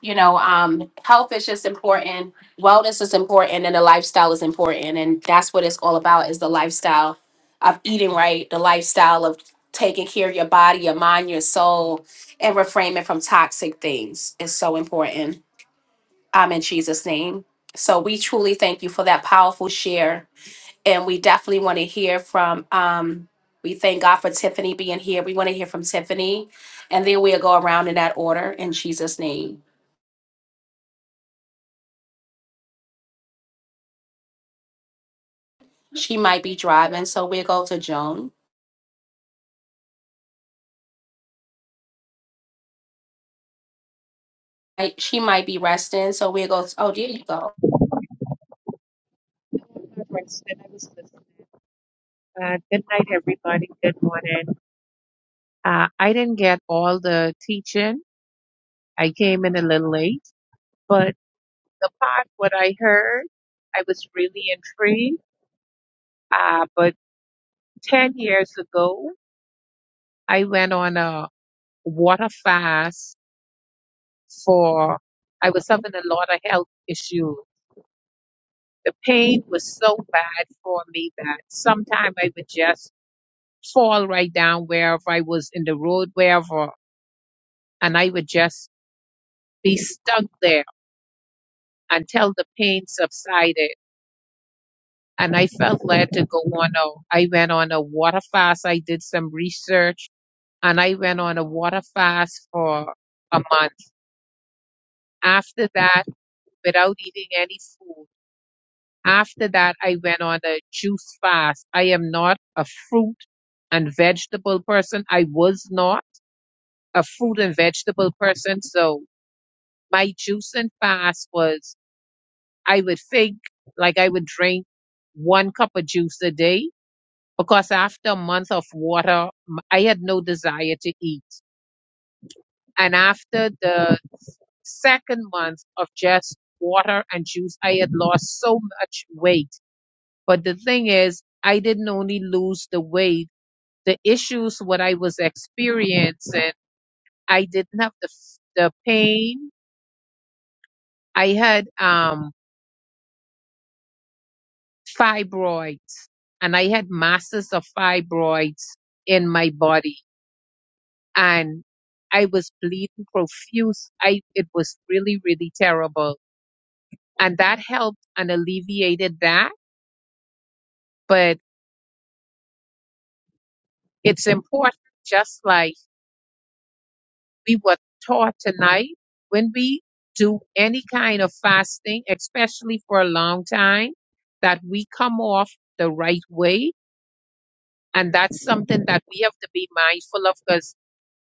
you know, um, health is just important, wellness is important, and the lifestyle is important. And that's what it's all about is the lifestyle of eating right, the lifestyle of taking care of your body, your mind, your soul, and refraining from toxic things is so important. Um, in Jesus' name. So we truly thank you for that powerful share. And we definitely want to hear from um we thank God for Tiffany being here. We want to hear from Tiffany. And then we'll go around in that order in Jesus' name. She might be driving, so we'll go to Joan. I- She might be resting, so we'll go. oh, there you go. All right, so Then I was listening. Uh, good night, everybody. Good morning. Uh, I didn't get all the teaching. I came in a little late, but the part what I heard, I was really intrigued. Uh, but ten years ago, I went on a water fast for. I was having a lot of health issues. The pain was so bad for me that sometimes I would just fall right down wherever I was in the road, wherever and I would just be stuck there until the pain subsided. And I felt led to go on a, I went on a water fast. I did some research and I went on a water fast for a month. After that, without eating any food, after that, I went on a juice fast. I am not a fruit and vegetable person. I was not a fruit and vegetable person. So my juicing fast was I would think like I would drink one cup of juice a day because after a month of water, m- I had no desire to eat. And after the second month of just water and juice, I had lost so much weight. But the thing is, I didn't only lose the weight, the issues what I was experiencing, I didn't have the, f- the pain. I had, um. fibroids and I had masses of fibroids in my body and I was bleeding profuse. I it was really, really terrible. And that helped and alleviated that. But it's important just like we were taught tonight when we do any kind of fasting, especially for a long time, that we come off the right way. And that's something that we have to be mindful of because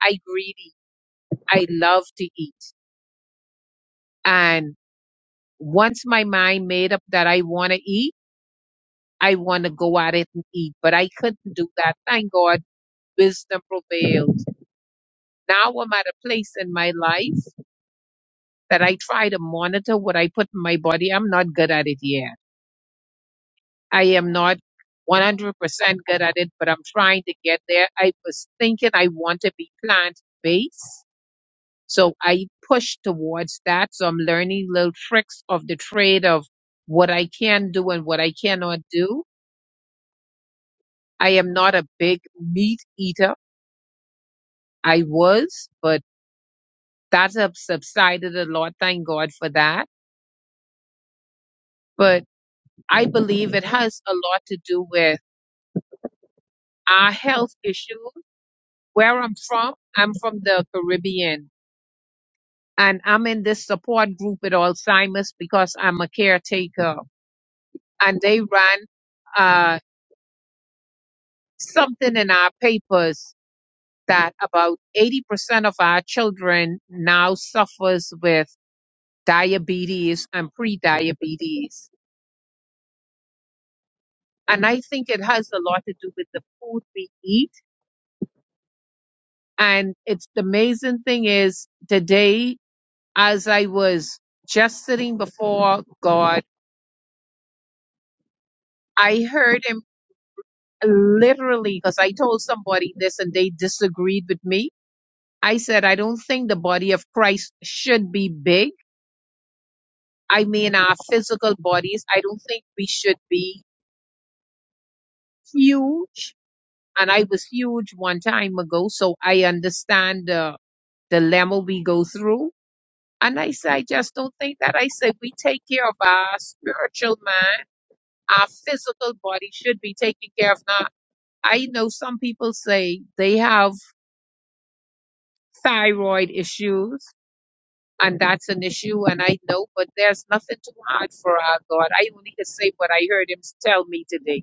I greedy. I love to eat. And once my mind made up that I want to eat, I want to go at it and eat. But I couldn't do that. Thank God wisdom prevails. Now I'm at a place in my life that I try to monitor what I put in my body. I'm not good at it yet. I am not 100% good at it, but I'm trying to get there. I was thinking I want to be plant based. So I push towards that. So I'm learning little tricks of the trade of what I can do and what I cannot do. I am not a big meat eater. I was, but that have subsided a lot. Thank God for that. But I believe it has a lot to do with our health issues. Where I'm from, I'm from the Caribbean and I'm in this support group with Alzheimer's because I'm a caretaker and they ran something in our papers that about 80% of our children now suffers with diabetes and pre-diabetes and i think it has a lot to do with the food we eat and it's the amazing thing is today as i was just sitting before god i heard him literally because i told somebody this and they disagreed with me i said i don't think the body of christ should be big I mean, our physical bodies, I don't think we should be huge. And I was huge one time ago, so I understand the dilemma we go through. And I say, I just don't think that. I say, we take care of our spiritual mind. Our physical body should be taken care of. Now, I know some people say they have thyroid issues, and that's an issue, and I know, but there's nothing too hard for our God. I only can say what I heard him tell me today.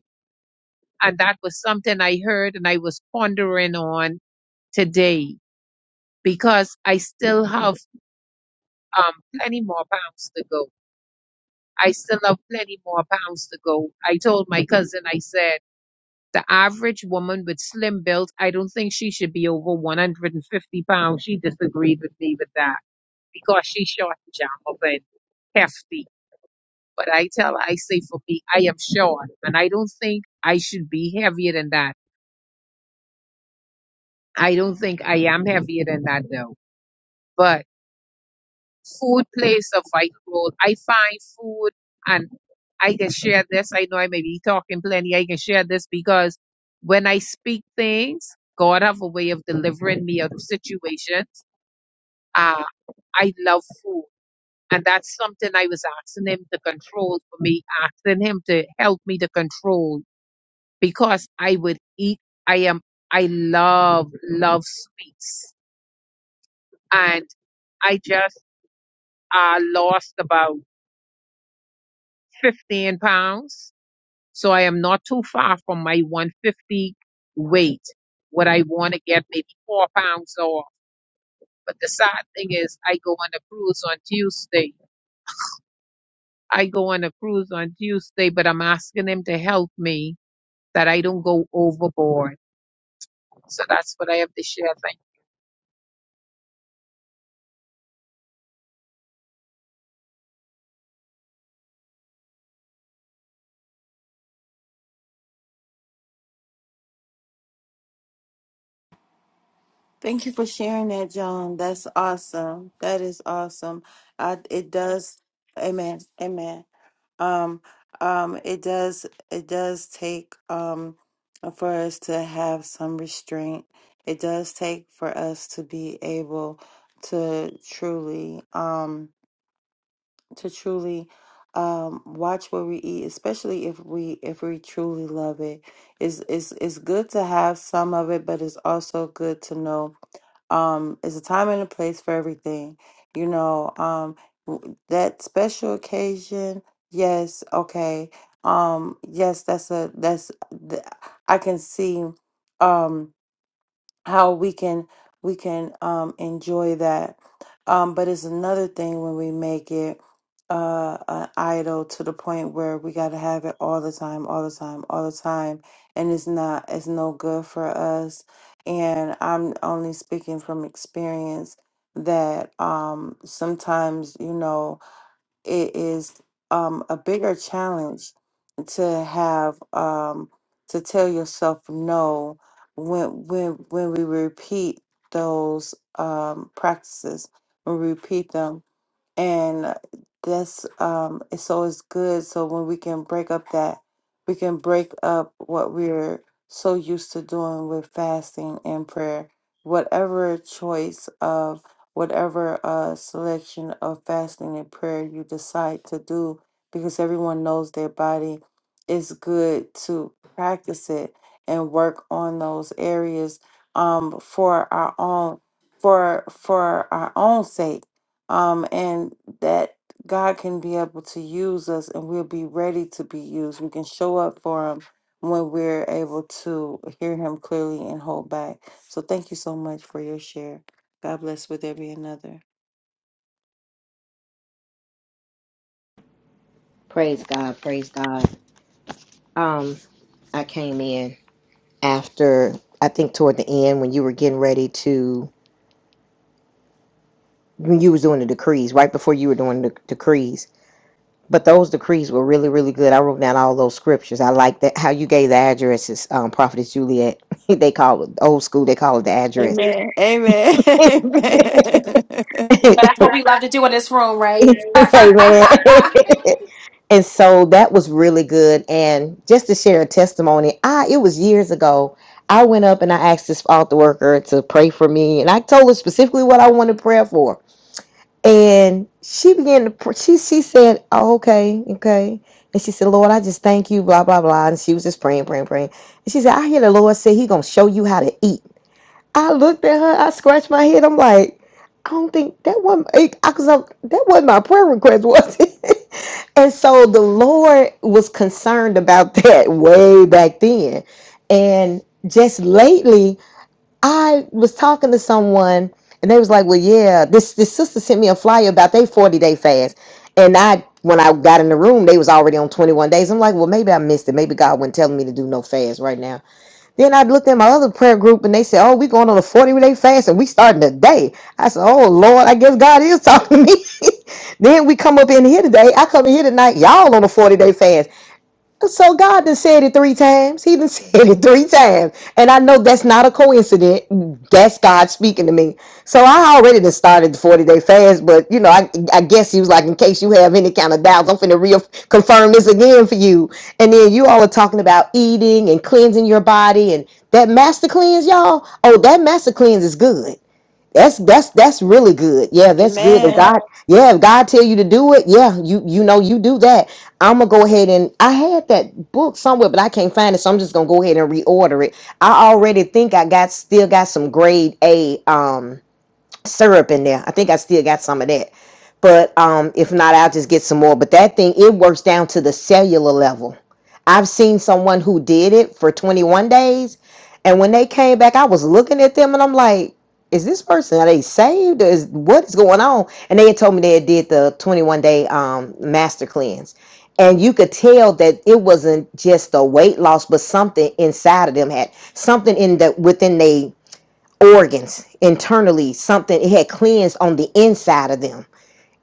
And that was something I heard and I was pondering on today because I still have um, plenty more pounds to go. I still have plenty more pounds to go. I told my cousin, I said, the average woman with slim build, I don't think she should be over 150 pounds. She disagreed with me with that because she's short and jam up and hefty. But I tell her, I say for me, I am short and I don't think I should be heavier than that. I don't think I am heavier than that though. but. food plays a vital role. I find food, and I can share this. I know I may be talking plenty. I can share this because when I speak things, God have a way of delivering me out of situations. Uh, I love food. And that's something I was asking him to control for me, asking him to help me to control because I would eat. I am, I love, love sweets. And I just uh, lost about 15 pounds. So I am not too far from my 150 weight. What I want to get maybe four pounds off. But the sad thing is, I go on a cruise on Tuesday. I go on a cruise on Tuesday, but I'm asking him to help me that I don't go overboard. So that's what I have to share. thank you for sharing that, John. That's awesome. That is awesome. I, it does. Amen. Amen. Um, um, it does. It does take um for us to have some restraint. It does take for us to be able to truly um to truly um, watch what we eat, especially if we if we truly love it. It's it's it's good to have some of it, but it's also good to know um, it's a time and a place for everything. You know um, w- that special occasion. Yes, okay. Um, yes, that's a that's th- I can see. Um, how we can we can um enjoy that um but it's another thing when we make it uh an idol to the point where we got to have it all the time all the time all the time and it's not it's no good for us and i'm only speaking from experience that um sometimes you know it is um, a bigger challenge to have um, to tell yourself no when when when we repeat those um, practices, when we repeat them and that's um it's- so it's good so when we can break up that we can break up what we're so used to doing with fasting and prayer whatever choice of whatever uh selection of fasting and prayer you decide to do because everyone knows their body it's good to practice it and work on those areas um for our own for for our own sake um, and that God can be able to use us, and we'll be ready to be used. We can show up for Him when we're able to hear Him clearly and hold back. So, thank you so much for your share. God bless. Would there be another? Praise God, praise God. Um, I came in after I think toward the end when you were getting ready to when you was doing the decrees, right before you were doing the decrees. But those decrees were really, really good. I wrote down all those scriptures. I like that how you gave the addresses, um, Prophetess Juliet. they call it old school, they call it the address. Amen. Amen. Amen. Amen. and so that was really good and just to share a testimony i it was years ago i went up and i asked this altar worker to pray for me and i told her specifically what i wanted prayer for and she began to pr- she she said oh, okay okay and she said lord i just thank you blah blah blah and she was just praying praying praying and she said i hear the lord say he gonna show you how to eat i looked at her i scratched my head i'm like i don't think that one because that wasn't my prayer request was it And so the Lord was concerned about that way back then. And just lately, I was talking to someone and they was like, Well, yeah, this this sister sent me a flyer about they 40 day fast. And I when I got in the room, they was already on 21 days. I'm like, well, maybe I missed it. Maybe God wasn't telling me to do no fast right now. Then I looked at my other prayer group and they said, Oh, we going on a 40 day fast and we starting today. I said, Oh Lord, I guess God is talking to me. then we come up in here today. I come in here tonight, y'all on a 40 day fast. So God done said it three times. He done said it three times. And I know that's not a coincidence. That's God speaking to me. So I already done started the 40 day fast, but you know, I, I guess he was like, in case you have any kind of doubts, I'm finna reconfirm this again for you. And then you all are talking about eating and cleansing your body and that master cleanse, y'all. Oh, that master cleanse is good. That's that's that's really good. Yeah, that's good. If Amen. God, yeah, if God tell you to do it, yeah, you you know you do that. I'm gonna go ahead and I had that book somewhere, but I can't find it, so I'm just gonna go ahead and reorder it. I already think I got still got some grade A. Um, syrup in there. I think I still got some of that. But um, if not, I'll just get some more. But that thing, it works down to the cellular level. I've seen someone who did it for 21 days. And when they came back, I was looking at them and I'm like, is this person, are they saved? Or is, what is going on? And they had told me they had did the 21 day um, master cleanse. And you could tell that it wasn't just a weight loss, but something inside of them had something in the within they organs internally something it had cleansed on the inside of them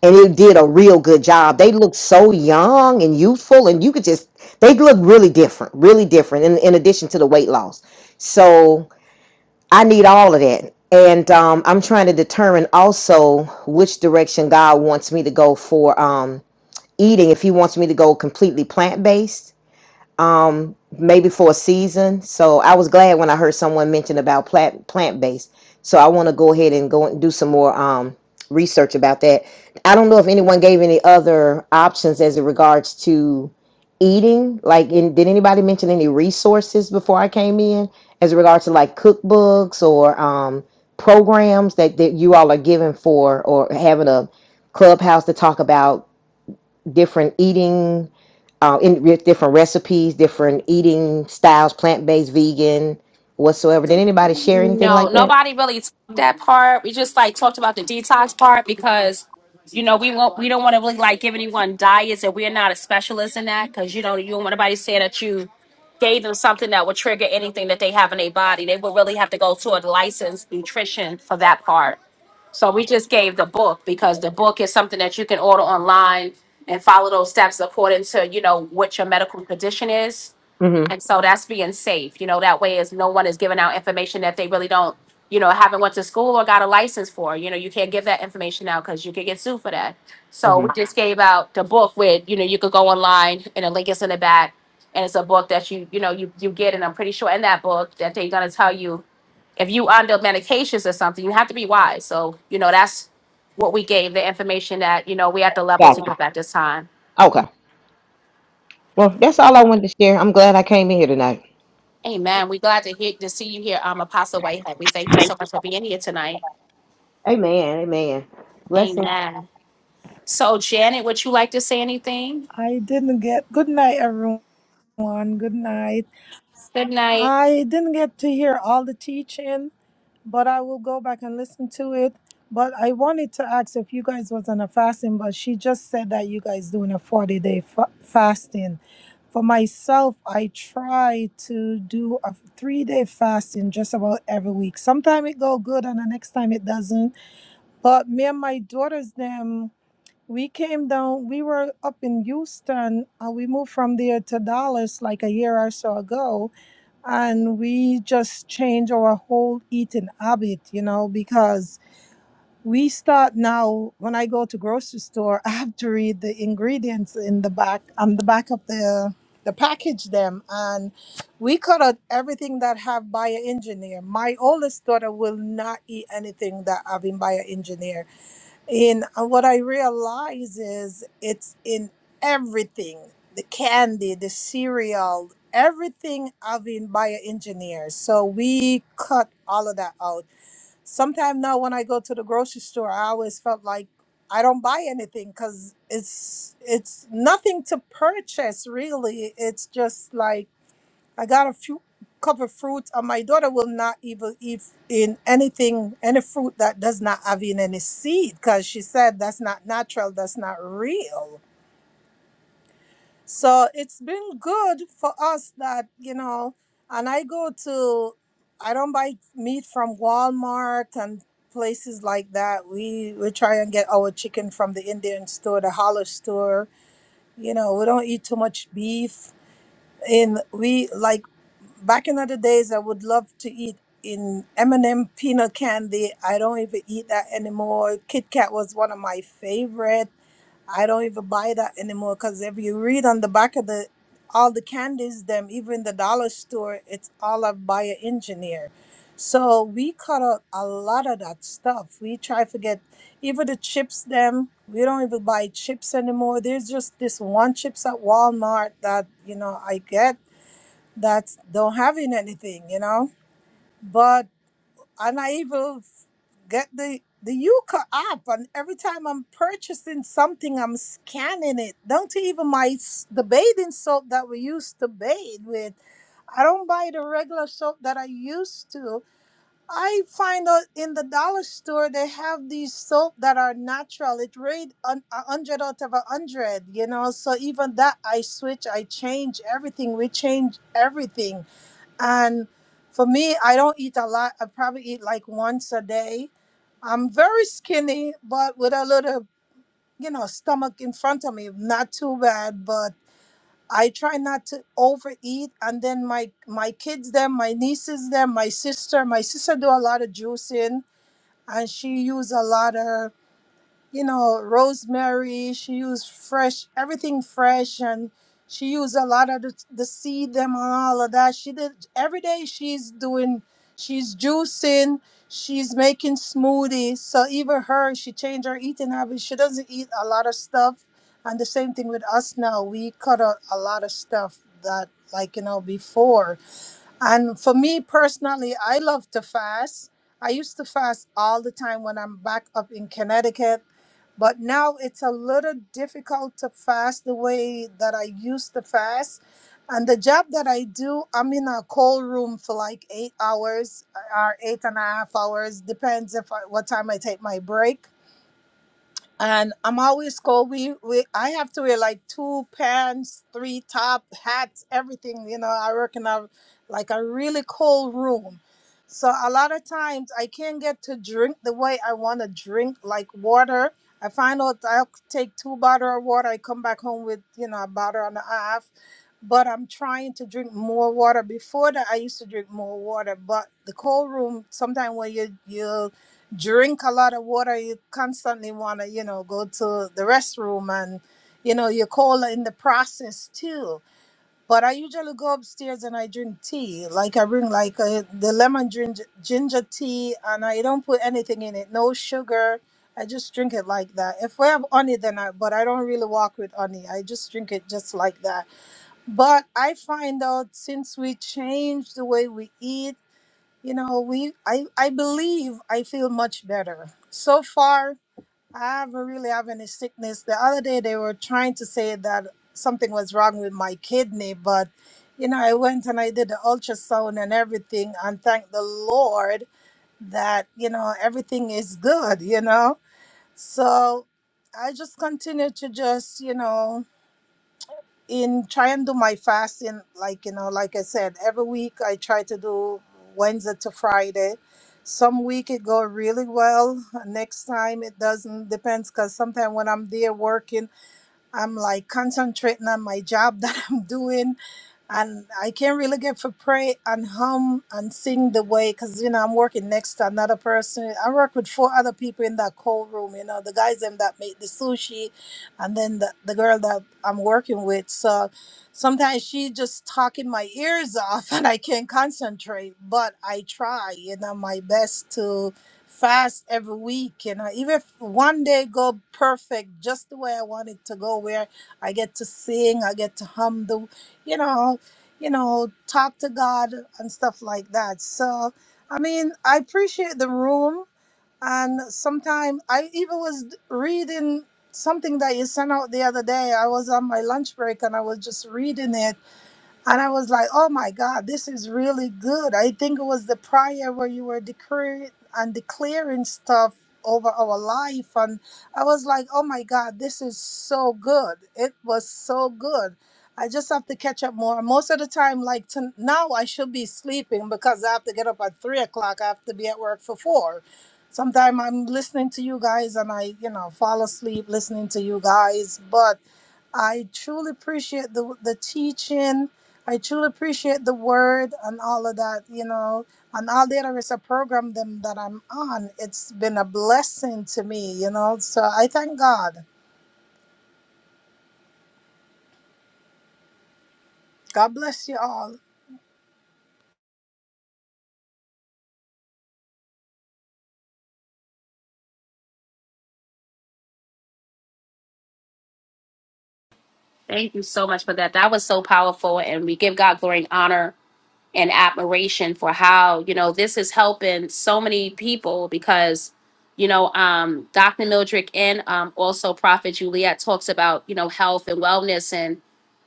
and it did a real good job they looked so young and youthful and you could just they looked really different really different in, in addition to the weight loss so i need all of that and um, i'm trying to determine also which direction god wants me to go for um, eating if he wants me to go completely plant-based um maybe for a season so i was glad when i heard someone mention about plant plant-based so i want to go ahead and go and do some more um research about that i don't know if anyone gave any other options as it regards to eating like in, did anybody mention any resources before i came in as it regards to like cookbooks or um programs that, that you all are giving for or having a clubhouse to talk about different eating uh, in with different recipes, different eating styles, plant based, vegan, whatsoever. Did anybody share anything No, like that? nobody really took that part. We just like talked about the detox part because, you know, we won't. We don't want to really like give anyone diets, and we're not a specialist in that because you don't. You don't want anybody saying that you gave them something that would trigger anything that they have in their body. They would really have to go to a licensed nutrition for that part. So we just gave the book because the book is something that you can order online and follow those steps according to, you know, what your medical condition is. Mm-hmm. And so that's being safe. You know, that way is no one is giving out information that they really don't, you know, haven't went to school or got a license for. You know, you can't give that information out because you could get sued for that. So Mm-hmm. we just gave out the book with, you know, you could go online and the link is in the back. And it's a book that you, you know, you you get and I'm pretty sure in that book that they're gonna tell you if you under medications or something, you have to be wise. So, you know, that's what we gave the information that, you know, we at the level to Gotcha. give at this time. Okay. Well, that's all I wanted to share. I'm glad I came in here tonight. Amen. We're glad to hear to see you here, um, Apostle Whitehead. We thank you so much for being here tonight. Amen. Amen. Blessings. Amen. So, Janet, would you like to say anything? I didn't get, good night, everyone. Good night. Good night. I didn't get to hear all the teaching, but I will go back and listen to it. But I wanted to ask if you guys was on a fasting, but she just said that you guys doing a 40 day fa- fasting. For myself, I try to do a three day fasting just about every week. Sometimes it go good and the next time it doesn't. But me and my daughters, them, We came down, we were up in Houston. Uh, we moved from there to Dallas like a year or so ago. And we just changed our whole eating habit, you know, because we start now when I go to grocery store, I have to read the ingredients in the back on the back of the the package them and we cut out everything that have bioengineer. My oldest daughter will not eat anything that having bioengineer and uh, what I realize is it's in everything the candy, the cereal, everything of in bioengineers. So we cut all of that out. Sometimes now when I go to the grocery store, I always felt like I don't buy anything because it's it's nothing to purchase really. It's just like I got a few cup of fruit, and my daughter will not even eat in anything, any fruit that does not have in any seed, because she said that's not natural, that's not real. So it's been good for us that you know, and I go to, I don't buy meat from Walmart and places like that. We we try and get our chicken from the Indian store, the halal store. You know, we don't eat too much beef and we like back in other days i would love to eat in m&m peanut candy i don't even eat that anymore kit kat was one of my favorite i don't even buy that anymore because if you read on the back of the all the candies them even the dollar store it's all a bio engineer so we cut out a lot of that stuff we try to get even the chips them we don't even buy chips anymore there's just this one chips at walmart that you know i get that don't having anything, you know. But and I even get the the Yuka app, and every time I'm purchasing something, I'm scanning it. Don't even my s- the bathing soap that we used to bathe with. I don't buy the regular soap that I used to. I find out in the dollar store they have these soap that are natural. It rate un- a hundred out of a hundred, you know. So even that I switch, I change everything. We change everything and for me, I don't eat a lot. I probably eat like once a day. I'm very skinny, but with a little, you know, stomach in front of me. Not too bad, but I try not to overeat. And then my my kids, them, my nieces, them, my sister. My sister do a lot of juicing, and she use a lot of you know, rosemary. She used fresh, everything fresh, and she used a lot of the, the seed them and all of that. She did every day. She's doing, she's juicing, she's making smoothies. So even her, she changed her eating habits. She doesn't eat a lot of stuff, and the same thing with us now. We cut out a lot of stuff that, like you know, before. And for me personally, I love to fast. I used to fast all the time when I'm back up in Connecticut, but now it's a little difficult to fast the way that I used to fast. And the job that I do, I'm in a cold room for like eight hours or eight and a half hours, depends if I, what time I take my break and I'm always cold. We, we I have to wear like two pants, three top hats, everything. You know, I work in a like a really cold room. So a lot of times I can't get to drink the way I want to drink, like water. I find out I'll take two bottle of water. I come back home with you know a bottle and a half. But I'm trying to drink more water. Before that, I used to drink more water. But the cold room, sometimes when you you drink a lot of water you constantly want to you know go to the restroom and you know you're cold in the process too but i usually go upstairs and i drink tea like i bring like uh the lemon ginger, ginger tea and i don't put anything in it no sugar i just drink it like that if we have honey then i but i don't really walk with honey i just drink it just like that but i find out since we changed the way we eat you know we i i believe i feel much better so far i haven't really have any sickness the other day they were trying to say that something was wrong with my kidney but you know i went and i did the ultrasound and everything and thank the lord that you know everything is good you know so i just continue to just you know in trying to do my fasting, like you know, like I said, every week I try to do Wednesday to Friday. Some week it go really well. Next time it doesn't. Depends, cause sometimes when I'm there working. I'm like concentrating on my job that I'm doing, and I can't really get for pray and hum and sing the way because you know I'm working next to another person. I work with four other people in that cold room. You know the guys them that make the sushi, and then the, the girl that I'm working with. So sometimes she just talking my ears off, and I can't concentrate. But I try, you know, my best to fast every week you know even if one day go perfect just the way i want it to go where i get to sing i get to hum the you know you know talk to god and stuff like that so i mean i appreciate the room and sometimes i even was reading something that you sent out the other day i was on my lunch break and i was just reading it and I was like, oh my God, this is really good. I think it was the prayer where you were declaring and declaring stuff over our life. And I was like, oh my God, this is so good. It was so good. I just have to catch up more. Most of the time, like to now, I should be sleeping because I have to get up at three o'clock. I have to be at work for four. Sometimes I'm listening to you guys and I, you know, fall asleep listening to you guys. But I truly appreciate the the teaching. I truly appreciate the word and all of that, you know, and all the other is a program them that I'm on. It's been a blessing to me, you know. So I thank God. God bless you all. Thank you so much for that. That was so powerful. And we give God glory and honor and admiration for how you know this is helping so many people because you know um dr mildred and um also prophet juliet talks about you know health and wellness and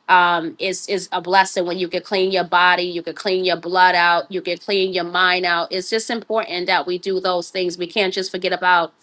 um, is is a blessing when you can clean your body, you can clean your blood out, you can clean your mind out. It's just important that we do those things. We can't just forget about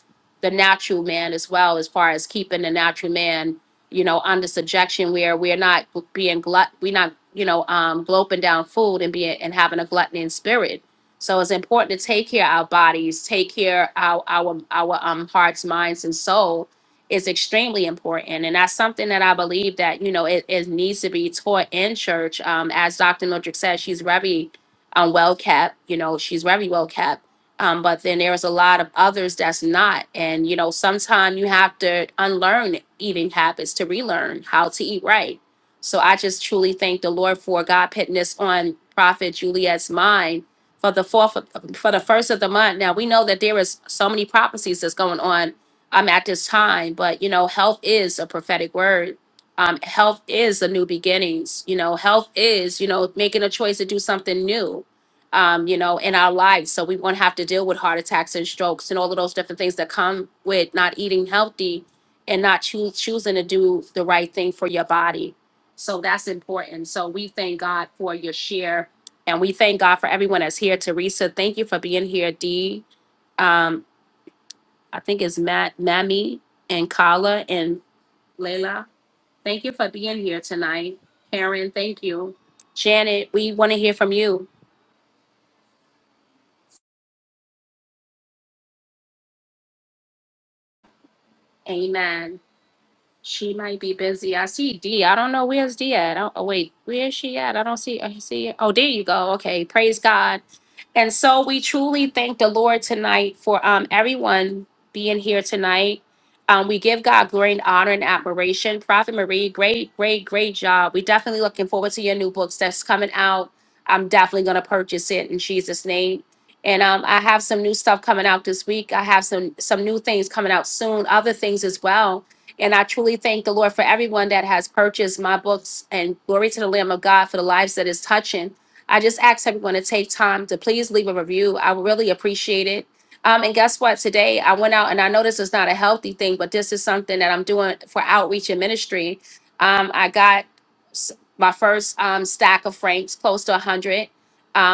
the natural man as well, as far as keeping the natural man, you know, under subjection where we're not being glut, we're not, you know, um, gulping down food and being and having a gluttony in spirit. So it's important to take care of our bodies, take care of our our, our um, hearts, minds, and soul is extremely important and that's something that i believe that you know it, it needs to be taught in church um, as dr Nodrick said she's very um, well kept you know she's very well kept um, but then there's a lot of others that's not and you know sometimes you have to unlearn eating habits to relearn how to eat right so i just truly thank the lord for god putting this on prophet juliet's mind for the fourth for the first of the month now we know that there is so many prophecies that's going on um, at this time. But you know, health is a prophetic word. Um, health is the new beginnings. You know, health is you know making a choice to do something new. Um, you know, in our lives, so we won't have to deal with heart attacks and strokes and all of those different things that come with not eating healthy and not choo- choosing to do the right thing for your body. So that's important. So we thank God for your share, and we thank God for everyone that's here. Teresa, thank you for being here. Dee, I think it's Matt, Mammy, and Kala and Layla. Thank you for being here tonight. Karen, thank you. Janet, we want to hear from you. Amen. She might be busy. I see D. I don't know where's D at. Oh, oh, wait, where is she at? I don't see. I see. Oh, there you go. Okay, praise God. And so we truly thank the Lord tonight for um everyone being here tonight. Um, we give God glory and honor and admiration. Prophet Marie, great, great, great job. We're definitely looking forward to your new books that's coming out. I'm definitely gonna purchase it in Jesus' name. And um, I have some new stuff coming out this week. I have some some new things coming out soon, other things as well and I truly thank the Lord for everyone that has purchased my books and glory to the Lamb of God for the lives that is touching. I just ask everyone to take time to please leave a review. I would really appreciate it. Um, and guess what? Today I went out and I know this is not a healthy thing, but this is something that I'm doing for outreach and ministry. Um, I got s- my first um, stack of francs, close to 100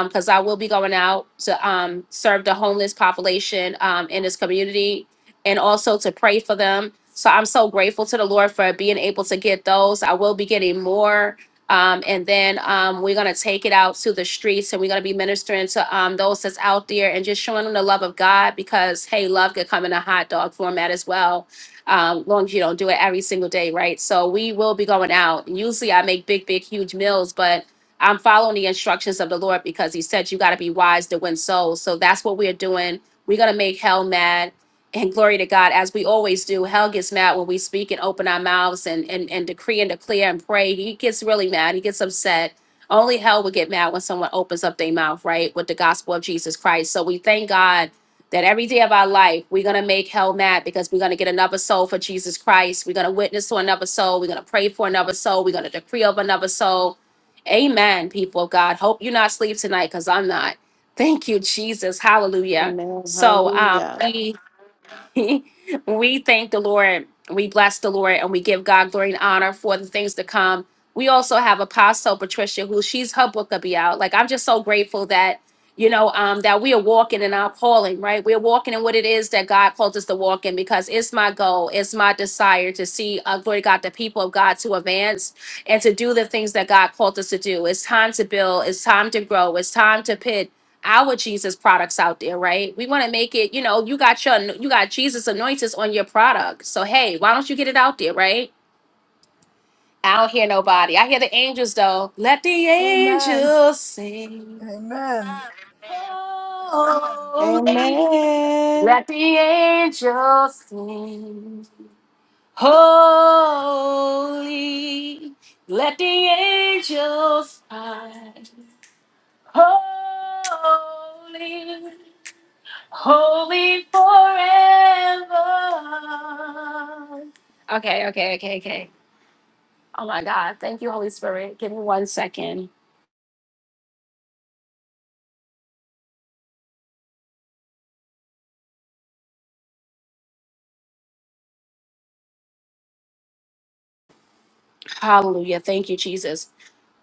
because I will be going out to um, serve the homeless population um, in this community and also to pray for them. So I'm so grateful to the Lord for being able to get those. I will be getting more. Um, and then um, we're going to take it out to the streets and we're going to be ministering to um, those that's out there and just showing them the love of God because, hey, love could come in a hot dog format as well, um, long as you don't do it every single day, right? So we will be going out. And usually I make big, big, huge meals, but I'm following the instructions of the Lord because He said you got to be wise to win souls. So that's what we're doing. We're going to make hell mad. And glory to God, as we always do, hell gets mad when we speak and open our mouths and, and, and decree and declare and pray. He gets really mad. He gets upset. Only hell would get mad when someone opens up their mouth, right, with the gospel of Jesus Christ. So we thank God that every day of our life, we're going to make hell mad because we're going to get another soul for Jesus Christ. We're going to witness to another soul. We're going to pray for another soul. We're going to decree over another soul. Amen, people of God. Hope you're not asleep tonight because I'm not. Thank you, Jesus. Hallelujah. Amen. So um, Hallelujah. we we thank the Lord, we bless the Lord, and we give God glory and honor for the things to come. We also have Apostle Patricia, who she's her book will be out. Like I'm just so grateful that you know um, that we are walking in our calling, right? We're walking in what it is that God called us to walk in, because it's my goal, it's my desire to see, uh, glory to God, the people of God to advance and to do the things that God called us to do. It's time to build. It's time to grow. It's time to pivot our Jesus products out there, right? We want to make it, you know, you got your you got Jesus anointings on your product. So hey, why don't you get it out there, right? I don't hear nobody. I hear the angels though. Let the Amen. angels sing. Amen. Holy. Amen. Let the angels sing. Holy. Let the angels sing. Holy. holy forever. Okay, okay, okay, okay. Oh my God. Thank you, Holy Spirit. Give me one second. Hallelujah. Thank you, Jesus.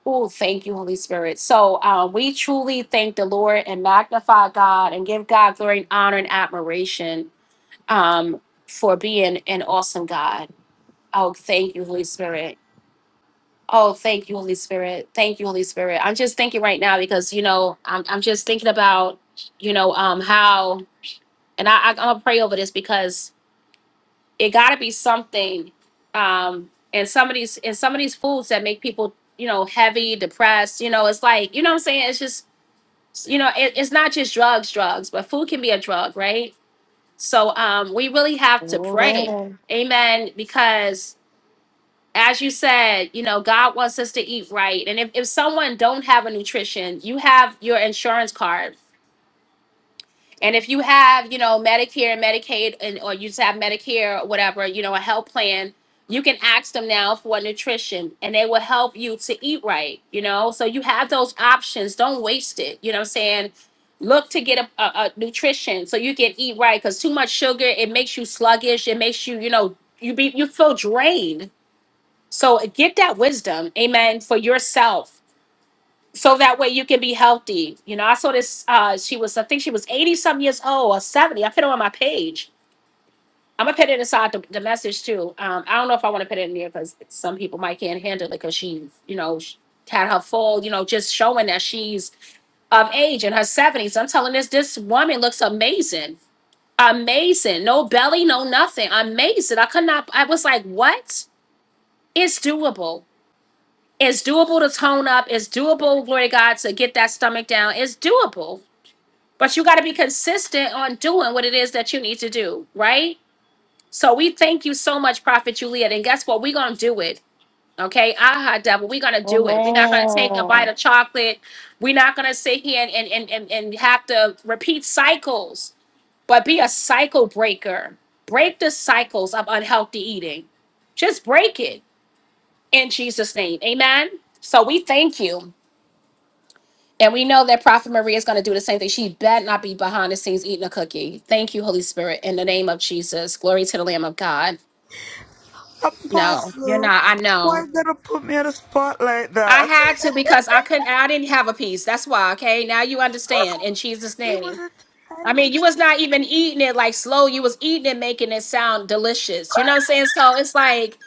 Oh, thank you, Holy Spirit. So uh, we truly thank the Lord and magnify God and give God glory and honor and admiration um, for being an awesome God. Oh, thank you, Holy Spirit. Oh, thank you, Holy Spirit. Thank you, Holy Spirit. I'm just thinking right now because you know I'm I'm just thinking about you know um how and I, I I'm gonna pray over this because it got to be something um and some of these and some of these foods that make people you know heavy, depressed. You know, it's like you know what I'm saying. It's just you know it, it's not just drugs, drugs, but food can be a drug, right? So um we really have to pray, Amen. Amen, because. as you said, you know, God wants us to eat right. And if, if someone don't have a nutrition, you have your insurance card. And if you have, you know, Medicare and Medicaid and or you just have Medicare or whatever, you know, a health plan, you can ask them now for nutrition and they will help you to eat right, you know? So you have those options. Don't waste it. You know what I'm saying? Look to get a, a, a nutrition so you can eat right because too much sugar, it makes you sluggish. It makes you, you know, you be you feel drained so get that wisdom, amen, for yourself. So that way you can be healthy. You know, I saw this, uh, she was, I think she was 80 some years old or 70. I put it on my page. I'm gonna put it inside the, the message too. Um, I don't know if I want to put it in there because some people might can't handle it because she, you know, she had her full, you know, just showing that she's of age in her 70s. I'm telling this, this woman looks amazing. Amazing. No belly, no nothing. Amazing. I could not, I was like, what? It's doable It's doable to tone up. It's doable, glory to God, to get that stomach down. It's doable, but you got to be consistent on doing what it is that you need to do, right? So we thank you so much, Prophet Juliet. And guess what? We're going to do it. Okay. Aha, devil. We're going to do it. We're not going to take a bite Amen. of chocolate. We're not going to sit here and, and, and, and, and have to repeat cycles, but be a cycle breaker. Break the cycles of unhealthy eating. Just break it in Jesus' name. Amen. So we thank you. And we know that Prophet Maria is going to do the same thing. She better not be behind the scenes eating a cookie. Thank you, Holy Spirit, in the name of Jesus. Glory to the Lamb of God. No, you're apostle not. I why know. you gonna put me on a spot like I that had to because I couldn't. I didn't have a piece. That's why. Okay, now you understand. In Jesus' It was name. a I mean, time. you was not even eating it like slow. You was eating it, making it sound delicious. You know what I'm saying? So it's like.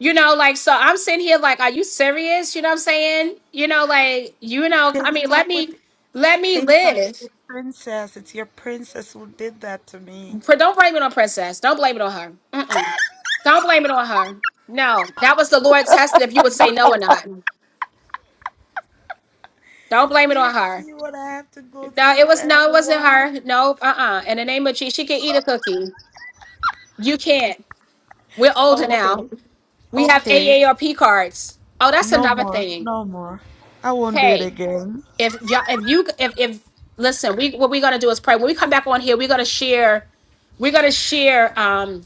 You know, like, so I'm sitting here like, are you serious? You know what I'm saying? You know, like, you know, Take I it mean, up let with me, let me take it up with live. your princess. It's your princess who did that to me. For don't blame it on Princess. Don't blame it on her. Mm-mm. Don't blame it on her. No, that was the Lord testing if you would say no or not. Don't blame Do it you on her. see what I have to go No, it through, was no, it wasn't everyone? her. No, uh-uh. In the name of Jesus, she can eat a cookie. You can't. We're older now. Okay. We have Okay. AARP cards. Oh, that's No another more. thing. No more. I won't do it Hey, again. if y'all, if you, if if listen, we what we're gonna do is pray. When we come back on here, we're gonna share. We're gonna share. Um,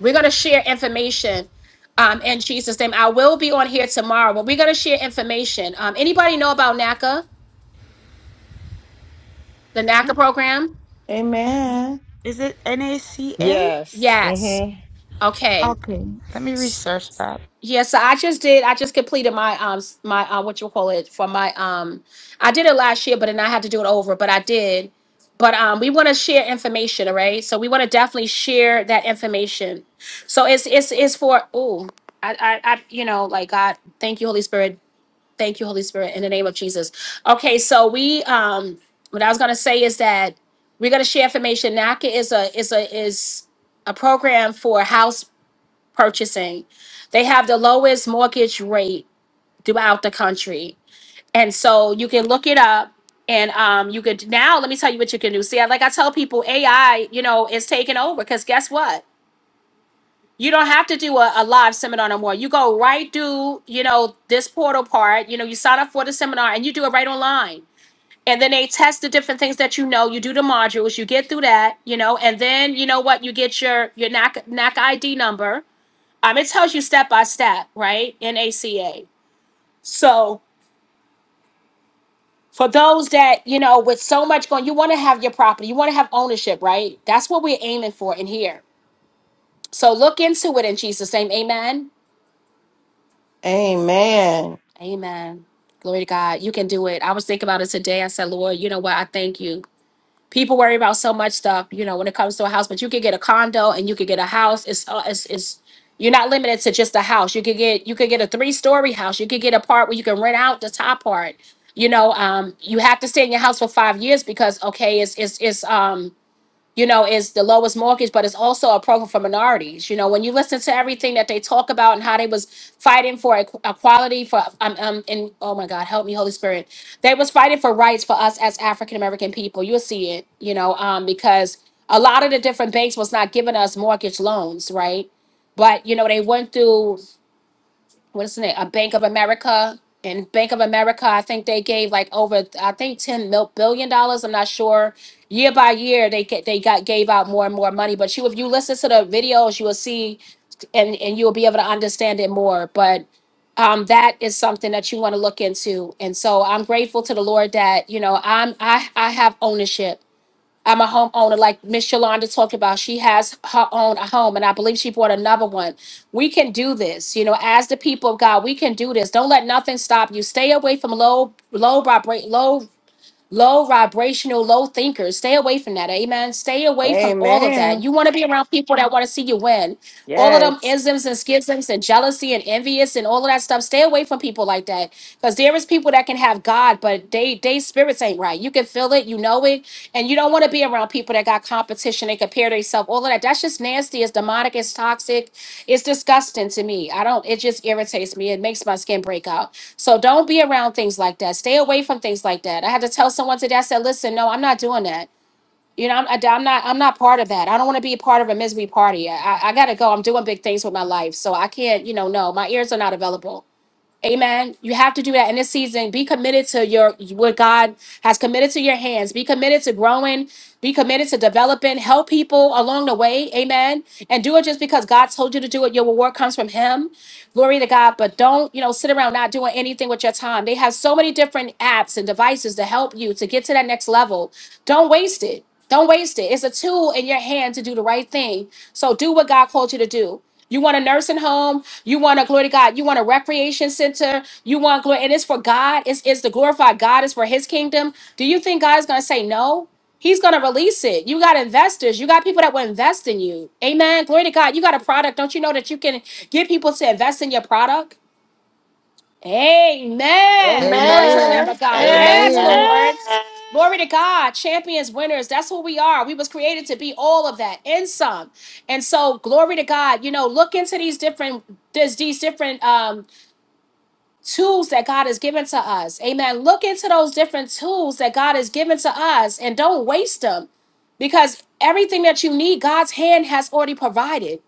We're going to share information um, in Jesus' name. I will be on here tomorrow, but we're going to share information. Um, anybody know about NACA, the NACA program? Amen. Is it NACA? Yes. Yes. Okay. Okay. Let me research that. Yes, so I just did. I just completed my um s- my uh, what you call it for my um I did it last year, but then I had to do it over. But I did. But um, we want to share information, all right? So we want to definitely share that information. So it's it's it's for oh I I, I you know like God, thank you Holy Spirit Thank you, Holy Spirit, in the name of Jesus. Okay, so we um what I was gonna say is that we're gonna share information. NACA is a is a is a program for house purchasing. They have the lowest mortgage rate throughout the country. And so you can look it up and um you could now let me tell you what you can do. See, I- like I tell people, AI, you know, is taking over because guess what? you don't have to do a, a live seminar no more. You go right do, you know, this portal part, you know, you sign up for the seminar and you do it right online. And then they test the different things that you know. You do the modules, you get through that, you know, and then you know what, you get your your NAC ID number. Um, it tells you step by step, right? In ACA. So for those that, you know, with so much going, you want to have your property, you want to have ownership, right? That's what we're aiming for in here. So look into it in Jesus' name. Amen. Amen. Amen. Glory to God. You can do it. I was thinking about it today. I said, Lord, you know what? I thank you. People worry about so much stuff, you know, when it comes to a house, but you could get a condo and you could get a house. It's uh, it's, it's you're not limited to just a house. You could get you could get a three story house. You could get a part where you can rent out the top part. You know, um, you have to stay in your house for five years because okay, it's it's it's um you know, is the lowest mortgage, but it's also a program for minorities. You know, when you listen to everything that they talk about and how they was fighting for equ- equality for um, um and oh my God, help me, Holy Spirit, they was fighting for rights for us as African American people. You'll see it, you know, um, because a lot of the different banks was not giving us mortgage loans, right? But you know, they went through what's the name? A Bank of America. And Bank of America, I think they gave like over, I think ten mil billion dollars. I'm not sure. Year by year, they get they got gave out more and more money. But you, if you listen to the videos, you will see, and and you will be able to understand it more. But um, that is something that you want to look into. And so I'm grateful to the Lord that you know I'm I I have ownership. I'm a homeowner, like Miss Yolanda talked about. She has her own home, and I believe she bought another one. We can do this, you know, as the people of God, we can do this. Don't let nothing stop you. Stay away from low, low vibrate, low low vibrational, low thinkers. Stay away from that. Amen. Stay away from all of that. Amen. You want to be around people that want to see you win. All of them Yes. isms and schisms and jealousy and envious and all of that stuff. Stay away from people like that. Because there is people that can have God, but they they spirits ain't right. You can feel it, you know it, and you don't want to be around people that got competition and compare themselves. All of that. That's just nasty. It's demonic. It's toxic. It's disgusting to me. I don't. It just irritates me. It makes my skin break out. So don't be around things like that. Stay away from things like that. I had to tell someone today. I said, "Listen, no, I'm not doing that. You know, I'm, I, am not. I'm not part of that. I don't want to be a part of a misery party. I, I, I gotta go. I'm doing big things with my life, so I can't. You know, no, my ears are not available. Amen. You have to do that in this season. Be committed to your what God has committed to your hands. Be committed to growing. Be committed to developing. Help people along the way. Amen. And do it just because God told you to do it. Your reward comes from Him. Glory to God. But don't, you know, sit around not doing anything with your time. They have so many different apps and devices to help you to get to that next level. Don't waste it. Don't waste it. It's a tool in your hand to do the right thing. So do what God called you to do. You want a nursing home. You want a glory to God. You want a recreation center. You want glory, and it's for God. It's it's to glorify God. It's for His kingdom. Do you think God's gonna say no? He's gonna release it. You got investors. You got people that will invest in you. Amen. Glory to God. You got a product. Don't you know that you can get people to invest in your product? Amen. Glory to the Lamb Amen. of God. Yes, Lord. Amen. Glory to God. Champions, winners. That's who we are. We was created to be all of that and some. And so, glory to God. You know, look into these different this, these different um tools that God has given to us. Amen. Look into those different tools that God has given to us and don't waste them because everything that you need, God's hand has already provided.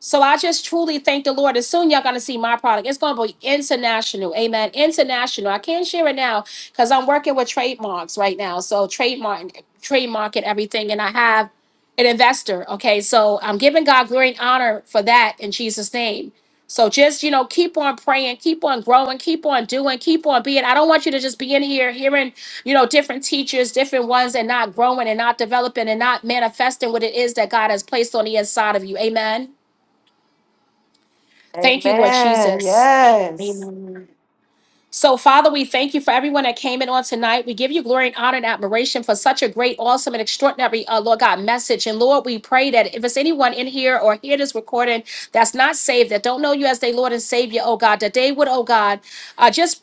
So I just truly thank the Lord. As soon y'all gonna see my product, it's gonna be international. Amen. International. I can't share it now because I'm working with trademarks right now. So trademark, trademark and everything, and I have an investor. Okay, so I'm giving God glory and honor for that in Jesus' name. So just you know, keep on praying, keep on growing, keep on doing, keep on being. I don't want you to just be in here hearing, you know, different teachers, different ones, and not growing and not developing and not manifesting what it is that God has placed on the inside of you. Amen. Thank you, Lord Amen. Jesus. Yes. So, Father, we thank you for everyone that came in on tonight. We give you glory and honor and admiration for such a great, awesome, and extraordinary, uh, Lord God, message. And Lord, we pray that if it's anyone in here or hear this recording that's not saved, that don't know you as their Lord and Savior, oh God, that they would, oh God, uh, just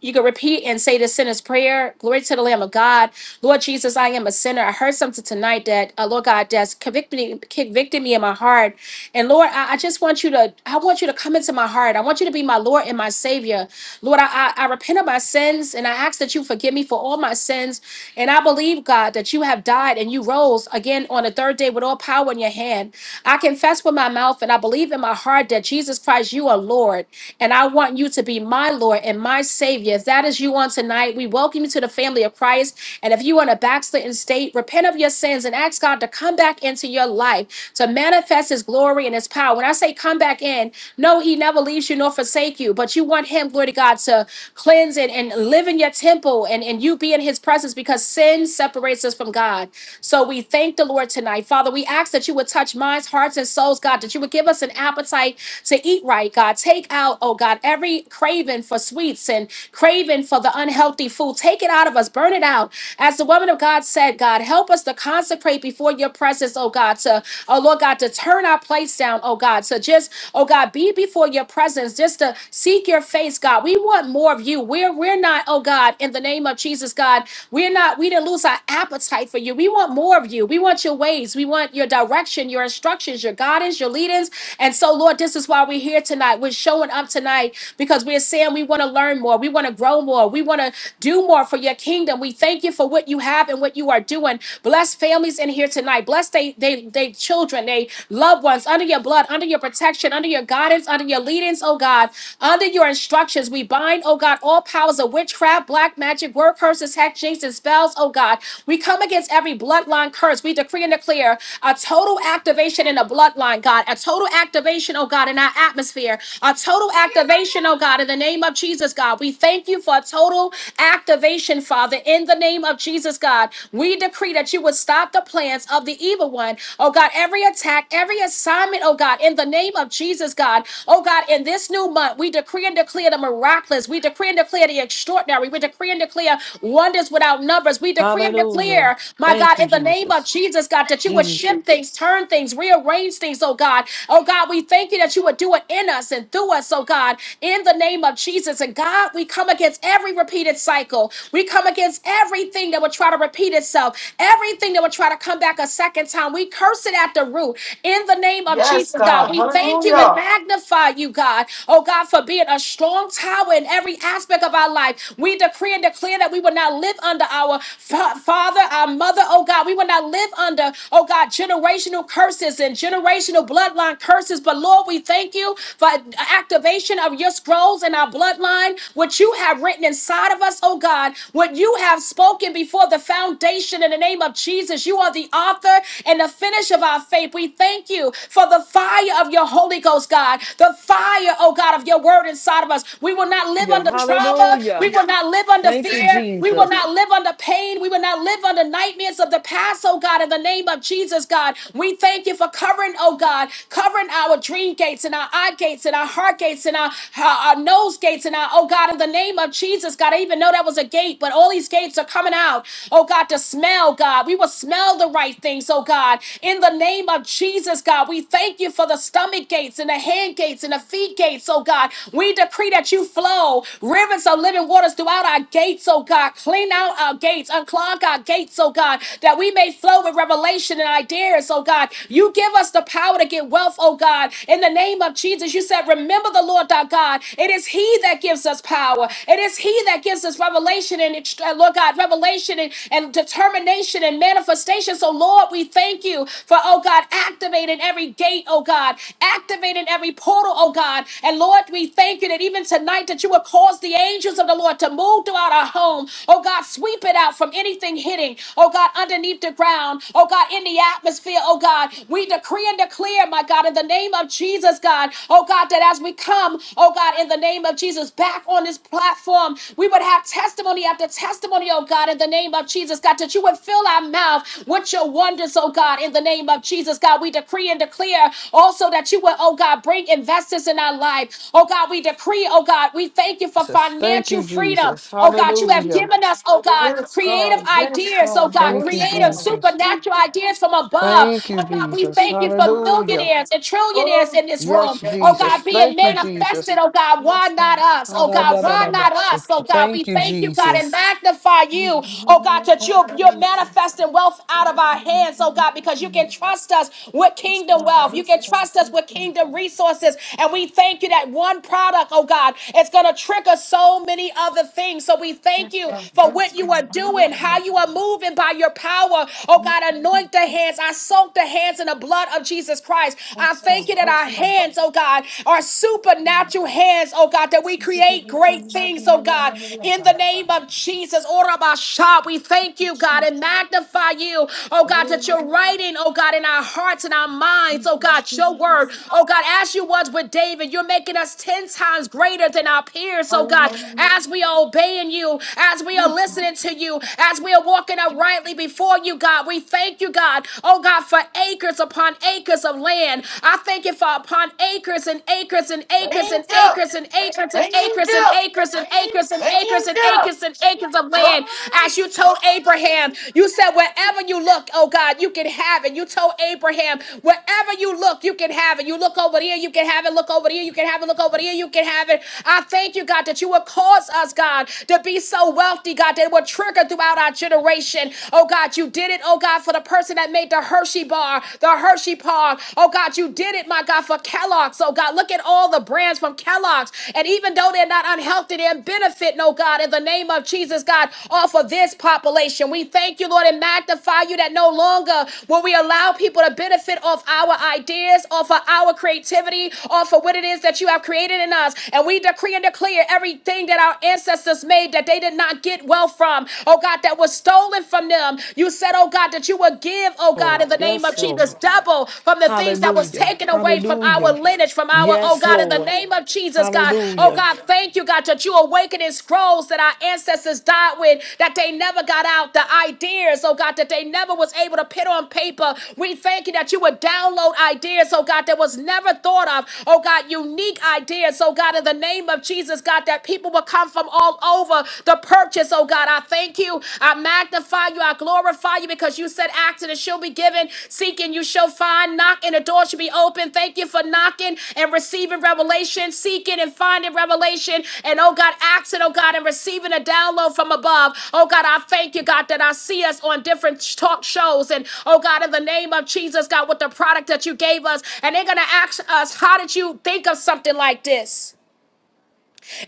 you can repeat and say the sinner's prayer. Glory to the Lamb of God. Lord Jesus, I am a sinner. I heard something tonight that, uh, Lord God, that's convicted me, convicted me in my heart and Lord, I, I just want you to, I want you to come into my heart. I want you to be my Lord and my Savior. Lord, I, I, I repent of my sins and I ask that you forgive me for all my sins. And I believe, God, that you have died and you rose again on the third day with all power in your hand. I confess with my mouth and I believe in my heart that Jesus Christ, you are Lord. And I want you to be my Lord and my Savior. If that is you on tonight, we welcome you to the family of Christ. And if you are in a backslidden state, repent of your sins and ask God to come back into your life to manifest his glory and his power. When I say come back in, no, he never leaves you nor forsake you, but you want him, glory to God, to cleanse and, and live in your temple and, and you be in his presence because sin separates us from God. So we thank the Lord tonight. Father, we ask that you would touch minds, hearts, and souls, God, that you would give us an appetite to eat right, God. Take out, oh God, every craving for sweets and craving for the unhealthy food. Take it out of us, burn it out, as the woman of God said, God, help us to consecrate before your presence, oh God, to, oh Lord God, to turn our place down, oh God, to just, oh God, be before your presence, just to seek your face, God. We want more of you. We're, we're not, oh God, in the name of Jesus, God, we're not, we didn't lose our appetite for you. We want more of you. We want your ways. We want your direction, your instructions, your guidance, your leadings. And so, Lord, this is why we're here tonight. We're showing up tonight because we're saying we want to learn more. We want to grow more. We want to do more for your kingdom. We thank you for what you have and what you are doing. Bless families in here tonight. Bless they they they children, they loved ones under your blood, under your protection, under your guidance, under your leadings, oh God, under your instructions. We bind, oh God, all powers of witchcraft, black magic, word curses, hex, jinx, and spells, oh God. We come against every bloodline curse. We decree and declare a total activation in the bloodline pipeline, God, a total activation, oh God, in our atmosphere, a total activation, oh God, in the name of Jesus, God. We thank you for a total activation, Father, in the name of Jesus, God. We decree that you would stop the plans of the evil one, oh God, every attack, every assignment, oh God, in the name of Jesus, God. Oh God, in this new month, we decree and declare the miraculous, we decree and declare the extraordinary, we decree and declare wonders without numbers, we decree and declare, Hallelujah. my Thank God, you, in the name of Jesus. Jesus, God, that you would shift Jesus. things, turn things, things, rearrange things, oh God. Oh God, we thank you that you would do it in us and through us, oh God, in the name of Jesus. And God, we come against every repeated cycle. We come against everything that would try to repeat itself, everything that would try to come back a second time. We curse it at the root in the name of Yes, Jesus, God. God. We thank you and Hallelujah. magnify you, God. Oh God, for being a strong tower in every aspect of our life. We decree and declare that we will not live under our fa- father, our mother, oh God. We will not live under, oh God, generational generational curses and generational bloodline curses. But Lord, we thank you for activation of your scrolls in our bloodline, what you have written inside of us, oh God, what you have spoken before the foundation in the name of Jesus. You are the author and the finish of our faith. We thank you for the fire of your Holy Ghost, God, the fire, oh God, of your word inside of us. We will not live Hallelujah. under trauma. We Hallelujah. will not live under Thank you, fear. We will Jesus. not live under pain. We will not live under nightmares of the past, oh God, in the name name of Jesus, God. We thank you for covering, oh God, covering our dream gates and our eye gates and our heart gates and our, our, our nose gates and our, oh God, in the name of Jesus, God. I even know that was a gate, but all these gates are coming out, oh God, to smell, God. We will smell the right things, oh God, in the name of Jesus, God. We thank you for the stomach gates and the hand gates and the feet gates, oh God. We decree that you flow rivers of living waters throughout our gates, oh God. Clean out our gates, unclog our gates, oh God, that we we may flow with revelation and ideas, oh God. You give us the power to get wealth, oh God. In the name of Jesus, you said, Remember the Lord thy God. It is He that gives us power. It is He that gives us revelation and, ext- uh, Lord God, revelation and, and determination and manifestation. So, Lord, we thank you for, oh God, activating every gate, oh God, activating every portal, oh God. And Lord, we thank you that even tonight that you will cause the angels of the Lord to move throughout our home, oh God, sweep it out from anything hitting oh God, underneath the ground, oh God, in the atmosphere, oh God. We decree and declare, my God, in the name of Jesus, God, oh God, that as we come, oh God, in the name of Jesus, back on this platform, we would have testimony after testimony, oh God, in the name of Jesus, God, that you would fill our mouth with your wonders, oh God, in the name of Jesus, God. We decree and declare also that you would, oh God, bring investors in our life, oh God. We decree, oh God, we thank you for Jesus. Thank financial you, freedom. Jesus. Oh God, you have Hallelujah. given us, oh God, Yes, creative God. Oh, ideas, oh God, Thank you, Yes, creative God. Yes, Jesus. supernatural ideas from above. Thank you, Oh God, we Jesus. thank you for Hallelujah. millionaires and God. trillionaires Lord, in this Yes, room. Oh Jesus. God, being Thank you, manifested, Jesus. oh God, why yes, not God. us? Oh God, Yes, why God. not us? Ha-da-da-da-da-bo-shake Oh it. God, we Thank you, thank you, God, and Jesus. magnify Yes, you. God. Oh God, Yes, that you're, you're manifesting wealth out of our hands, oh God, because you can trust us with kingdom God. wealth. You Yes, can God. trust us with kingdom resources. And we thank you that one product, oh God, is going to trigger so many others other things. So we thank you for Yes, God. Yes, what you are God. doing, how Hallelujah. you are moving by your power. Oh Thank God, you. anoint the hands. I soak the hands in the blood of Jesus Christ. I Yes, thank God. you that our Yes, God. hands, oh God, are supernatural hands, oh God, that we create great things, oh God, in the name of Jesus. Ora basha. We thank you, God, and magnify you, oh God, that you're writing, oh God, in our hearts and our minds, oh God, your word, oh God, as you was with David, you're making us 10 times greater than our peers, oh God as we are obeying you, as we are listening to you, as we are walking uprightly before you, God. We thank you, God. Oh, God, for acres upon acres of land. I thank you for upon acres and acres and acres and Angel! acres and acres and acres and Angel! acres and acres and acres and Angel! acres and acres of land. As you told Abraham, you said, wherever you look, oh God, you can have it. You told Abraham, wherever you look, you can have it. You look over here, you can have it. Look over here, you can have it. Look over here, you can have it. I thank you, God, that that you would cause us, God, to be so wealthy, God, that it would trigger throughout our generation. Oh, God, you did it, oh, God, for the person that made the Hershey bar, the Hershey Park. Oh, God, you did it, my God, for Kellogg's. Oh, God, look at all the brands from Kellogg's. And even though they're not unhealthy, they're benefit, oh, God, in the name of Jesus, God, off of this population. We thank you, Lord, and magnify you that no longer will we allow people to benefit off our ideas, off of our creativity, off of what it is that you have created in us. And we decree and declare declare everything that our ancestors made that they did not get wealth from, oh God, that was stolen from them. You said, oh God, that you would give, oh God, Lord. in the name of Yes, Jesus, Lord. double from the things that was Hallelujah. taken away from our Hallelujah. lineage, from our, oh Yes, God, in the Lord. name of Jesus, God. Oh Hallelujah. God, thank you, God, that you awakening scrolls that our ancestors died with, that they never got out, the ideas, oh God, that they never was able to put on paper. We thank you that you would download ideas, oh God, that was never thought of. Oh God, unique ideas, oh God, in the name name of Jesus, God, that people will come from all over the purchase, oh God. I thank you. I magnify you. I glorify you because you said, Ask and it shall be given. Seek and you shall find. Knock and the door shall be open. Thank you for knocking and receiving revelation, seeking and finding revelation. And oh God, asking, oh God, and receiving a download from above. Oh God, I thank you, God, that I see us on different talk shows. And oh God, in the name of Jesus, God, with the product that you gave us. And they're going to ask us, How did you think of something like this?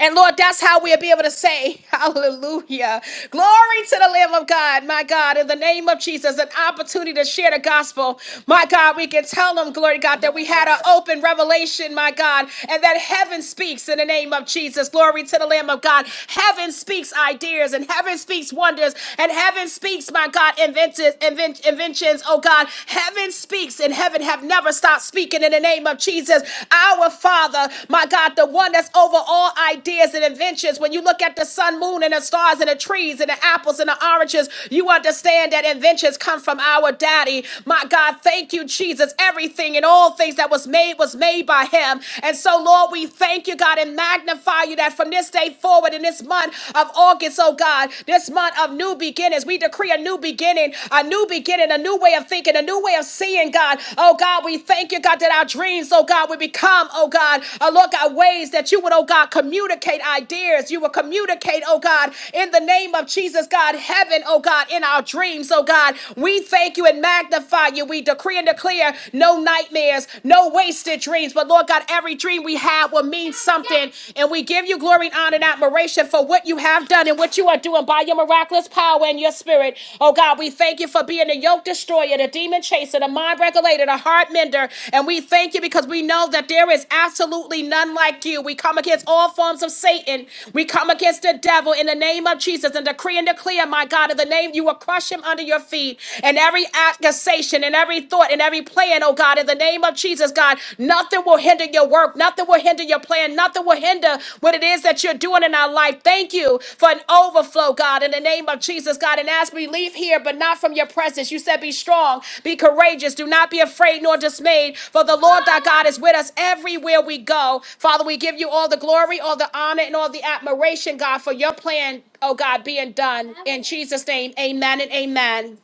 And Lord, that's how we'll be able to say, Hallelujah. Glory to the Lamb of God, my God, in the name of Jesus, an opportunity to share the gospel. My God, we can tell them, glory to God, that we had an open revelation, my God, and that heaven speaks in the name of Jesus. Glory to the Lamb of God. Heaven speaks ideas, and heaven speaks wonders, and heaven speaks, my God, invented, invent, inventions, oh God. Heaven speaks, and heaven have never stopped speaking speaking in the name of Jesus. Our Father, my God, the one that's over all ideas and inventions. When you look at the sun, moon, and the stars, and the trees, and the apples, and the oranges, you understand that inventions come from our daddy. My God, thank you, Jesus. Everything and all things that was made was made by him. And so, Lord, we thank you, God, and magnify you that from this day forward in this month of August, oh God, this month of new beginnings, we decree a new beginning new beginning, a new beginning, a new way of thinking, a new way of seeing, God. Oh God, we thank you, God, that our dreams, oh God, will become, oh God, oh Lord God, ways that you would, oh God, communicate ideas. You will communicate, oh God, in the name of Jesus, God, heaven, oh God, in our dreams, oh God. We thank you and magnify you. We decree and declare no nightmares, no wasted dreams. But Lord God, every dream we have will mean something. And we give you glory and honor and admiration for what you have done and what you are doing by your miraculous power and your spirit. Oh God, we thank you for being the yoke destroyer, the demon chaser, the mind regulator, the heart mender. And we thank you because we know that there is absolutely none like you. We come against all forms of Satan. We come against the devil in the name of Jesus and decree and declare, my God, in the name you will crush him under your feet and every accusation and every thought and every plan, oh God, in the name of Jesus, God. God. Nothing will hinder your work. Nothing will hinder your plan. Nothing will hinder what it is that you're doing in our life. Thank you for an overflow, God, in the name of Jesus, God. And as we leave here, but not from your presence, you said, Be strong, be courageous, do not be afraid nor dismayed, for the Lord thy God is with us everywhere we go. Father, we give you all the glory, all the honor, and all the admiration, God, for your plan, oh God, being done. In Jesus' name, amen and amen.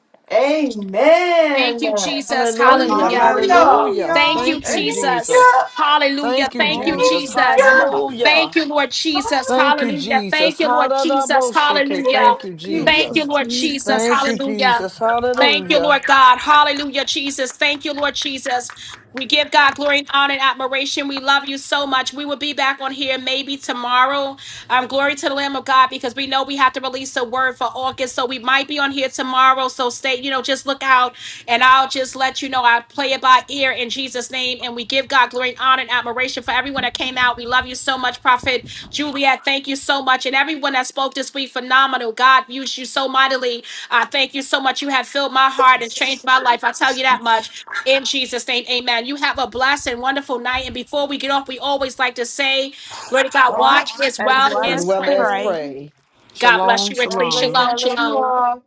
Thank Amen. you, Jesus. Hallelujah. Hallelujah. Hallelujah. Hallelujah. Thank Hallelujah. you, Thank you, Jesus. Jesus. Angel! Hallelujah. Thank you, Thank you, Jesus. Angel! Jesus. Yeah. Thank Hallelujah. you, Lord Jesus. Thank you, Glory! Hallelujah. Thank Jesus. you, Lord Jesus. Hallelujah. Hallelujah. Thank you, Thank you. Thank you, Jesus. Lord Jesus. Thank you, Hallelujah. Jesus. Thank you, Hallelujah. Lord God. Hallelujah, Jesus. Thank you, Lord Jesus. We give God glory and honor and admiration. We love you so much. We will be back on here maybe tomorrow. Um, glory to the Lamb of God because we know we have to release a word for August. So we might be on here tomorrow. So stay, you know, just look out and I'll just let you know. I play it by ear in Jesus' name. And we give God glory and honor and admiration for everyone that came out. We love you so much, Prophet Juliet. Thank you so much. And everyone that spoke this week, phenomenal. God used you so mightily. I thank you so much. You have filled my heart and changed my life. I tell you that much. In Jesus' name, amen. You have a blessed and wonderful night. And before we get off, we always like to say, Glory to God, Wow. watch Watch as as It well well As as was as well pray. as pray. praise. pray. God bless Shalom, you God richly. bless you. shalom. I Shalom, love you shalom. all.